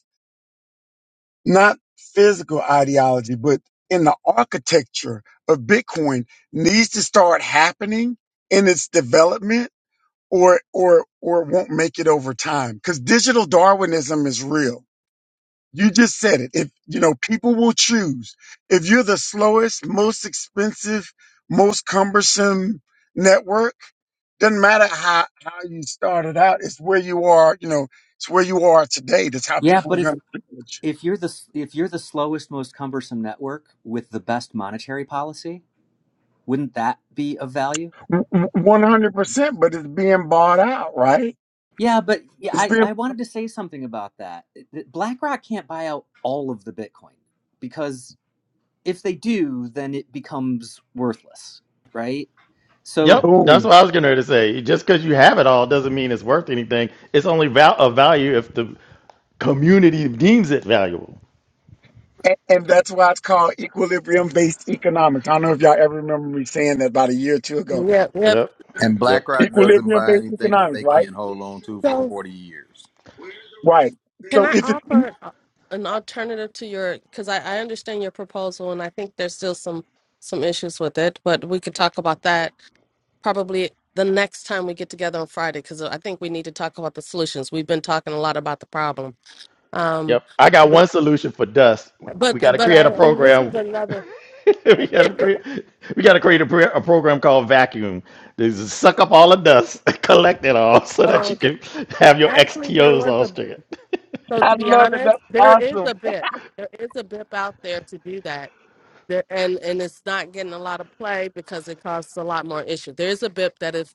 [SPEAKER 6] not physical ideology, but in the architecture of Bitcoin needs to start happening in its development or or or it won't make it over time. Because digital Darwinism is real. You just said it. If you know, people will choose. If you're the slowest, most expensive, most cumbersome network, doesn't matter how, how you started out, it's where you are, you know, it's where you are today. That's how
[SPEAKER 4] Yeah,
[SPEAKER 6] people
[SPEAKER 4] but
[SPEAKER 6] are
[SPEAKER 4] if
[SPEAKER 6] gonna choose.
[SPEAKER 4] if you're the if you're the slowest, most cumbersome network with the best monetary policy, wouldn't that be of value?
[SPEAKER 6] One hundred percent, but it's being bought out, right?
[SPEAKER 4] Yeah, but yeah,
[SPEAKER 6] It's
[SPEAKER 4] I,
[SPEAKER 6] being
[SPEAKER 4] I wanted to say something about that. Th- BlackRock can't buy out all of the Bitcoin because if they do, then it becomes worthless, right? So
[SPEAKER 3] Yep, that's
[SPEAKER 6] boom,
[SPEAKER 3] what I was getting ready to say. Just because you have it all doesn't mean it's worth anything. It's only val- of value if the community deems it valuable.
[SPEAKER 6] and, and that's why it's called equilibrium-based economics. I don't know if y'all ever remember me saying that about a year or two ago.
[SPEAKER 1] Yep, yep.
[SPEAKER 3] Yep,
[SPEAKER 5] And
[SPEAKER 3] yep,
[SPEAKER 5] BlackRock doesn't buy
[SPEAKER 6] Equilibrium-based
[SPEAKER 5] anything that
[SPEAKER 6] economics,
[SPEAKER 5] they
[SPEAKER 6] right?
[SPEAKER 5] can't hold on to for
[SPEAKER 1] So,
[SPEAKER 5] forty years.
[SPEAKER 6] Right.
[SPEAKER 1] can
[SPEAKER 6] So
[SPEAKER 1] I
[SPEAKER 6] if it's, e-
[SPEAKER 1] offer an al- an alternative to your? Because I, I understand your proposal, and I think there's still some some issues with it, but we could talk about that probably the next time we get together on Friday. Because I think we need to talk about the solutions. We've been talking a lot about the problem. Um,
[SPEAKER 3] yep. I got one solution for dust. We got
[SPEAKER 1] But
[SPEAKER 3] to
[SPEAKER 1] but
[SPEAKER 3] create
[SPEAKER 1] I
[SPEAKER 3] a
[SPEAKER 1] and this is
[SPEAKER 3] program
[SPEAKER 1] another.
[SPEAKER 3] we
[SPEAKER 1] thing.
[SPEAKER 3] got to create. We got to create a, pre- a program called Vacuum. They just suck up all the dust, collect it all, so that you
[SPEAKER 1] Um,
[SPEAKER 3] can have your
[SPEAKER 1] actually, there
[SPEAKER 3] XTOs
[SPEAKER 1] was
[SPEAKER 3] all
[SPEAKER 1] a.
[SPEAKER 3] straight.
[SPEAKER 1] So to
[SPEAKER 6] I
[SPEAKER 1] be
[SPEAKER 6] love it.
[SPEAKER 1] honest,
[SPEAKER 6] That's
[SPEAKER 1] there is
[SPEAKER 6] awesome.
[SPEAKER 1] a bit. There is a bip out there to do that. There, and and it's not getting a lot of play because it causes a lot more issue. There is a bip that if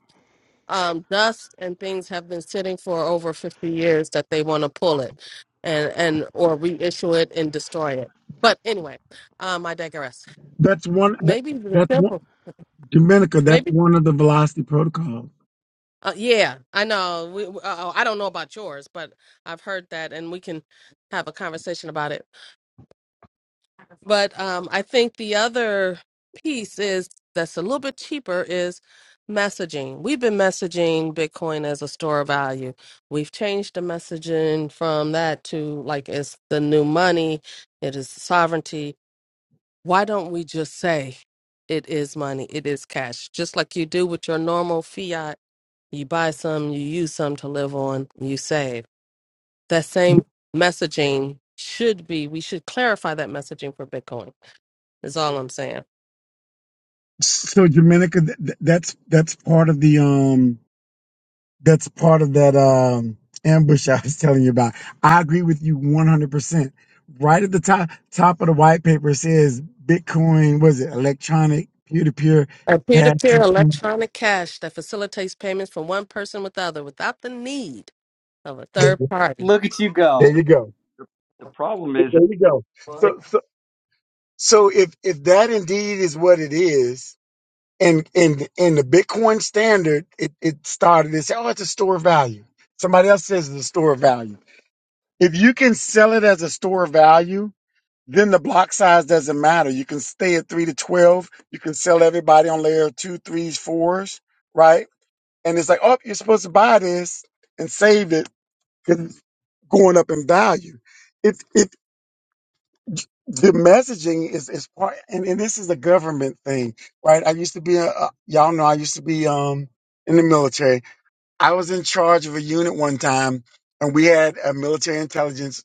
[SPEAKER 1] um, dust and things have been sitting for over fifty years that they want to pull it, and and or reissue it and destroy it. But anyway, um, I digress.
[SPEAKER 6] That's one. That,
[SPEAKER 1] Maybe the
[SPEAKER 6] that's one.
[SPEAKER 1] simple.
[SPEAKER 6] Dominica, that's
[SPEAKER 1] maybe.
[SPEAKER 6] one of the velocity protocols.
[SPEAKER 1] Uh, yeah, I know. We, we- uh, oh, I don't know about yours, but I've heard that, and we can have a conversation about it. But um, I think the other piece is that's a little bit cheaper is messaging. We've been messaging Bitcoin as a store of value. We've changed the messaging from that to like it's the new money, it is sovereignty. Why don't we just say it is money, it is cash, just like you do with your normal fiat you buy some, you use some to live on, you save. That same messaging should be, we should clarify that messaging for Bitcoin, is all I'm saying.
[SPEAKER 6] So Dominica, th- th- that's that's part of the um that's part of that um ambush I was telling you about. I agree with you 100%. Right at the top top of the white paper says Bitcoin was it electronic peer to peer
[SPEAKER 1] A peer to
[SPEAKER 6] cash.
[SPEAKER 1] peer electronic cash that facilitates payments from one person with the other without the need of a
[SPEAKER 6] There
[SPEAKER 1] third party.
[SPEAKER 4] look at you
[SPEAKER 6] there
[SPEAKER 4] go.
[SPEAKER 7] The,
[SPEAKER 6] you go.
[SPEAKER 7] the, the problem
[SPEAKER 6] There
[SPEAKER 7] is it's
[SPEAKER 6] you go.
[SPEAKER 7] they,
[SPEAKER 6] So so so if if that indeed is what it is and and and the Bitcoin standard it it started it said oh it's a store of value. Somebody else says it's a store of value. If you can sell it as a store of value Then the block size doesn't matter. You can stay at three to twelve. You can sell everybody on layer two, threes, fours, right? And it's like, oh, you're supposed to buy this and save it because going up in value. If if the messaging is is part, and, and this is a government thing, right? I used to be a, a y'all know I used to be um in the military. I was in charge of a unit one time, and we had a military intelligence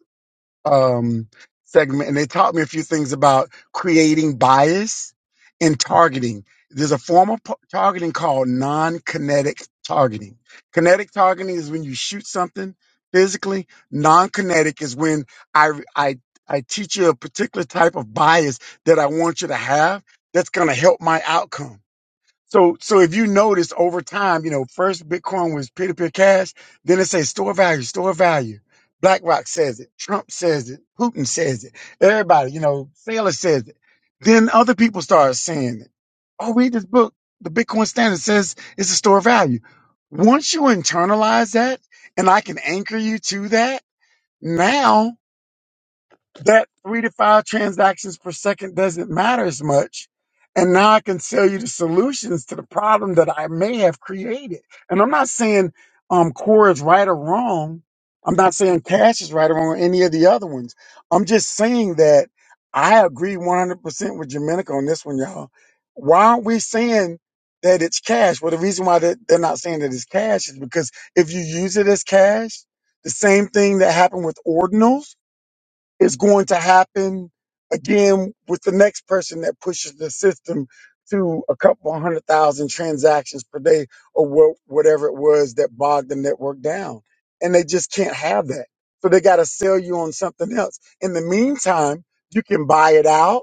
[SPEAKER 6] um, segment, and they taught me a few things about creating bias and targeting. There's a form of p- targeting called non kinetic targeting. Kinetic targeting is when you shoot something physically, non kinetic is when I, I, I teach you a particular type of bias that I want you to have that's going to help my outcome. So, so if you notice over time, you know, first Bitcoin was peer-to-peer cash, then it says store value, store value. BlackRock says it, Trump says it, Putin says it, everybody, you know, Saylor says it. Then other people start saying it. Oh, read this book. The Bitcoin Standard says it's a store of value. Once you internalize that, and I can anchor you to that, now that three to five transactions per second doesn't matter as much. And now I can sell you the solutions to the problem that I may have created. And I'm not saying um, core is right or wrong. I'm not saying cash is right or wrong or any of the other ones. I'm just saying that I agree 100% with Jamaica on this one, y'all. Why aren't we saying that it's cash? Well, the reason why they- they're not saying that it's cash is because if you use it as cash, the same thing that happened with ordinals, is going to happen again with the next person that pushes the system to a couple hundred thousand transactions per day or wha- whatever it was that bogged the network down. And they just can't have that. So they got to sell you on something else. In the meantime, you can buy it out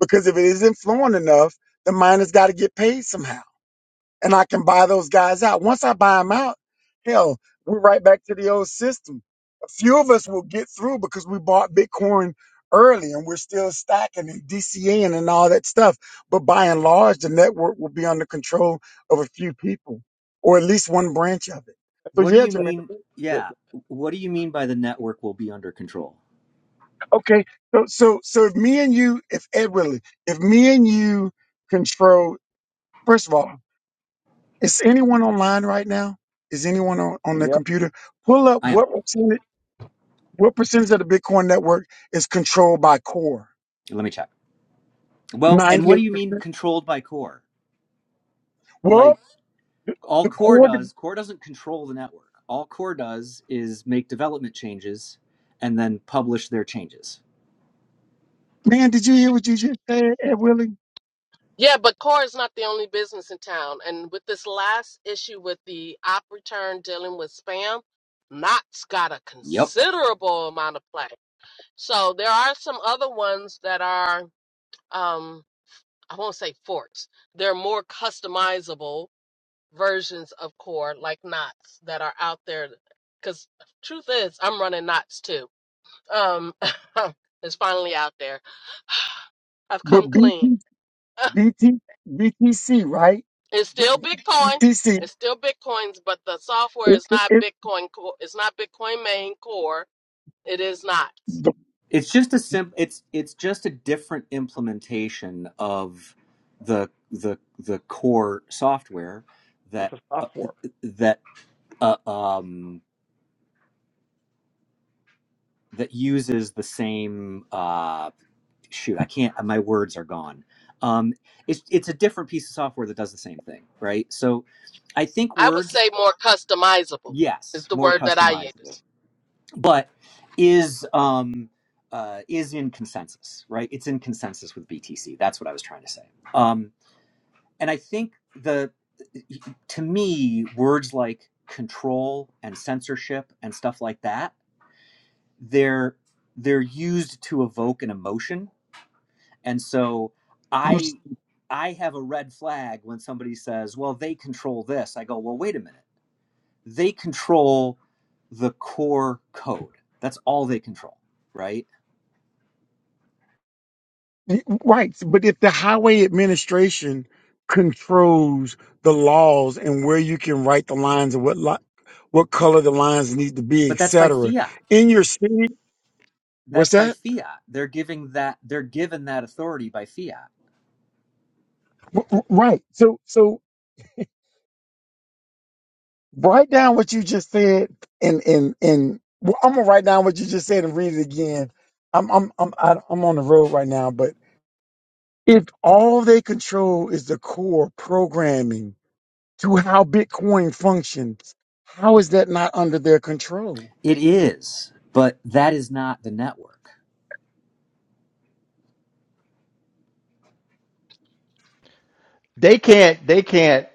[SPEAKER 6] because if it isn't flowing enough, the miners got to get paid somehow and I can buy those guys out. Once I buy them out, hell, we're right back to the old system. A few of us will get through because we bought Bitcoin early and we're still stacking and DCAing and all that stuff. But by and large, the network will be under control of a few people or at least one branch of it. So
[SPEAKER 4] What do
[SPEAKER 6] yeah,
[SPEAKER 4] you
[SPEAKER 6] Jermaine.
[SPEAKER 4] mean?
[SPEAKER 7] the,
[SPEAKER 4] Yeah. What do you mean by the network will be under control?
[SPEAKER 6] Okay. So, so, so if me and you, if Ed really, if me and you control, first of all, Is anyone online right now? Is anyone on, on
[SPEAKER 7] the-
[SPEAKER 6] their
[SPEAKER 7] yep,
[SPEAKER 6] computer? Pull up
[SPEAKER 4] I am.
[SPEAKER 6] what percentage, what percentage of the Bitcoin network is controlled by Core?
[SPEAKER 4] Let me check. Well, and
[SPEAKER 6] 98%.
[SPEAKER 4] what do you mean controlled by core?
[SPEAKER 6] Well,
[SPEAKER 4] Like all
[SPEAKER 6] the
[SPEAKER 4] core
[SPEAKER 6] Core,
[SPEAKER 4] does, core doesn't control the network. All core does is make development changes and then publish their changes.
[SPEAKER 6] man, did you hear what you just said, Ed Willie?
[SPEAKER 1] Yeah, but Core is not the only business in town. And with this last issue with the op return dealing with spam, Knott's got a
[SPEAKER 4] Yep
[SPEAKER 1] considerable amount of play. So there are some other ones that are. Um, I won't say forks. There are more customizable versions of core like knots that are out there. Because truth is, I'm running knots too. Um, it's finally out there. I've come
[SPEAKER 6] But
[SPEAKER 1] clean.
[SPEAKER 6] BT, BT, BTC, right?
[SPEAKER 1] It's
[SPEAKER 6] The-
[SPEAKER 1] still
[SPEAKER 6] the
[SPEAKER 1] Bitcoin.
[SPEAKER 6] BTC,
[SPEAKER 1] It's still Bitcoins, but the software
[SPEAKER 6] it,
[SPEAKER 1] is
[SPEAKER 6] it,
[SPEAKER 1] not
[SPEAKER 6] it-
[SPEAKER 1] Bitcoin. co- It's not Bitcoin main core. It is Knots.
[SPEAKER 6] the-
[SPEAKER 4] it's just a simple. it's it's just a different implementation of the the the core software
[SPEAKER 7] it's
[SPEAKER 4] that
[SPEAKER 7] a
[SPEAKER 4] uh,
[SPEAKER 7] soft fork.
[SPEAKER 4] that uh, um that uses the same uh shoot i can't my words are gone um it's it's a different piece of software that does the same thing right so i think
[SPEAKER 1] I would
[SPEAKER 4] words
[SPEAKER 1] say more customizable is
[SPEAKER 4] yes
[SPEAKER 1] the
[SPEAKER 4] more
[SPEAKER 1] word that I
[SPEAKER 4] customizable
[SPEAKER 1] use.
[SPEAKER 4] but is um uh, is in consensus, right? It's in consensus with BTC. That's what I was trying to say. Um, and I think the to me words like control and censorship and stuff like that they're they're used to evoke an emotion and so
[SPEAKER 6] I'm
[SPEAKER 4] i i have a red flag when somebody says well they control this i go well wait a minute they control the core code that's all they control right
[SPEAKER 6] Right. But if the highway administration controls the laws and where you can write the lines and what li- what color the lines need to be,
[SPEAKER 4] But
[SPEAKER 6] et
[SPEAKER 4] that's by
[SPEAKER 6] cetera,
[SPEAKER 4] fiat.
[SPEAKER 6] in your city, what's
[SPEAKER 4] That's by
[SPEAKER 6] that?
[SPEAKER 4] fiat. They're giving that they're given that authority by fiat.
[SPEAKER 6] W- w- Right. So so write down what you just said and and and well, I'm gonna write down what you just said and read it again. I'm I'm I'm I- I'm on the road right now, but if all they control is the core programming to how Bitcoin functions. How is that not under their control?
[SPEAKER 4] It is, but that is not the network.
[SPEAKER 3] They can't. They can't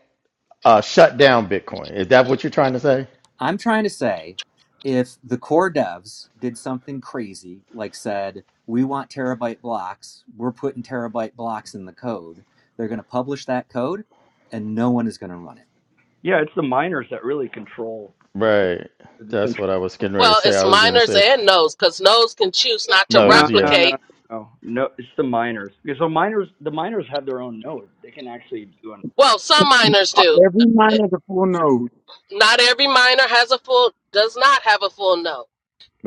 [SPEAKER 3] uh, shut down Bitcoin. Is that what you're trying to say?
[SPEAKER 4] I'm trying to say if the core devs did something crazy, like said, we want terabyte blocks, we're putting terabyte blocks in the code, they're going to publish that code and no one is going to run it.
[SPEAKER 7] Yeah, it's the miners that really control the s-
[SPEAKER 3] Right.
[SPEAKER 7] the
[SPEAKER 3] That's what I
[SPEAKER 7] decentral.
[SPEAKER 3] was getting ready to
[SPEAKER 1] Well,
[SPEAKER 3] say. I
[SPEAKER 1] it's
[SPEAKER 3] was going to
[SPEAKER 1] miners
[SPEAKER 3] say
[SPEAKER 1] and nodes because nodes can choose not to
[SPEAKER 3] no's.
[SPEAKER 7] No,
[SPEAKER 3] Yeah.
[SPEAKER 7] no, no,
[SPEAKER 1] replicate
[SPEAKER 7] no, no. It's the miners because the miners the miners have their own node. They can actually do an
[SPEAKER 1] Well, some minors
[SPEAKER 6] Uh,
[SPEAKER 1] do.
[SPEAKER 6] Every miner, is a full node.
[SPEAKER 1] Not every minor has a full does not have a full note.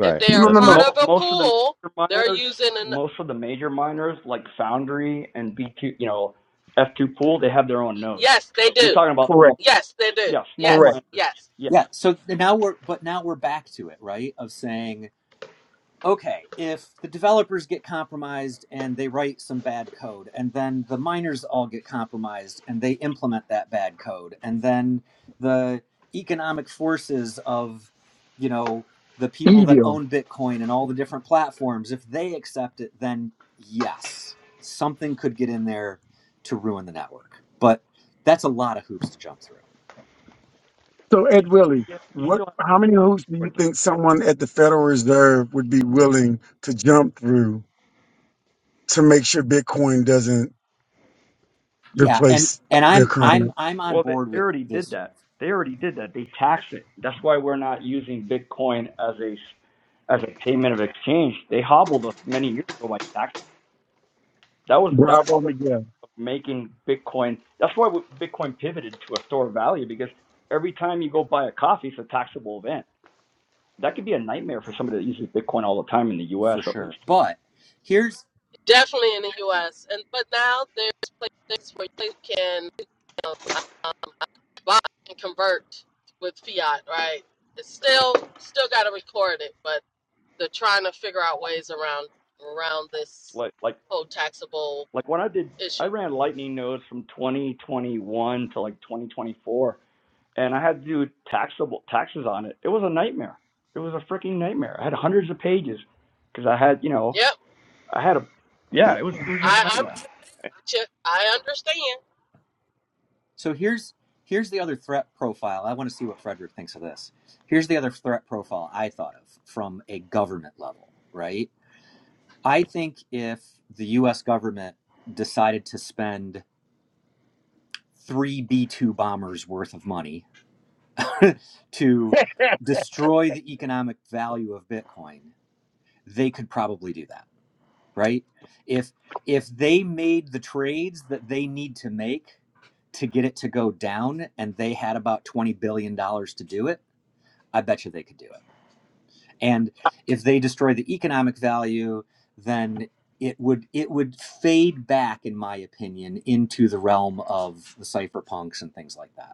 [SPEAKER 1] If they
[SPEAKER 6] No, no,
[SPEAKER 1] are
[SPEAKER 3] That's
[SPEAKER 6] no, no.
[SPEAKER 1] part
[SPEAKER 3] correct.
[SPEAKER 1] of
[SPEAKER 7] Mo-
[SPEAKER 1] a
[SPEAKER 7] most of the
[SPEAKER 1] pool,
[SPEAKER 7] major
[SPEAKER 1] they're
[SPEAKER 7] miners,
[SPEAKER 1] using an
[SPEAKER 7] most of the major miners like Foundry and B2, you know, F2 Pool, they have their own nodes.
[SPEAKER 1] yes, they
[SPEAKER 7] You're
[SPEAKER 1] do.
[SPEAKER 7] talking about
[SPEAKER 6] Correct,
[SPEAKER 7] small,
[SPEAKER 1] Yes, they do.
[SPEAKER 7] yeah, small
[SPEAKER 6] correct.
[SPEAKER 1] Yes,
[SPEAKER 7] miners.
[SPEAKER 1] yes.
[SPEAKER 7] Yeah,
[SPEAKER 4] Yeah. So now we're, but now we're back to it, right? Of saying, okay, if the developers get compromised and they write some bad code, and then the miners all get compromised and they implement that bad code, and then the economic forces of, you know, the people that
[SPEAKER 6] Evil.
[SPEAKER 4] own Bitcoin and all the different platforms, if they accept it, then yes, something could get in there to ruin the network. But that's a lot of hoops to jump through.
[SPEAKER 6] So,
[SPEAKER 7] you
[SPEAKER 6] Ed Willie,
[SPEAKER 7] yeah, you
[SPEAKER 6] what?
[SPEAKER 7] still have
[SPEAKER 6] How
[SPEAKER 7] to
[SPEAKER 6] many hoops do you
[SPEAKER 7] support them.
[SPEAKER 6] think someone at the Federal Reserve would be willing to jump through to make sure Bitcoin doesn't
[SPEAKER 4] Yeah, and
[SPEAKER 6] replace
[SPEAKER 4] and
[SPEAKER 6] their
[SPEAKER 4] I'm I'm
[SPEAKER 6] current?
[SPEAKER 4] I'm on
[SPEAKER 7] Well, they,
[SPEAKER 4] board
[SPEAKER 7] they
[SPEAKER 4] with
[SPEAKER 7] already did
[SPEAKER 4] this
[SPEAKER 7] that. They already did that. They tax it. That's why we're not using Bitcoin as a as a payment of exchange. They hobbled us many years ago by tax. That was that.
[SPEAKER 6] Bravo, Miguel.
[SPEAKER 7] making Bitcoin. That's why Bitcoin pivoted to a store of value because every time you go buy a coffee, it's a taxable event. That could be a nightmare for somebody that uses Bitcoin all the time in the U.S.
[SPEAKER 4] for
[SPEAKER 7] At
[SPEAKER 4] sure.
[SPEAKER 7] least,
[SPEAKER 4] But here's
[SPEAKER 1] Definitely in the
[SPEAKER 4] yeah.
[SPEAKER 1] US. And but now there's places where you can uh, buy and convert with fiat, right? It's still still got to record it, but they're trying to figure out ways around around this
[SPEAKER 7] like like
[SPEAKER 1] whole taxable
[SPEAKER 7] like when I did, I
[SPEAKER 1] issue.
[SPEAKER 7] ran Lightning nodes from 2021 to like 2024, and I had to do taxable taxes on it. It was a nightmare. It was a freaking nightmare. I had hundreds of pages because I had you know
[SPEAKER 1] Yep.
[SPEAKER 7] I had a yeah it was it was just a
[SPEAKER 1] I, I'm I'm
[SPEAKER 7] nightmare.
[SPEAKER 1] there with you. I understand.
[SPEAKER 4] So here's here's the other threat profile. I want to see what Frederick thinks of this. Here's the other threat profile I thought of from a government level, right? I think if the US government decided to spend 3 B2 bombers worth of money to destroy the economic value of Bitcoin, they could probably do that, right? If if they made the trades that they need to make to get it to go down and they had about 20 billion dollars to do it, I bet you they could do it. And if they destroy the economic value, then it would it would fade back in my opinion into the realm of the cypherpunks and things like that.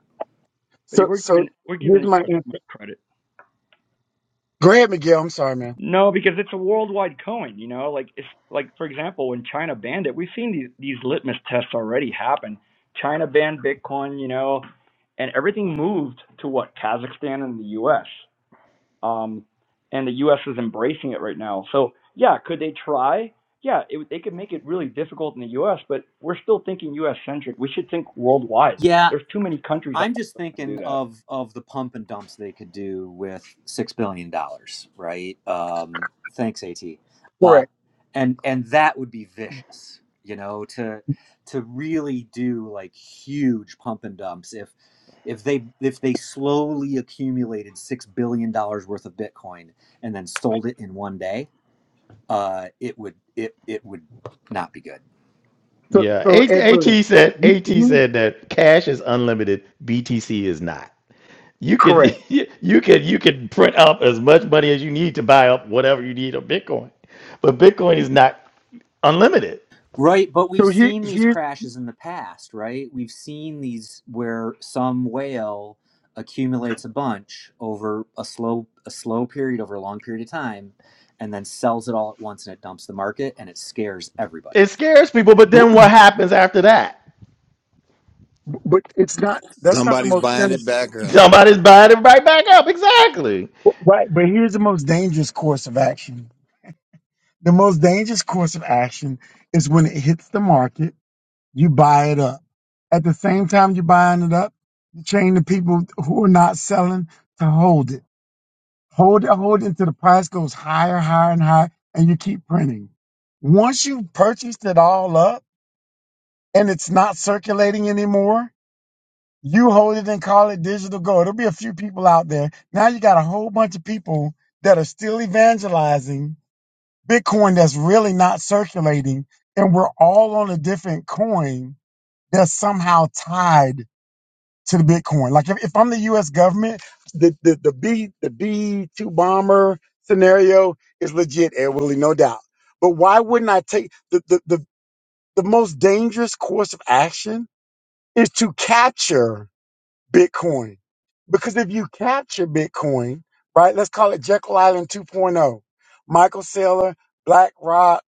[SPEAKER 7] But
[SPEAKER 6] So,
[SPEAKER 7] we're
[SPEAKER 6] so
[SPEAKER 7] giving we're giving
[SPEAKER 6] here's
[SPEAKER 7] the
[SPEAKER 6] my
[SPEAKER 7] U.S.
[SPEAKER 6] answer.
[SPEAKER 7] credit.
[SPEAKER 6] Go ahead, Miguel. I'm sorry, man.
[SPEAKER 7] No, because it's a worldwide coin, you know, like it's like for example, when China banned it, we've seen these these litmus tests already happen. China banned Bitcoin, you know, and everything moved to what Kazakhstan and the US. Um and the US is embracing it right now. So, yeah, could they try? Yeah, it, would- they could make it really difficult in the US, but we're still thinking US centric. We should think worldwide.
[SPEAKER 4] Yeah,
[SPEAKER 7] There's too many countries out
[SPEAKER 4] I'm just
[SPEAKER 7] there to
[SPEAKER 4] thinking
[SPEAKER 7] do that.
[SPEAKER 4] of of the pump and dumps they could do with six billion dollars, right? Um, thanks, At. Uh,
[SPEAKER 6] Correct.
[SPEAKER 4] and and that would be vicious, you know, to to really do like huge pump and dumps if if they if they slowly accumulated six billion dollars worth of Bitcoin and then sold it in one day, uh, it would it it would not be good.
[SPEAKER 6] So,
[SPEAKER 3] Yeah.
[SPEAKER 6] so
[SPEAKER 3] A-
[SPEAKER 6] Ed Willie,
[SPEAKER 3] AT said.
[SPEAKER 6] he,
[SPEAKER 3] AT
[SPEAKER 6] he,
[SPEAKER 3] said that cash is unlimited. BTC is not. You could
[SPEAKER 6] correct.
[SPEAKER 3] you could you could print up as much money as you need to buy up whatever you need of Bitcoin. But Bitcoin is not unlimited.
[SPEAKER 4] Right, but we've
[SPEAKER 6] So here,
[SPEAKER 4] seen these
[SPEAKER 6] here's
[SPEAKER 4] crashes in the past, right? We've seen these where some whale accumulates a bunch over a slow a slow period over a long period of time and then sells it all at once and it dumps the market and it scares
[SPEAKER 3] It
[SPEAKER 4] everybody.
[SPEAKER 3] scares people, but then what happens after that?
[SPEAKER 6] But it's not. That's not the
[SPEAKER 5] Somebody's
[SPEAKER 6] most
[SPEAKER 5] buying it back up.
[SPEAKER 3] Somebody's buying it right back up. Exactly.
[SPEAKER 6] right. But here's the most dangerous course of action. The most dangerous course of action is when it hits the market, you buy it up. At the same time you're buying it up, you train the people who are not selling to hold it. Hold it, hold it until the price goes higher, higher, and higher, and you keep printing. Once you've purchased it all up and it's not circulating anymore, You hold it and call it digital gold. There'll be a few people out there. Now you got a whole bunch of people that are still evangelizing Bitcoin that's really not circulating. And we're all on a different coin that's somehow tied to the Bitcoin. Like if, if I'm the US government, the, the, the B the B two bomber scenario is legit, Ed Willie, no doubt. But why wouldn't I take the, the, the, the most dangerous course of action is to capture Bitcoin. Because if you capture Bitcoin, right, let's call it Jekyll Island 2.0, Michael Saylor, BlackRock,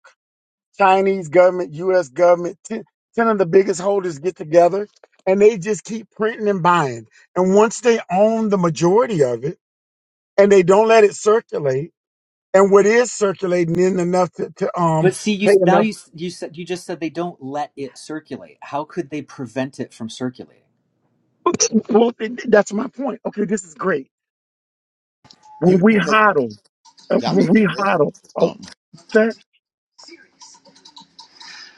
[SPEAKER 6] Chinese government, US government, ten, ten of the biggest holders get together and they just keep printing and buying. And once they own the majority of it and they don't let it circulate, and what is circulating isn't enough to, to um
[SPEAKER 4] But see, you
[SPEAKER 6] pay
[SPEAKER 4] now
[SPEAKER 6] enough.
[SPEAKER 4] you you said you just said they don't let it circulate. How could they prevent it from circulating?
[SPEAKER 6] Well, that's my point. Okay, this is great. When
[SPEAKER 5] You,
[SPEAKER 6] we
[SPEAKER 5] you make,
[SPEAKER 6] hodl, uh,
[SPEAKER 5] y'all
[SPEAKER 6] when we
[SPEAKER 5] making great
[SPEAKER 6] hodl, oh,
[SPEAKER 5] points.
[SPEAKER 6] sir?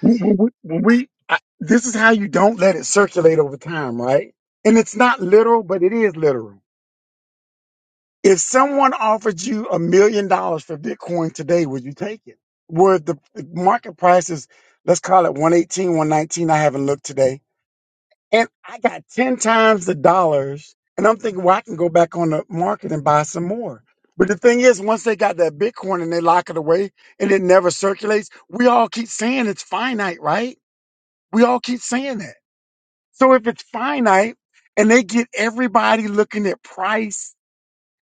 [SPEAKER 6] we, we, we, we- I, this is how you don't let it circulate over time, right? And it's not literal, but it is literal. If someone offered you a million dollars for Bitcoin today, would you take it? Where the, the market price is, let's call it one eighteen, one nineteen. I haven't looked today. And I got 10 times the dollars. And I'm thinking, well, I can go back on the market and buy some more. But the thing is, once they got that Bitcoin and they lock it away and it never circulates, we all keep saying it's finite, right? We all keep saying that. So if it's finite and they get everybody looking at price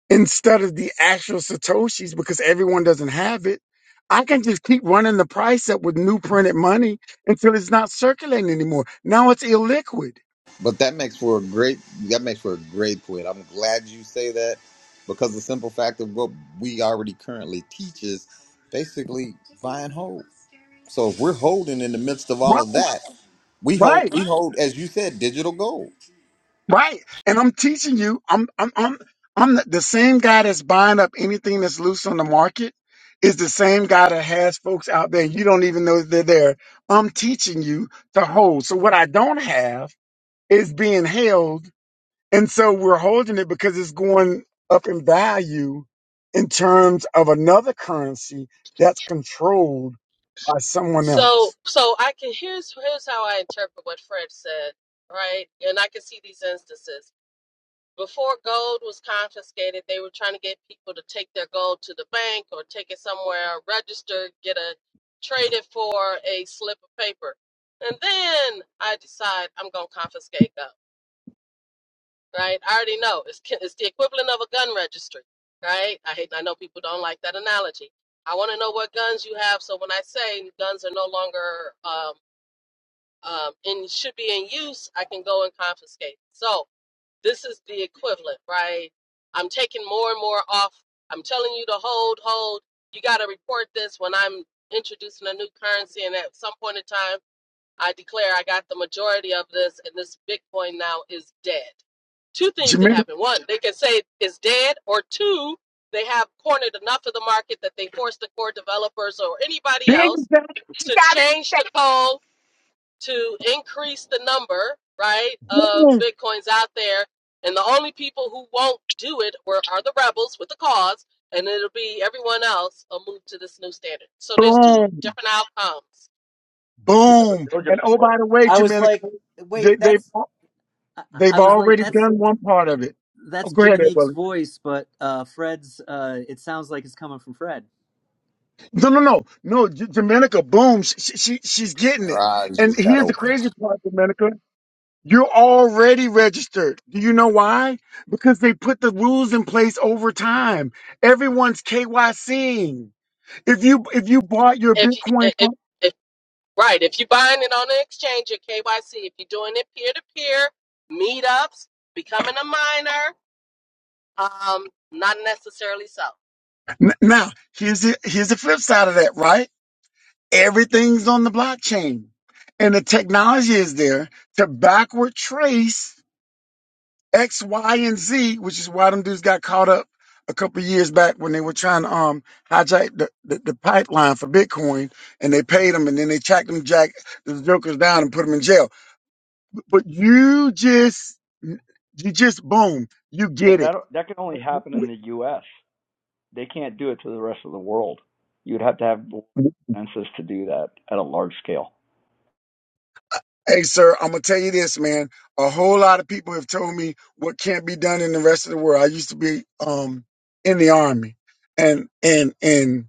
[SPEAKER 6] instead of the actual Satoshis because everyone doesn't have it, I can just keep running the price up with new printed money until it's not circulating anymore. Now it's illiquid.
[SPEAKER 5] But that makes for a great that makes for a great point. I'm glad you say that because the simple fact of what we already currently teach is basically buy and hold. So if we're holding in the midst of
[SPEAKER 6] Right,
[SPEAKER 5] all of that, we hold
[SPEAKER 6] right,
[SPEAKER 5] we hold as you said digital gold.
[SPEAKER 6] right. And I'm teaching you, I'm, I'm, I'm, I'm the, the same guy that's buying up anything that's loose on the market is the same guy that has folks out there. You don't even know they're there. I'm teaching you to hold. So what I don't have is being held. And so we're holding it because it's going up in value in terms of another currency that's controlled by someone
[SPEAKER 1] So,
[SPEAKER 6] else.
[SPEAKER 1] so I can here's here's how I interpret what Fred said, right? And I can see these instances. Before gold was confiscated, they were trying to get people to take their gold to the bank or take it somewhere, register, get a trade it for a slip of paper, and then I decide I'm gonna confiscate gold. right? I already know it's it's the equivalent of a gun registry, right? I hate I know people don't like that analogy. I want to know what guns you have, so when I say guns are no longer um, um, in should be in use, I can go and confiscate. So this is the equivalent, right? I'm taking more and more off. I'm telling you to hold, hold. You got to report this when I'm introducing a new currency, and at some point in time I declare I got the majority of this, and this Bitcoin now is dead. Two things can
[SPEAKER 6] Jamaica,
[SPEAKER 1] happen. One, they can say it's dead, or two, they have cornered enough of the market that they force the core developers or anybody else
[SPEAKER 6] she
[SPEAKER 1] to
[SPEAKER 6] got it.
[SPEAKER 1] change the code to increase the number, right, of
[SPEAKER 6] Boom,
[SPEAKER 1] Bitcoins out there. And the only people who won't do it were, are the rebels with the cause, and it'll be everyone else will move to this new standard. So there's two
[SPEAKER 6] boom,
[SPEAKER 1] different outcomes.
[SPEAKER 7] Yeah, but
[SPEAKER 6] boom.
[SPEAKER 7] they'll just
[SPEAKER 6] And oh,
[SPEAKER 7] force.
[SPEAKER 6] by the way,
[SPEAKER 4] I was
[SPEAKER 6] Jamaica,
[SPEAKER 4] like,
[SPEAKER 6] they,
[SPEAKER 4] wait,
[SPEAKER 6] they've,
[SPEAKER 4] that's I, I
[SPEAKER 6] they've
[SPEAKER 4] I was like,
[SPEAKER 6] already
[SPEAKER 4] that's
[SPEAKER 6] done one part of it. Oh,
[SPEAKER 4] that's
[SPEAKER 6] go ahead, Ed
[SPEAKER 4] Jiminique's
[SPEAKER 6] Willie.
[SPEAKER 4] voice, but uh, Fred's. Uh, it sounds like it's coming from Fred.
[SPEAKER 6] No, no, no, no. J- Jamaica, boom. She, she, she- she's getting
[SPEAKER 5] Our
[SPEAKER 6] it.
[SPEAKER 5] eyes
[SPEAKER 6] And
[SPEAKER 5] just got
[SPEAKER 6] here's the
[SPEAKER 5] open.
[SPEAKER 6] crazy part, Jamaica. You're already registered. Do you know why? Because they put the rules in place over time. Everyone's KYCing. If you if you bought your
[SPEAKER 1] If,
[SPEAKER 6] Bitcoin
[SPEAKER 1] if
[SPEAKER 6] from
[SPEAKER 1] if Right. If you're buying it on an exchange at KYC, if you're doing it peer to peer, meetups, becoming a minor, um, not necessarily so.
[SPEAKER 6] N- now, here's the here's the flip side of that, right? Everything's on the blockchain. And the technology is there to backward trace X, Y, and Z, which is why them dudes got caught up a couple of years back when they were trying to um hijack the, the, the pipeline for Bitcoin, and they paid them, and then they tracked them, jack the jokers down, and put them in jail. But you just, you just boom, you
[SPEAKER 7] But
[SPEAKER 6] get it.
[SPEAKER 7] that that can only
[SPEAKER 6] W-
[SPEAKER 7] happen in
[SPEAKER 6] w-
[SPEAKER 7] the US. They can't do it to the rest of the world. You would have to have census to do that at a large scale.
[SPEAKER 6] Hey, sir, I'm gonna tell you this, man. A whole lot of people have told me what can't be done in the rest of the world. I used to be um in the army, and and and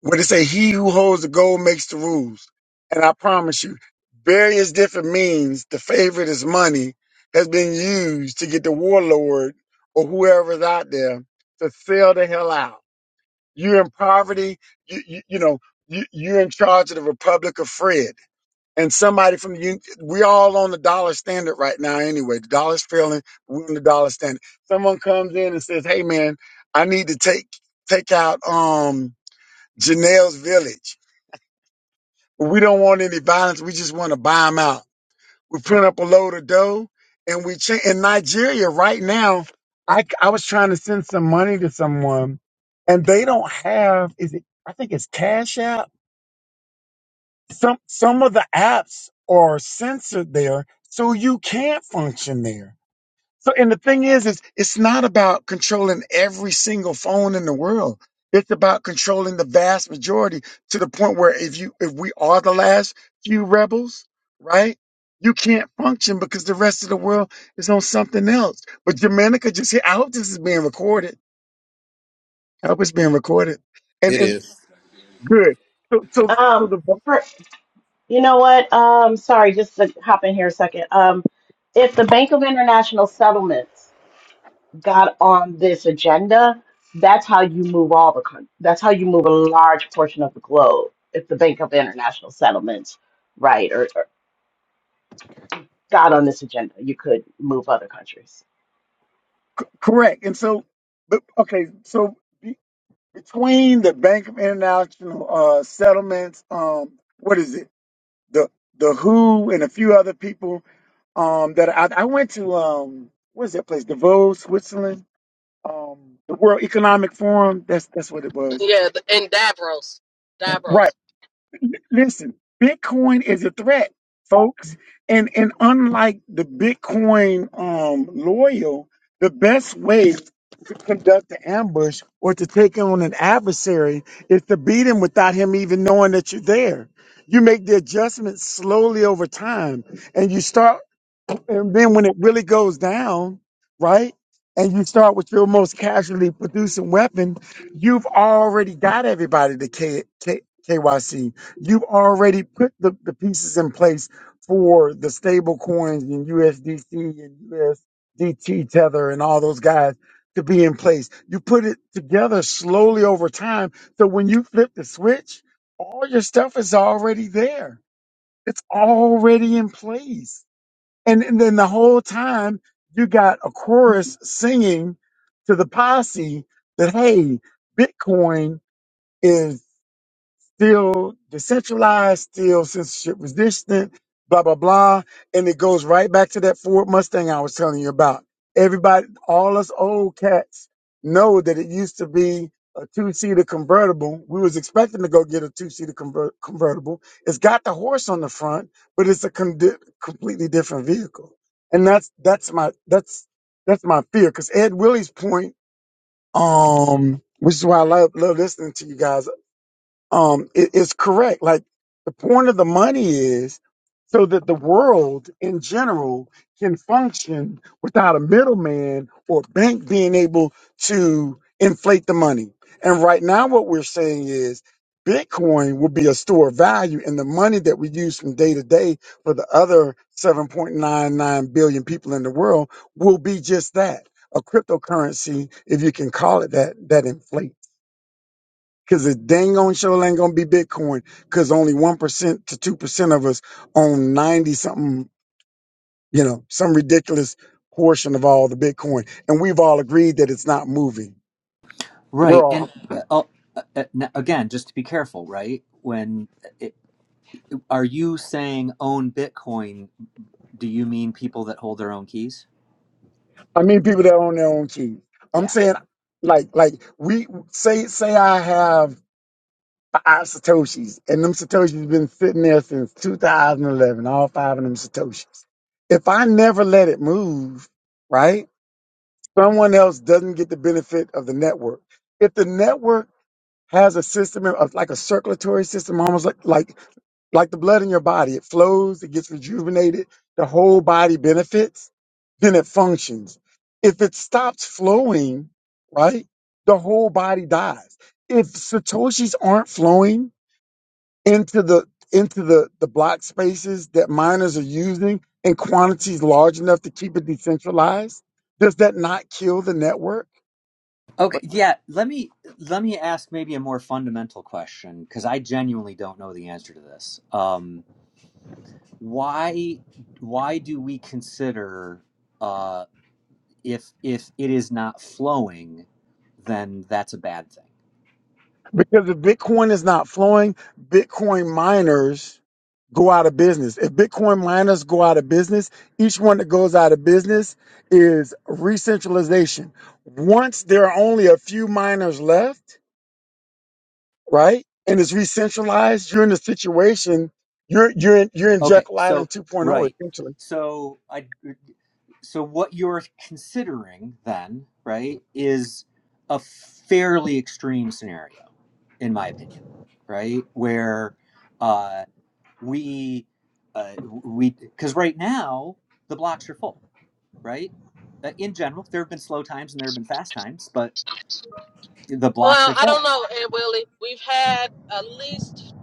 [SPEAKER 6] where they say he who holds the gold makes the rules. And I promise you, various different means, the favorite is money, has been used to get the warlord or whoever's out there to sell the hell out. You're in poverty, you, you, you know, you, you're in charge of the Republic of Fred. And somebody from the, un- we all on the dollar standard right now anyway. The dollar's failing, we're on the dollar standard. Someone comes in and says, hey man, I need to take, take out, um, Janelle's village we don't want any violence. We just want to buy them out. We print up a load of dough and we change. In Nigeria right now, I, I was trying to send some money to someone and they don't have, is it, I think it's Cash App. Some, some of the apps are censored there. So you can't function there. So, and the thing is, is it's not about controlling every single phone in the world. It's about controlling the vast majority to the point where if you, if we are the last few rebels, right? You can't function because the rest of the world is on something else. But Jamaica just hit. I hope this is being recorded. I hope it's being recorded. And
[SPEAKER 5] It
[SPEAKER 6] and
[SPEAKER 5] is.
[SPEAKER 6] good. So so so
[SPEAKER 2] Um,
[SPEAKER 6] the
[SPEAKER 2] for You know what? Um, sorry, just to hop in here a second. Um, if the Bank of International Settlements got on this agenda, that's how you move all the coun- that's how you move a large portion of the globe. If the Bank of International Settlements, right, or, or got on this agenda, you could move other countries.
[SPEAKER 6] c- correct. And so, but okay. So be, between the Bank of International uh, Settlements, um, what is it? the the Who and a few other people um, that I, I went to. Um, what's that place? Davos, Switzerland. Um, the World Economic Forum. That's that's what it was.
[SPEAKER 1] Yeah, th- and Davros.
[SPEAKER 6] Right.
[SPEAKER 1] Davros.
[SPEAKER 6] Listen, Bitcoin is a threat, folks. And and unlike the Bitcoin um, loyal, the best way to conduct an ambush or to take on an adversary is to beat him without him even knowing that you're there. You make the adjustments slowly over time and you start And then when it really goes down, right? And you start with your most casually producing weapon, you've already got everybody to K, K, KYC. You've already put the, the pieces in place for the stable coins and USDC and USDT Tether and all those guys to be in place. You put it together slowly over time. So when you flip the switch, all your stuff is already there. It's already in place and, and then the whole time you got a chorus singing to the posse that, hey, Bitcoin is still decentralized, still censorship resistant, blah, blah, blah. And it goes right back to that Ford Mustang I was telling you about. Everybody, all us old cats know that it used to be a two-seater convertible. We was expecting to go get a two-seater conver- convertible. It's got the horse on the front, but it's a con- di- completely different vehicle. And that's, that's my, that's, that's my fear. Cause Ed Willie's point, um, which is why I love, love listening to you guys um it, it's correct like the point of the money is so that the world in general can function without a middleman or bank being able to inflate the money and right now what we're saying is bitcoin will be a store of value and the money that we use from day to day for the other 7.99 billion people in the world will be just that a cryptocurrency if you can call it that that inflates Cause the dang on show ain't gonna be Bitcoin. Cause only one percent to two percent of us own ninety something, you know, some ridiculous portion of all the Bitcoin. And we've all agreed that it's not moving. We're
[SPEAKER 4] Right,
[SPEAKER 6] all
[SPEAKER 4] and uh, uh, uh, n- again, just to be careful, right? When it, are you saying own Bitcoin? Do you mean people that hold their own keys?
[SPEAKER 6] I mean people that own their own keys. I'm
[SPEAKER 4] Yeah.
[SPEAKER 6] saying like like we say say I have five Satoshis and them Satoshis been sitting there since 2011, all five of them Satoshis. If I never let it move, right? someone else doesn't get the benefit of the network. If the network has a system of like a circulatory system, almost like like like the blood in your body, it flows, it gets rejuvenated, the whole body benefits, then it functions. If it stops flowing, right, the whole body dies. If satoshis aren't flowing into the into the the block spaces that miners are using in quantities large enough to keep it decentralized, does that not kill the network?
[SPEAKER 4] Okay, yeah, let me let me ask maybe a more fundamental question because I genuinely don't know the answer to this. Um, why why do we consider uh, if if it is not flowing, then that's a bad thing?
[SPEAKER 6] Because if Bitcoin is not flowing, Bitcoin miners go out of business. If Bitcoin miners go out of business, each one that goes out of business is re-centralization. Once there are only a few miners left, right, and it's re-centralized, you're in a situation you're you're in, you're in
[SPEAKER 4] Okay,
[SPEAKER 6] Jekyll
[SPEAKER 4] so
[SPEAKER 6] Island 2.0
[SPEAKER 4] right,
[SPEAKER 6] essentially.
[SPEAKER 4] so I so what you're considering then right is a fairly extreme scenario, in my opinion, right where. uh, we uh, we because right now the blocks are full right uh, in general there have been slow times and there have been fast times but the blocks
[SPEAKER 1] Well,
[SPEAKER 4] are
[SPEAKER 1] I
[SPEAKER 4] full
[SPEAKER 1] don't know, Aunt Willie, we've had at least,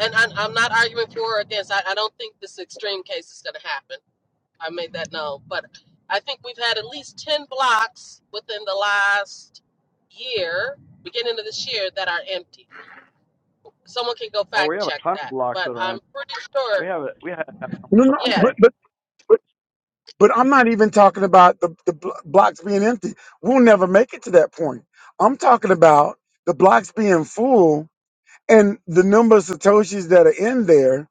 [SPEAKER 1] and I, I'm not arguing for or against. I, I don't think this extreme case is going to happen. I made that known, but I think we've had at least ten blocks within the last year, beginning of this year, that are empty someone can go
[SPEAKER 7] Oh,
[SPEAKER 1] fact
[SPEAKER 7] we have a
[SPEAKER 1] check
[SPEAKER 7] ton of
[SPEAKER 1] that,
[SPEAKER 7] blocks that
[SPEAKER 1] but
[SPEAKER 7] are
[SPEAKER 1] I'm
[SPEAKER 7] in.
[SPEAKER 1] pretty sure.
[SPEAKER 7] We have it. We have it
[SPEAKER 6] No,
[SPEAKER 7] almost
[SPEAKER 6] no,
[SPEAKER 7] every
[SPEAKER 1] Yeah.
[SPEAKER 6] but
[SPEAKER 7] day.
[SPEAKER 6] but but but I'm not even talking about the the blo- blocks being empty. We'll never make it to that point. I'm talking about the blocks being full and the number of satoshis that are in there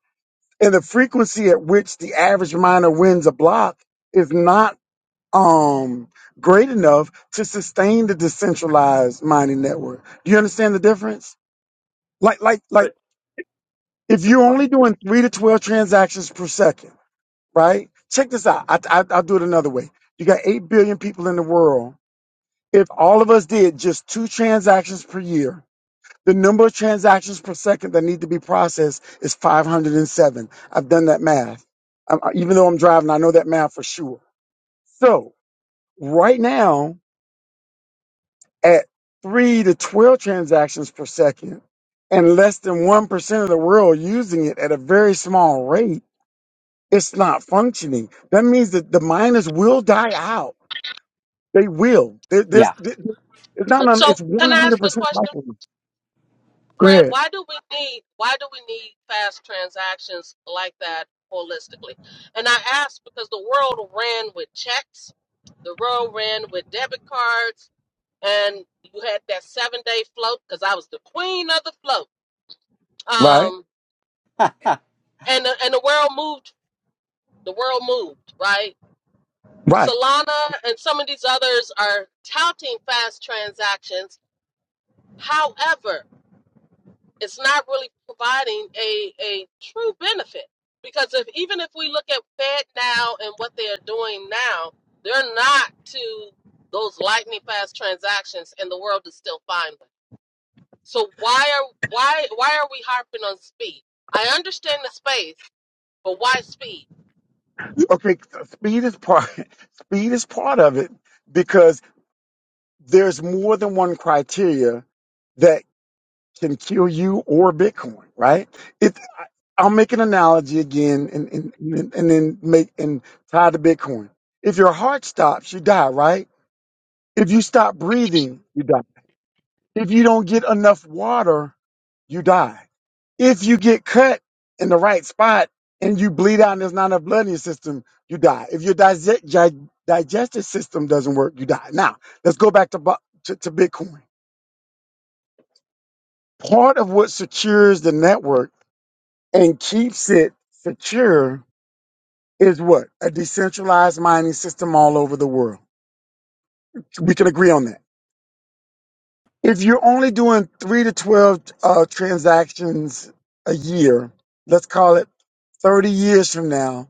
[SPEAKER 6] and the frequency at which the average miner wins a block is not um great enough to sustain the decentralized mining network do you understand the difference like like like
[SPEAKER 7] But
[SPEAKER 6] if
[SPEAKER 7] the
[SPEAKER 6] you're
[SPEAKER 7] block.
[SPEAKER 6] only doing 3 to 12 transactions per second right check this out I, I, i'll do it another way you got 8 billion people in the world if all of us did just two transactions per year The number of transactions per second that need to be processed is 507. I've done that math. Um, even though I'm driving, I know that math for sure. So right now, at three to 12 transactions per second, and less than 1% of the world using it at a very small rate, it's not functioning. That means that the miners will die out. They will. There, there's,
[SPEAKER 4] yeah
[SPEAKER 6] there- it's not,
[SPEAKER 1] so
[SPEAKER 6] it's
[SPEAKER 1] can I ask a
[SPEAKER 6] 100%
[SPEAKER 1] question,
[SPEAKER 6] likely. Go
[SPEAKER 1] Fred?
[SPEAKER 6] ahead.
[SPEAKER 1] Why do we need why do we need fast transactions like that holistically? And I ask because the world ran with checks, the world ran with debit cards, and you had that seven day float because I was the queen of the float.
[SPEAKER 6] Right.
[SPEAKER 1] Um, and the, and the world moved. The world moved right.
[SPEAKER 6] Right?
[SPEAKER 1] Solana and some of these others are touting fast transactions However, it's not really providing a, a true benefit because if even if we look at Fed now and what they are doing now, they're not to those lightning fast transactions, and the world is still fine with. So why are why why are we harping on speed? I understand the space, but why speed?
[SPEAKER 6] Okay, speed is part speed is part of it because there's more than one criteria that can kill you or Bitcoin, right? It I'll make an analogy again and and, and and then make and tie to Bitcoin. If your heart stops, you die, right? If you stop breathing, you die. If you don't get enough water, you die. If you get cut in the right spot and you bleed out and there's not enough blood in your system, you die. If your dig- digestive system doesn't work, you die. Now, let's go back to, bu- to, to Bitcoin. Part of what secures the network and keeps it secure is what? A decentralized mining system all over the world. We can agree on that. If you're only doing three to 12 uh, transactions a year, let's call it 30 years from now,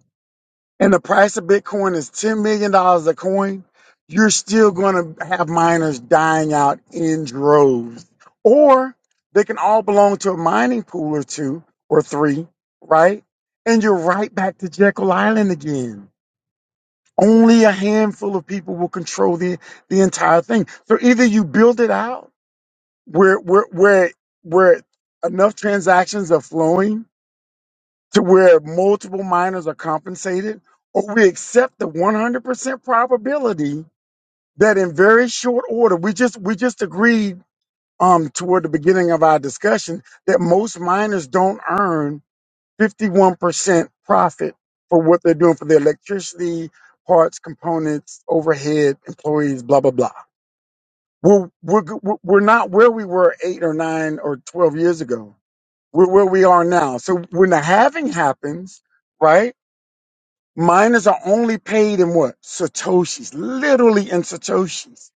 [SPEAKER 6] and the price of Bitcoin is $10 million dollars a coin, you're still going to have miners dying out in droves. Or they can all belong to a mining pool or two or three, right? And you're right back to Jekyll Island again. Only a handful of people will control the, the entire thing. So either you build it out where, where, where, where enough transactions are flowing to where multiple minors are compensated, or we accept the 100% probability that in very short order, we just we just agreed um, toward the beginning of our discussion that most minors don't earn 51% profit for what they're doing for their electricity, parts, components, overhead, employees, blah blah blah. We're we're g- we're we're not where we were eight or nine or 12 years ago. We're where we are now. So when the halving happens, right? Miners are only paid in what? Satoshis, literally in Satoshis.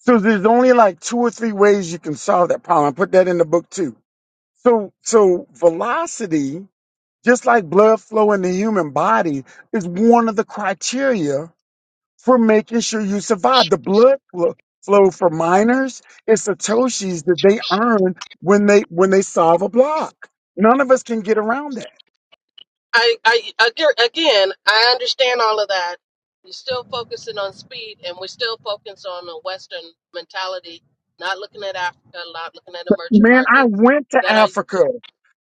[SPEAKER 6] So there's only like two or three ways you can solve that problem. I put that in the book too. So, so velocity, just like blood flow in the human body, is one of the criteria for making sure you survive. The blood flo- flow for miners is Satoshis that they earn when they, when they solve a block. None of us can get around that.
[SPEAKER 1] I, I ag- again, I understand all of that. You're still focusing on speed, and we're still focused on a Western mentality, not looking at Africa, not looking at emerging
[SPEAKER 6] Man, I
[SPEAKER 1] markets
[SPEAKER 6] went to
[SPEAKER 1] that are.
[SPEAKER 6] Africa.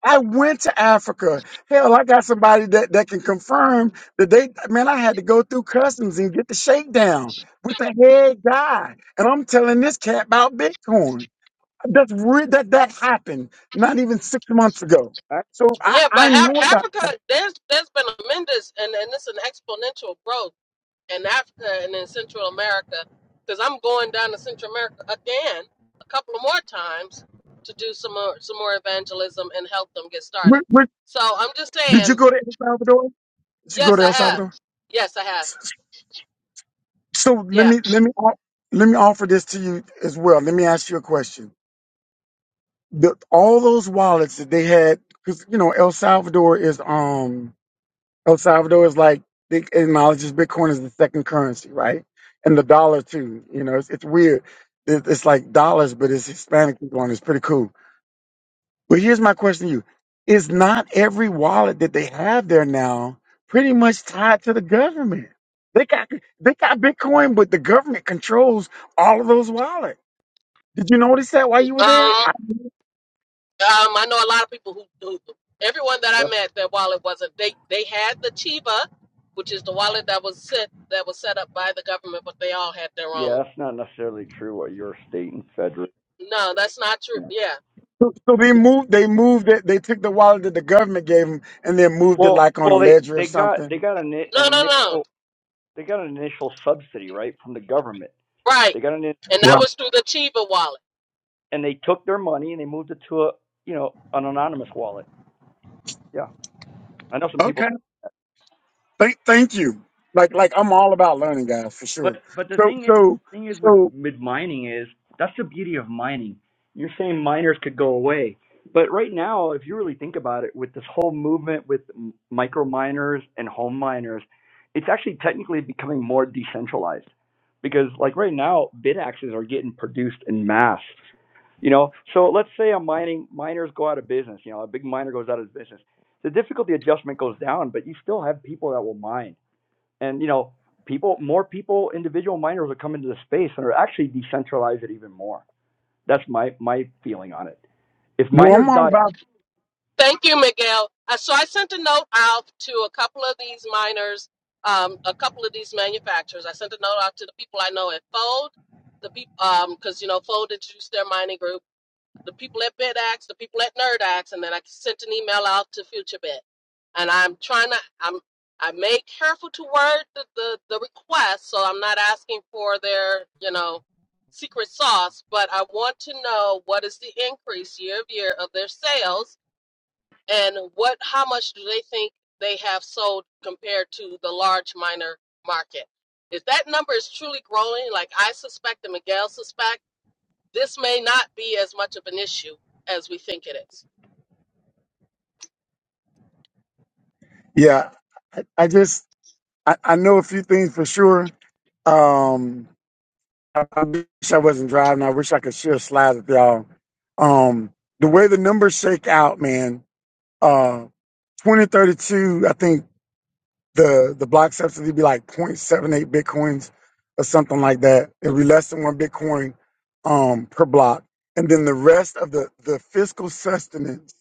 [SPEAKER 6] I went to Africa. Hell, I got somebody that, that can confirm that they, man, I had to go through customs and get the shakedown with the head guy. And I'm telling this cat about Bitcoin. That's re- that, that happened not even six months ago.
[SPEAKER 7] that's,
[SPEAKER 6] So I,
[SPEAKER 1] Yeah, but
[SPEAKER 6] I know
[SPEAKER 1] Af-
[SPEAKER 6] about that.
[SPEAKER 1] Africa, there's there's been a tremendous, and and it's an exponential growth in Africa and in Central America, because I'm going down to Central America again a couple of more times to do some more some more evangelism and help them get started.
[SPEAKER 6] Where- where-
[SPEAKER 1] So I'm just
[SPEAKER 6] did
[SPEAKER 1] saying
[SPEAKER 6] you go to El Salvador? Did you go
[SPEAKER 1] Yes,
[SPEAKER 6] to
[SPEAKER 1] I
[SPEAKER 6] El
[SPEAKER 1] have.
[SPEAKER 6] Salvador?
[SPEAKER 1] Yes, I have.
[SPEAKER 6] So let
[SPEAKER 1] Yeah.
[SPEAKER 6] me, let me, off- let me offer this to you as well. Let me ask you a question. the, all those wallets that they had, because you know El Salvador is um El Salvador is like they acknowledges Bitcoin as the second currency, right? And the dollar too. You know, it's, it's weird. It, it's like dollars, but it's Hispanic people on. it. It's pretty cool. But here's my question to you: Is not every wallet that they have there now pretty much tied to the government? They got they got Bitcoin, but the government controls all of those wallets. Did you notice that while you were there?
[SPEAKER 1] Um, um, I know a lot of people who, who everyone that I
[SPEAKER 7] that's,
[SPEAKER 1] met, their wallet wasn't. They they had the Chiva, which is the wallet that was set that was set up by the government, but they all had their own.
[SPEAKER 7] Yeah, that's not necessarily true. What your state and federal.
[SPEAKER 1] No, that's not true.
[SPEAKER 7] Yeah.
[SPEAKER 1] Yeah.
[SPEAKER 6] So, so they moved. They moved it. They took the wallet that the government gave them, and then moved it
[SPEAKER 7] Well,
[SPEAKER 6] like on a
[SPEAKER 7] well, they
[SPEAKER 6] ledger or
[SPEAKER 7] they got they
[SPEAKER 6] something.
[SPEAKER 7] got an an
[SPEAKER 1] No, no, no.
[SPEAKER 7] initial they got an initial subsidy right from the government.
[SPEAKER 1] Right.
[SPEAKER 7] They got an initial
[SPEAKER 1] And that
[SPEAKER 6] Right.
[SPEAKER 7] sub,
[SPEAKER 1] was through the Chiva wallet.
[SPEAKER 7] and they took their money and they moved it to a you know an anonymous wallet. Yeah, I know some people
[SPEAKER 6] Okay. Thank, thank you. Like, like I'm all about learning, guys, for sure.
[SPEAKER 7] But but the
[SPEAKER 6] So,
[SPEAKER 7] thing is,
[SPEAKER 6] so,
[SPEAKER 7] thing is with
[SPEAKER 6] so,
[SPEAKER 7] mid mining is that's the beauty of mining. You're saying miners could go away, but right now, if you really think about it, with this whole movement with m- micro miners and home miners, it's actually technically becoming more decentralized because like right now, bid axes are getting produced in mass. You know, so let's say a mining miners go out of business. You know, a big miner goes out of business. The difficulty adjustment goes down, but you still have people that will mine and you know people more people individual miners will come into the space and are actually decentralize it even more that's my my feeling on it if
[SPEAKER 6] well, I'm
[SPEAKER 7] miners
[SPEAKER 6] all
[SPEAKER 7] die
[SPEAKER 6] about.
[SPEAKER 1] Thank you, Miguel. Uh, so I sent a note out to a couple of these miners, um, a couple of these manufacturers. I sent a note out to the people I know at Fold, the people, um, because you know Fold introduced their mining group, the people at BitAx, the people at NerdAx, and then I sent an email out to FutureBit. And I'm trying to, I'm, I made careful to word the, the the request, so I'm not asking for their, you know, secret sauce, but I want to know what is the increase year of year of their sales and what how much do they think they have sold compared to the large minor market? If that number is truly growing, like I suspect and Miguel suspect, this may not be as much of an issue as we think it is.
[SPEAKER 6] Yeah, I, I just I, I know a few things for sure. Um, I, I wish I wasn't driving. I wish I could share slides with y'all. Um, the way the numbers shake out, man. Uh, 2032. I think. the the block subsidy would be like 0.78 bitcoins or something like that. It'd be less than one bitcoin um, per block, and then the rest of the the fiscal sustenance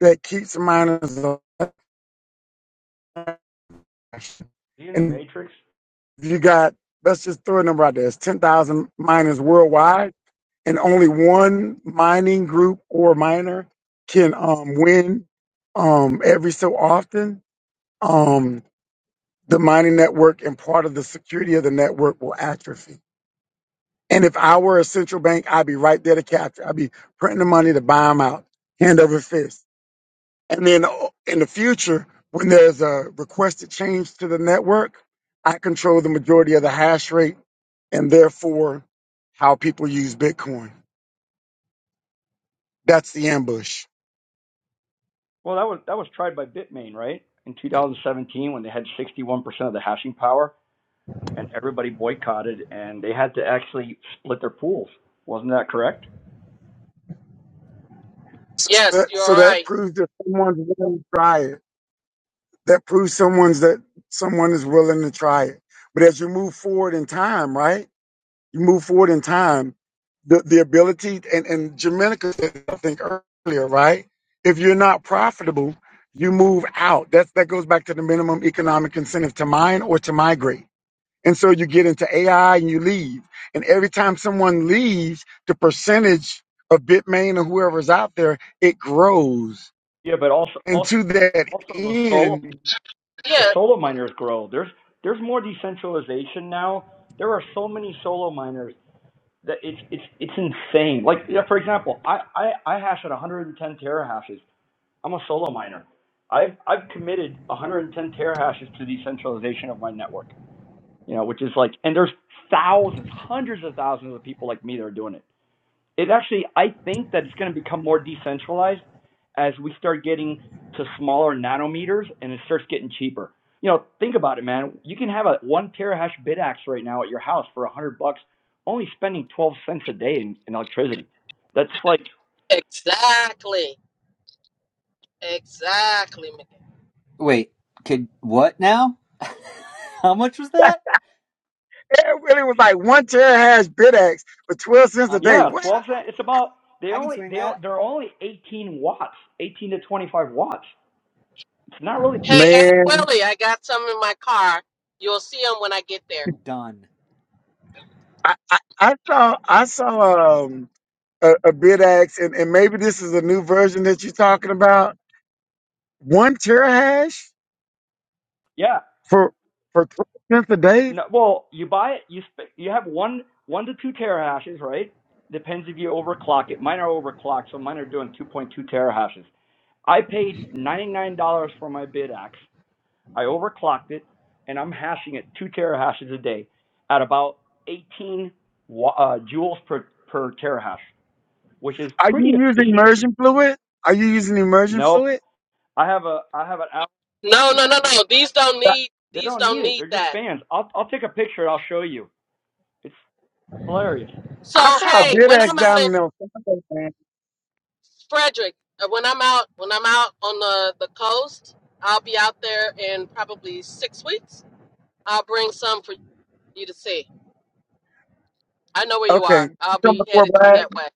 [SPEAKER 6] that keeps miners alive.
[SPEAKER 7] in the
[SPEAKER 6] And
[SPEAKER 7] matrix
[SPEAKER 6] if you got let's just throw a number out there. It's ten thousand miners worldwide, and only one mining group or miner can um, win um, every so often. Um, the mining network and part of the security of the network will atrophy And if I were a central bank, I'd be right there to capture. I'd be printing the money to buy them out, hand over fist. And then uh, in the future, when there's a requested change to the network, I control the majority of the hash rate and therefore how people use Bitcoin. That's the ambush.
[SPEAKER 7] well that was that was tried by bitmain right in 2017 when they had 61% of the hashing power and everybody boycotted and they had to actually split their pools wasn't that correct
[SPEAKER 6] So so
[SPEAKER 1] Yes,
[SPEAKER 6] that,
[SPEAKER 1] you're
[SPEAKER 6] so that
[SPEAKER 1] right.
[SPEAKER 6] proves that someone's willing to try it. That proves someone's that someone is willing to try it. But as you move forward in time, right? you move forward in time, the, the ability and, and Jamaica said I think earlier, right? If you're not profitable, you move out. That's that goes back to the minimum economic incentive to mine or to migrate. And so you get into AI and you leave. And every time someone leaves, the percentage of Bitmain or whoever's out there, it grows.
[SPEAKER 7] yeah but also
[SPEAKER 6] And
[SPEAKER 7] also
[SPEAKER 6] to that
[SPEAKER 7] also the solo
[SPEAKER 6] end,
[SPEAKER 7] the
[SPEAKER 1] Yeah,
[SPEAKER 7] solo miners grow there's there's more decentralization now there are so many solo miners that it's it's it's insane. Like you know, for example, I I I hash at 110 terahashes. I'm a solo miner. I've I've committed 110 terahashes to decentralization of my network. You know, which is like, and there's thousands, hundreds of thousands of people like me that are doing it it actually I think that it's going to become more decentralized as we start getting to smaller nanometers and it starts getting cheaper. You know, think about it, man. You can have a one terahash bidax right now at your house for a hundred bucks, only spending twelve cents a day in, in electricity. That's like
[SPEAKER 1] exactly. Exactly, Miguel.
[SPEAKER 4] wait could what now how much was that
[SPEAKER 6] it really was like one terahash BitX for 12 cents a
[SPEAKER 4] i'm
[SPEAKER 6] day.
[SPEAKER 7] yeah,
[SPEAKER 4] like
[SPEAKER 6] What?
[SPEAKER 4] i
[SPEAKER 7] twelve cents.
[SPEAKER 4] i,
[SPEAKER 7] It's about they
[SPEAKER 4] I can
[SPEAKER 7] only
[SPEAKER 4] swing
[SPEAKER 7] they
[SPEAKER 4] that
[SPEAKER 7] they're only eighteen watts, eighteen to twenty five watts. It's not really
[SPEAKER 1] Hey, Aunt
[SPEAKER 6] Man.
[SPEAKER 1] Willie, I got some in my car. You'll see them when I get there.
[SPEAKER 4] done
[SPEAKER 6] I, I, I saw I saw um a, a bid ax and, and maybe this is a new version that you're talking about. One terahash
[SPEAKER 7] yeah.
[SPEAKER 6] for for twelve cents a day.
[SPEAKER 7] No, well, you buy it. You sp- you have one one to two terahashes, right? Depends if you overclock it. Mine are overclocked, so mine are doing 2.2 terahashes. I paid $99 for my bid axe. I overclocked it, and I'm hashing it two terahashes a day at about 18 wa- uh, joules per per terahash, which is
[SPEAKER 6] Are
[SPEAKER 7] pretty
[SPEAKER 6] you using
[SPEAKER 7] efficient.
[SPEAKER 6] immersion fluid? Are you using immersion
[SPEAKER 7] Nope,
[SPEAKER 6] fluid?
[SPEAKER 7] I have a I have an Apple.
[SPEAKER 1] No, no,
[SPEAKER 7] II.
[SPEAKER 1] no, no. These don't
[SPEAKER 6] I
[SPEAKER 1] need
[SPEAKER 7] They
[SPEAKER 1] these
[SPEAKER 7] don't need
[SPEAKER 1] don't
[SPEAKER 7] it.
[SPEAKER 1] need
[SPEAKER 7] They're just
[SPEAKER 1] that.
[SPEAKER 7] fans. I'll I'll take a picture. and I'll show you. It's hilarious.
[SPEAKER 1] So
[SPEAKER 6] I saw a
[SPEAKER 1] hey,
[SPEAKER 6] bid
[SPEAKER 1] when
[SPEAKER 6] ax
[SPEAKER 1] I'm out
[SPEAKER 6] down
[SPEAKER 1] in
[SPEAKER 6] in Elfonte, man.
[SPEAKER 1] Frederick, uh, when I'm out, when I'm out on the the coast, I'll be out there in probably six weeks. I'll bring some for you to see. I know where you are.
[SPEAKER 6] Okay, you
[SPEAKER 1] I'll
[SPEAKER 6] come
[SPEAKER 1] be
[SPEAKER 6] to Fort
[SPEAKER 1] headed through
[SPEAKER 6] Bragg.
[SPEAKER 1] that way.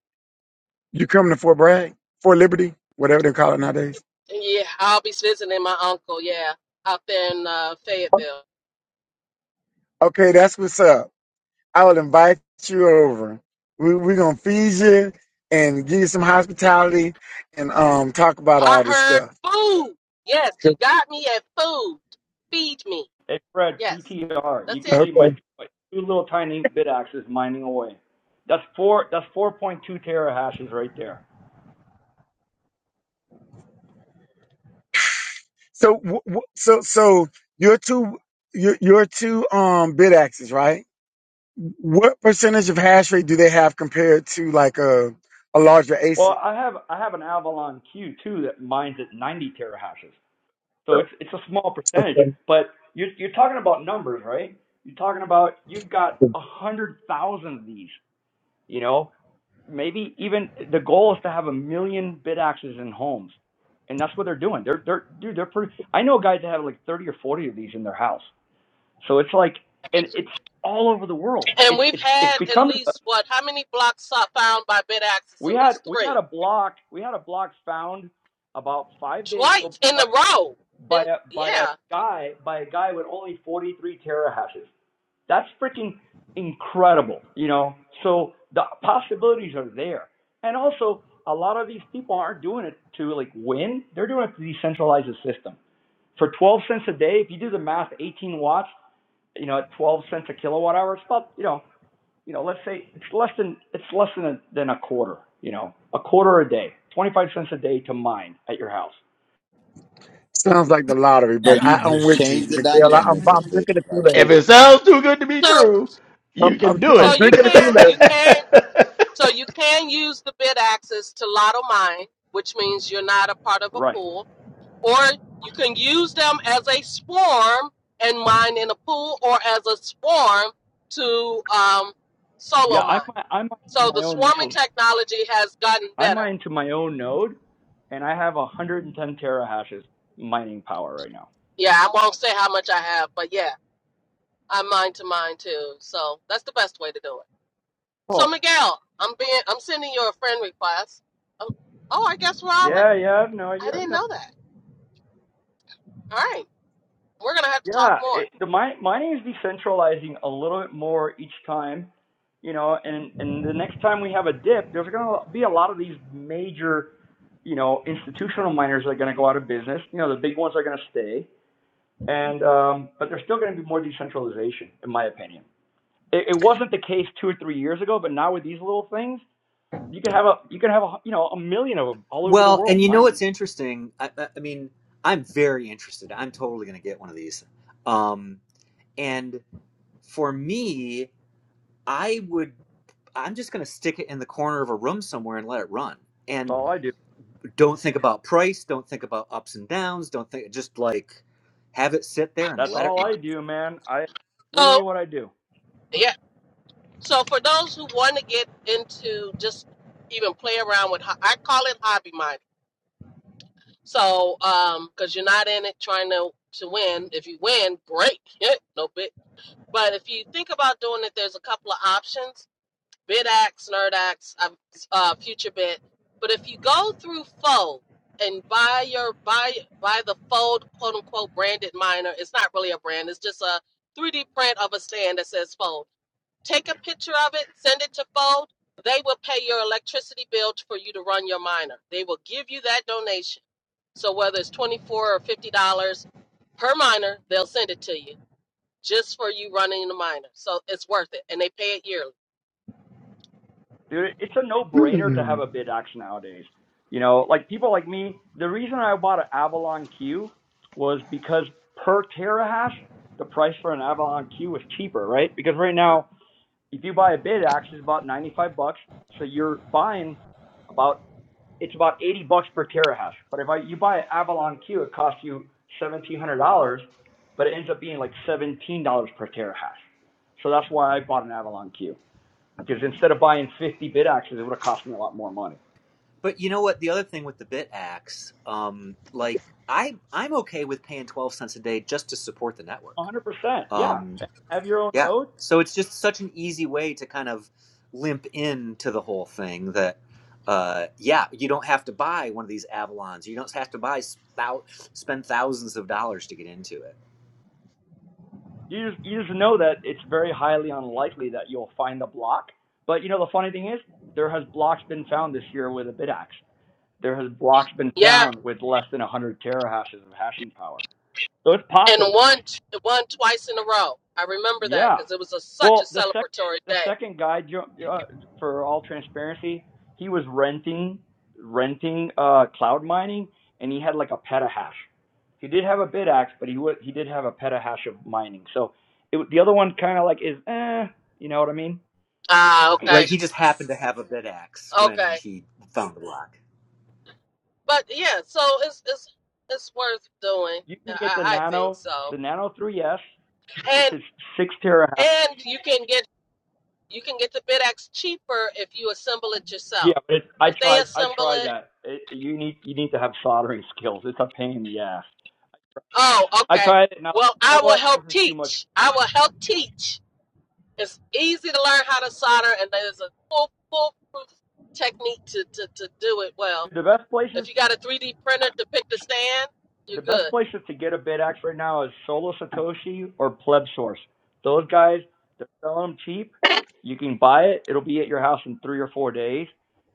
[SPEAKER 6] You come to Fort Bragg, Fort Liberty, whatever they call it nowadays.
[SPEAKER 1] And yeah, I'll be visiting my uncle. Yeah, out there in uh, Fayetteville.
[SPEAKER 6] Okay, that's what's up. I would invite you over. We, we're gonna feed you and give you some hospitality and um talk about
[SPEAKER 1] I
[SPEAKER 6] all this
[SPEAKER 1] heard
[SPEAKER 6] stuff.
[SPEAKER 1] food. Yes, you got me at food. Feed me.
[SPEAKER 7] Hey Fred,
[SPEAKER 1] Yes,
[SPEAKER 7] PTR.
[SPEAKER 1] that's
[SPEAKER 7] You can
[SPEAKER 1] it.
[SPEAKER 7] see my,
[SPEAKER 6] Okay.
[SPEAKER 7] my two little tiny bit axes mining away. That's four. That's 4.2 terahashes right there.
[SPEAKER 6] So w- w- so so your two your your two um bid axes, right? What percentage of hash rate do they have compared to like a a larger
[SPEAKER 7] Well,
[SPEAKER 6] ASIC?
[SPEAKER 7] I have I have an Avalon Q too that mines at 90 terahashes. So it's it's a small percentage, but you're you're talking about numbers, right? You're talking about you've got a hundred thousand of these. You know, maybe even the goal is to have a million bit axes in homes, and that's what they're doing. They're they're dude. They're pretty. I know guys that have like 30 or 40 of these in their house So it's like, and it's all over the world.
[SPEAKER 1] And
[SPEAKER 7] It's
[SPEAKER 1] we've
[SPEAKER 7] it's it's
[SPEAKER 1] had at
[SPEAKER 7] becoming. A,
[SPEAKER 1] least what? How many blocks uh, found by bid axes? At
[SPEAKER 7] we had
[SPEAKER 1] least
[SPEAKER 7] we had
[SPEAKER 1] three,
[SPEAKER 7] a block we had a block found about five days
[SPEAKER 1] twice
[SPEAKER 7] ago
[SPEAKER 1] in
[SPEAKER 7] by
[SPEAKER 1] a row.
[SPEAKER 7] by
[SPEAKER 1] And
[SPEAKER 7] a by a
[SPEAKER 1] yeah.
[SPEAKER 7] guy by a guy with only 43 terahashes. That's freaking incredible, you know. So the possibilities are there, and also a lot of these people aren't doing it to like win. They're doing it to decentralize the system. For 12 cents a day, if you do the math, 18 watts, you know, at 12 cents a kilowatt hour, it's about you know you know, let's say it's less than it's less than a, than a quarter. You know, a quarter a day, twenty five cents a day to mine at your house.
[SPEAKER 6] Sounds like the lottery,
[SPEAKER 5] Now
[SPEAKER 6] but I,
[SPEAKER 5] you
[SPEAKER 6] I'm
[SPEAKER 5] just
[SPEAKER 6] with you,
[SPEAKER 5] changed the
[SPEAKER 6] Miguel.
[SPEAKER 5] dynamics of things right
[SPEAKER 3] If
[SPEAKER 5] there.
[SPEAKER 3] it sounds too good to be
[SPEAKER 1] So
[SPEAKER 3] true, you can
[SPEAKER 6] I'm,
[SPEAKER 3] do
[SPEAKER 1] so
[SPEAKER 3] it.
[SPEAKER 1] you can you can so you can use the bid access to lotto mine, which means you're not a part of a
[SPEAKER 7] Right.
[SPEAKER 1] pool, or you can use them as a swarm and mine in a pool, or as a swarm to um,
[SPEAKER 7] Yeah,
[SPEAKER 1] solo
[SPEAKER 7] I
[SPEAKER 1] mine.
[SPEAKER 7] mi- I mine to
[SPEAKER 1] So
[SPEAKER 7] my
[SPEAKER 1] the
[SPEAKER 7] own
[SPEAKER 1] swarming
[SPEAKER 7] node.
[SPEAKER 1] technology has gotten
[SPEAKER 7] I
[SPEAKER 1] better.
[SPEAKER 7] mine to my own node, and I have one hundred and ten terahashes mining power right now.
[SPEAKER 1] Yeah, I won't say how much I have, but yeah, I mine to mine too. So that's the best way to do it. So
[SPEAKER 7] Oh,
[SPEAKER 1] Miguel, I'm being I'm sending you a friend request. Oh, oh I guess we're already.
[SPEAKER 7] Yeah, yeah, no,
[SPEAKER 1] I
[SPEAKER 7] yeah,
[SPEAKER 1] didn't
[SPEAKER 7] no.
[SPEAKER 1] know that. All right. We're going to have to talk
[SPEAKER 7] Yeah,
[SPEAKER 1] more.
[SPEAKER 7] it, the mine mining is decentralizing a little bit more each time, you know, and and the next time we have a dip, there's going to be a lot of these major you know, institutional miners are going to go out of business. You know, the big ones are going to stay, and um, but there's still going to be more decentralization, in my opinion. It, it wasn't the case two or three years ago, but now with these little things, you could have a you could have a you know a million of them all over the
[SPEAKER 4] well and
[SPEAKER 7] world
[SPEAKER 4] you know
[SPEAKER 7] mining.
[SPEAKER 4] what's interesting i i, I mean i'm very interested i'm totally going to get one of these um and for me I would I'm just going to stick it in the corner of a room somewhere and let it run.
[SPEAKER 7] That's
[SPEAKER 4] And
[SPEAKER 7] all I do.
[SPEAKER 4] don't think about price, don't think about ups and downs, don't think just like have it sit there and
[SPEAKER 7] That's
[SPEAKER 4] let it
[SPEAKER 7] all I
[SPEAKER 4] run.
[SPEAKER 7] do, man. I
[SPEAKER 1] So,
[SPEAKER 7] literally what I do.
[SPEAKER 1] yeah. So, for those who want to get into just even play around with, ho- I call it hobby mining. So, um, because you're not in it trying to, to win. If you win, great. no bit. But if you think about doing it, there's a couple of options. BitX, NerdX, uh, uh, FutureBit. But if you go through Fold and buy your buy buy the Fold quote unquote branded miner, it's not really a brand. It's just a 3D print of a stand that says Fold. Take a picture of it, send it to Fold. They will pay your electricity bill for you to run your miner. They will give you that donation. So whether it's twenty four or fifty dollars per miner, they'll send it to you just for you running the miner. So it's worth it, and they pay it yearly.
[SPEAKER 7] dude. It's a no-brainer
[SPEAKER 6] Hmm.
[SPEAKER 7] to have a bid axe nowadays. You know, like people like me, the reason I bought an Avalon Q was because per terahash, the price for an Avalon Q was cheaper, right? Because right now, if you buy a bid axe, it's about 95 bucks. So you're buying about it's about 80 bucks per terahash. But if I, you buy an Avalon Q, it costs you $1,700, but it ends up being like $17 per terahash. So that's why I bought an Avalon Q. Because instead of buying 50 bid actions, it would have cost me a lot more money.
[SPEAKER 4] But you know what? The other thing with the bit axe, um, like I I'm okay with paying twelve cents a day just to support the network.
[SPEAKER 7] 100%. Yeah.
[SPEAKER 4] Um,
[SPEAKER 7] Have your own
[SPEAKER 4] Yeah.
[SPEAKER 7] node.
[SPEAKER 4] So it's just such an easy way to kind of limp into the whole thing that, uh, yeah, you don't have to buy one of these Avalons. You don't have to buy thou- spend thousands of dollars to get into it.
[SPEAKER 7] You just, you just know that it's very highly unlikely that you'll find a block. But you know, the funny thing is, there has blocks been found this year with a bid axe. There has blocks been
[SPEAKER 1] Yeah,
[SPEAKER 7] found with less than 100 terahashes of hashing power. So it's
[SPEAKER 1] and
[SPEAKER 7] possible.
[SPEAKER 1] won won twice in a row. I remember that
[SPEAKER 7] Yeah.
[SPEAKER 1] because it was a, such a
[SPEAKER 7] Well, the sec
[SPEAKER 1] celebratory
[SPEAKER 7] the
[SPEAKER 1] day.
[SPEAKER 7] second guy, jo- uh, for all transparency, he was renting renting uh cloud mining, and he had like a petahash. He did have a bit axe, but he wa he did have a petahash of mining. So it, w- the other one kind of like is eh, you know what I mean?
[SPEAKER 1] Ah, okay,
[SPEAKER 4] Right? He just happened to have a bid axe when
[SPEAKER 1] okay,
[SPEAKER 4] he found the block.
[SPEAKER 1] but yeah, so it's it's it's worth doing.
[SPEAKER 7] You can get the
[SPEAKER 1] I, I think
[SPEAKER 7] nano
[SPEAKER 1] so,
[SPEAKER 7] the nano 3s, which
[SPEAKER 1] and
[SPEAKER 7] is six terahash.
[SPEAKER 1] and you can get you can get the bidex cheaper if you assemble it
[SPEAKER 7] Yeah,
[SPEAKER 1] yourself.
[SPEAKER 7] but it, I
[SPEAKER 1] If they
[SPEAKER 7] tried I
[SPEAKER 1] assemble
[SPEAKER 7] tried
[SPEAKER 1] it,
[SPEAKER 7] that. It, you need you need to have soldering skills. It's a pain in the ass.
[SPEAKER 1] oh,
[SPEAKER 7] I
[SPEAKER 1] okay.
[SPEAKER 7] tried it and I was
[SPEAKER 1] Well,
[SPEAKER 7] like, you know
[SPEAKER 1] I will
[SPEAKER 7] what? This
[SPEAKER 1] help
[SPEAKER 7] is too much.
[SPEAKER 1] teach. I will help teach. It's easy to learn how to solder, and there's a full foolproof technique to, to, to do it well
[SPEAKER 7] The best
[SPEAKER 1] If
[SPEAKER 7] places,
[SPEAKER 1] you got a 3D printer to pick the stand, you're
[SPEAKER 7] the
[SPEAKER 1] good.
[SPEAKER 7] best places to get a bid axe right now is Solo Satoshi or Pleb Source. Those guys, they're selling them cheap. You can buy it. It'll be at your house in three or four days.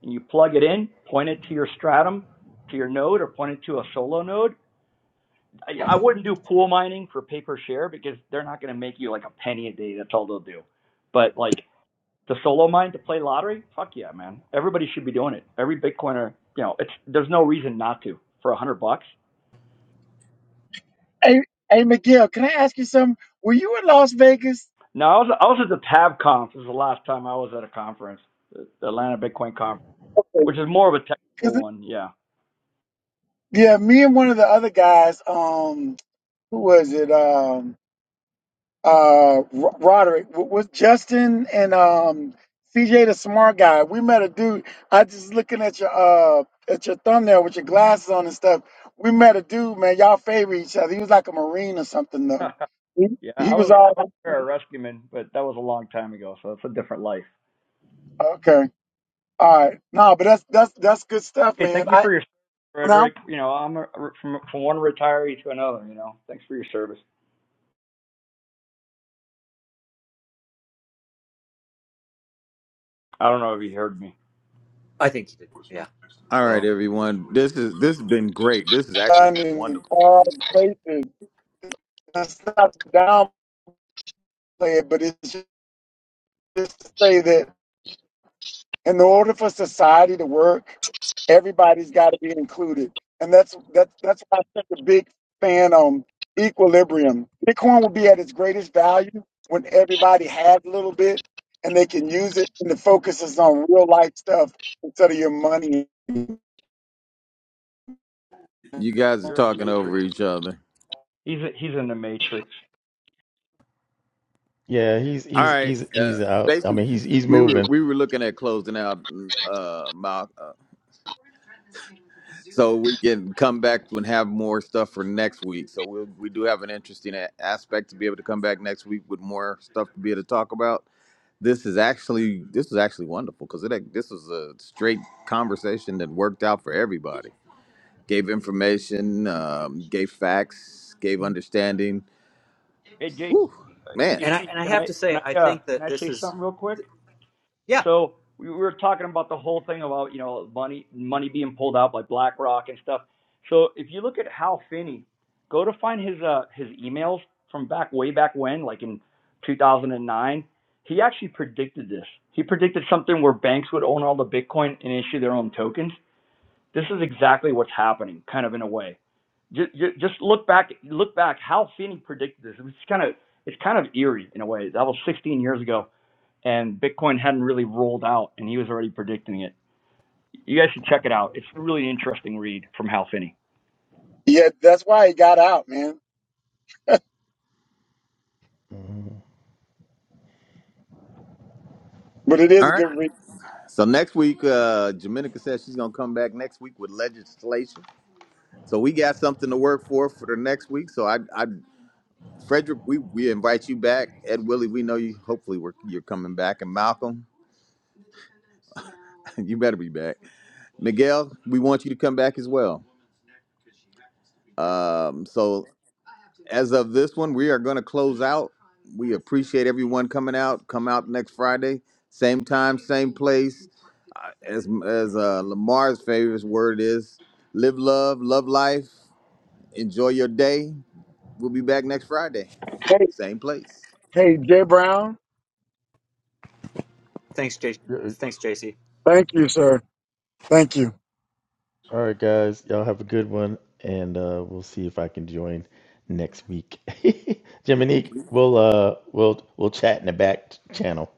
[SPEAKER 7] And you plug it in, point it to your stratum, to your node, or point it to a solo node. I, I wouldn't do pool mining for pay per share because they're not going to make you like a penny a day. That's all they'll do. But like to solo mine to play lottery? Fuck yeah, man. Everybody should be doing it. Every Bitcoiner, you know, it's there's no reason not to for a hundred bucks.
[SPEAKER 6] hey, hey, Miguel, can I ask you something? Were you in Las Vegas?
[SPEAKER 7] No, I was I was at the Tab Conf. This is the last time I was at a conference, the Atlanta Bitcoin Conference, which is more of a technical one. Yeah.
[SPEAKER 6] Yeah, me and one of the other guys, um, who was it? Um, uh, Ro- Roderick w- was Justin and um, CJ, the smart guy. We met a dude. I just looking at your uh at your thumbnail with your glasses on and stuff. We met a dude, man. Y'all favor each other. He was like a marine or something, though. He
[SPEAKER 7] yeah,
[SPEAKER 6] he
[SPEAKER 7] I
[SPEAKER 6] was
[SPEAKER 7] was
[SPEAKER 6] all
[SPEAKER 7] I was a
[SPEAKER 6] right.
[SPEAKER 7] Sarah Rescueman, but that was a long time ago, so it's a different life.
[SPEAKER 6] okay. All right, no, but that's that's that's good stuff,
[SPEAKER 7] Hey,
[SPEAKER 6] man.
[SPEAKER 7] thank you
[SPEAKER 6] I
[SPEAKER 7] for your service,
[SPEAKER 6] now
[SPEAKER 7] Frederick. You know, I'm a, from from one retiree to another. You know, thanks for your service. I don't know if you heard me.
[SPEAKER 4] I think he did. Yeah.
[SPEAKER 5] All right,
[SPEAKER 4] Well,
[SPEAKER 5] everyone. This is this has been great. This has actually
[SPEAKER 6] done
[SPEAKER 5] been
[SPEAKER 6] in
[SPEAKER 5] wonderful.
[SPEAKER 6] all cases. That's not downplay it, but it's just say that in order for society to work, everybody's got to be included, and that's that's that's why I'm such a big fan on equilibrium. Bitcoin will be at its greatest value when everybody has a little bit and they can use it, and the focus is on real life stuff instead of your money.
[SPEAKER 5] You guys are
[SPEAKER 7] You're in the
[SPEAKER 5] talking
[SPEAKER 7] matrix.
[SPEAKER 5] over each other.
[SPEAKER 7] He's a, he's in the matrix.
[SPEAKER 3] yeah, he's
[SPEAKER 5] All
[SPEAKER 3] he's
[SPEAKER 5] right.
[SPEAKER 3] he's
[SPEAKER 5] Uh,
[SPEAKER 3] he's out. I
[SPEAKER 5] basically,
[SPEAKER 3] mean, he's he's
[SPEAKER 5] we were
[SPEAKER 3] moving.
[SPEAKER 5] we were looking at closing out mm, uh, Mal, uh so we can come back and have more stuff for next week. So we we do have an interesting a- aspect to be able to come back next week with more stuff to be able to talk about. This is actually this is actually wonderful because it this was a straight conversation that worked out for everybody. Gave information, um, gave facts, gave understanding.
[SPEAKER 7] Hey, Jason.
[SPEAKER 5] Woo, man!
[SPEAKER 4] and I
[SPEAKER 7] AC,
[SPEAKER 4] and I
[SPEAKER 7] can
[SPEAKER 4] have
[SPEAKER 7] I
[SPEAKER 4] to
[SPEAKER 7] can
[SPEAKER 4] say, I
[SPEAKER 7] I uh
[SPEAKER 4] think
[SPEAKER 7] can
[SPEAKER 4] that
[SPEAKER 7] I
[SPEAKER 4] this
[SPEAKER 7] say
[SPEAKER 4] is
[SPEAKER 7] something real quick?
[SPEAKER 4] yeah.
[SPEAKER 7] So we were talking about the whole thing about you know money money being pulled out by BlackRock and stuff. So if you look at Hal Finney, go to find his uh his emails from back way back when, like in 2009, he actually predicted this. He predicted something where banks would own all the Bitcoin and issue their own tokens. This is exactly what's happening, kind of in a way. Just, just look back, look back. how Finney predicted this. It's kind of, it's kind of eerie in a way. That was 16 years ago, and Bitcoin hadn't really rolled out, and he was already predicting it. You guys should check it out. It's a really interesting read from Hal Finney.
[SPEAKER 6] Yeah, that's why it got out, man. But it is
[SPEAKER 5] All
[SPEAKER 6] a
[SPEAKER 5] right.
[SPEAKER 6] good read.
[SPEAKER 5] So next week, uh, Jamenica says she's gonna come back next week with legislation. So we got something to work for for the next week. So I, I, Frederick, we we invite you back. Ed Willie, we know you. Hopefully, we're, you're coming back. And Malcolm, you better be back. Miguel, we want you to come back as well. Um, so as of this one, we are gonna close out. We appreciate everyone coming out. Come out next Friday, same time, same place. as as uh, Lamar's favorite word is live love, love life, enjoy your day. We'll be back next Friday,
[SPEAKER 6] Hey,
[SPEAKER 5] same place.
[SPEAKER 6] hey, Jay Brown,
[SPEAKER 4] Thanks, J. Thanks, JC.
[SPEAKER 6] thank you, sir. Thank you.
[SPEAKER 3] All right, guys. Y'all have a good one, and uh, we'll see if I can join next week. Jiminique, we'll uh, we'll we'll chat in the back channel.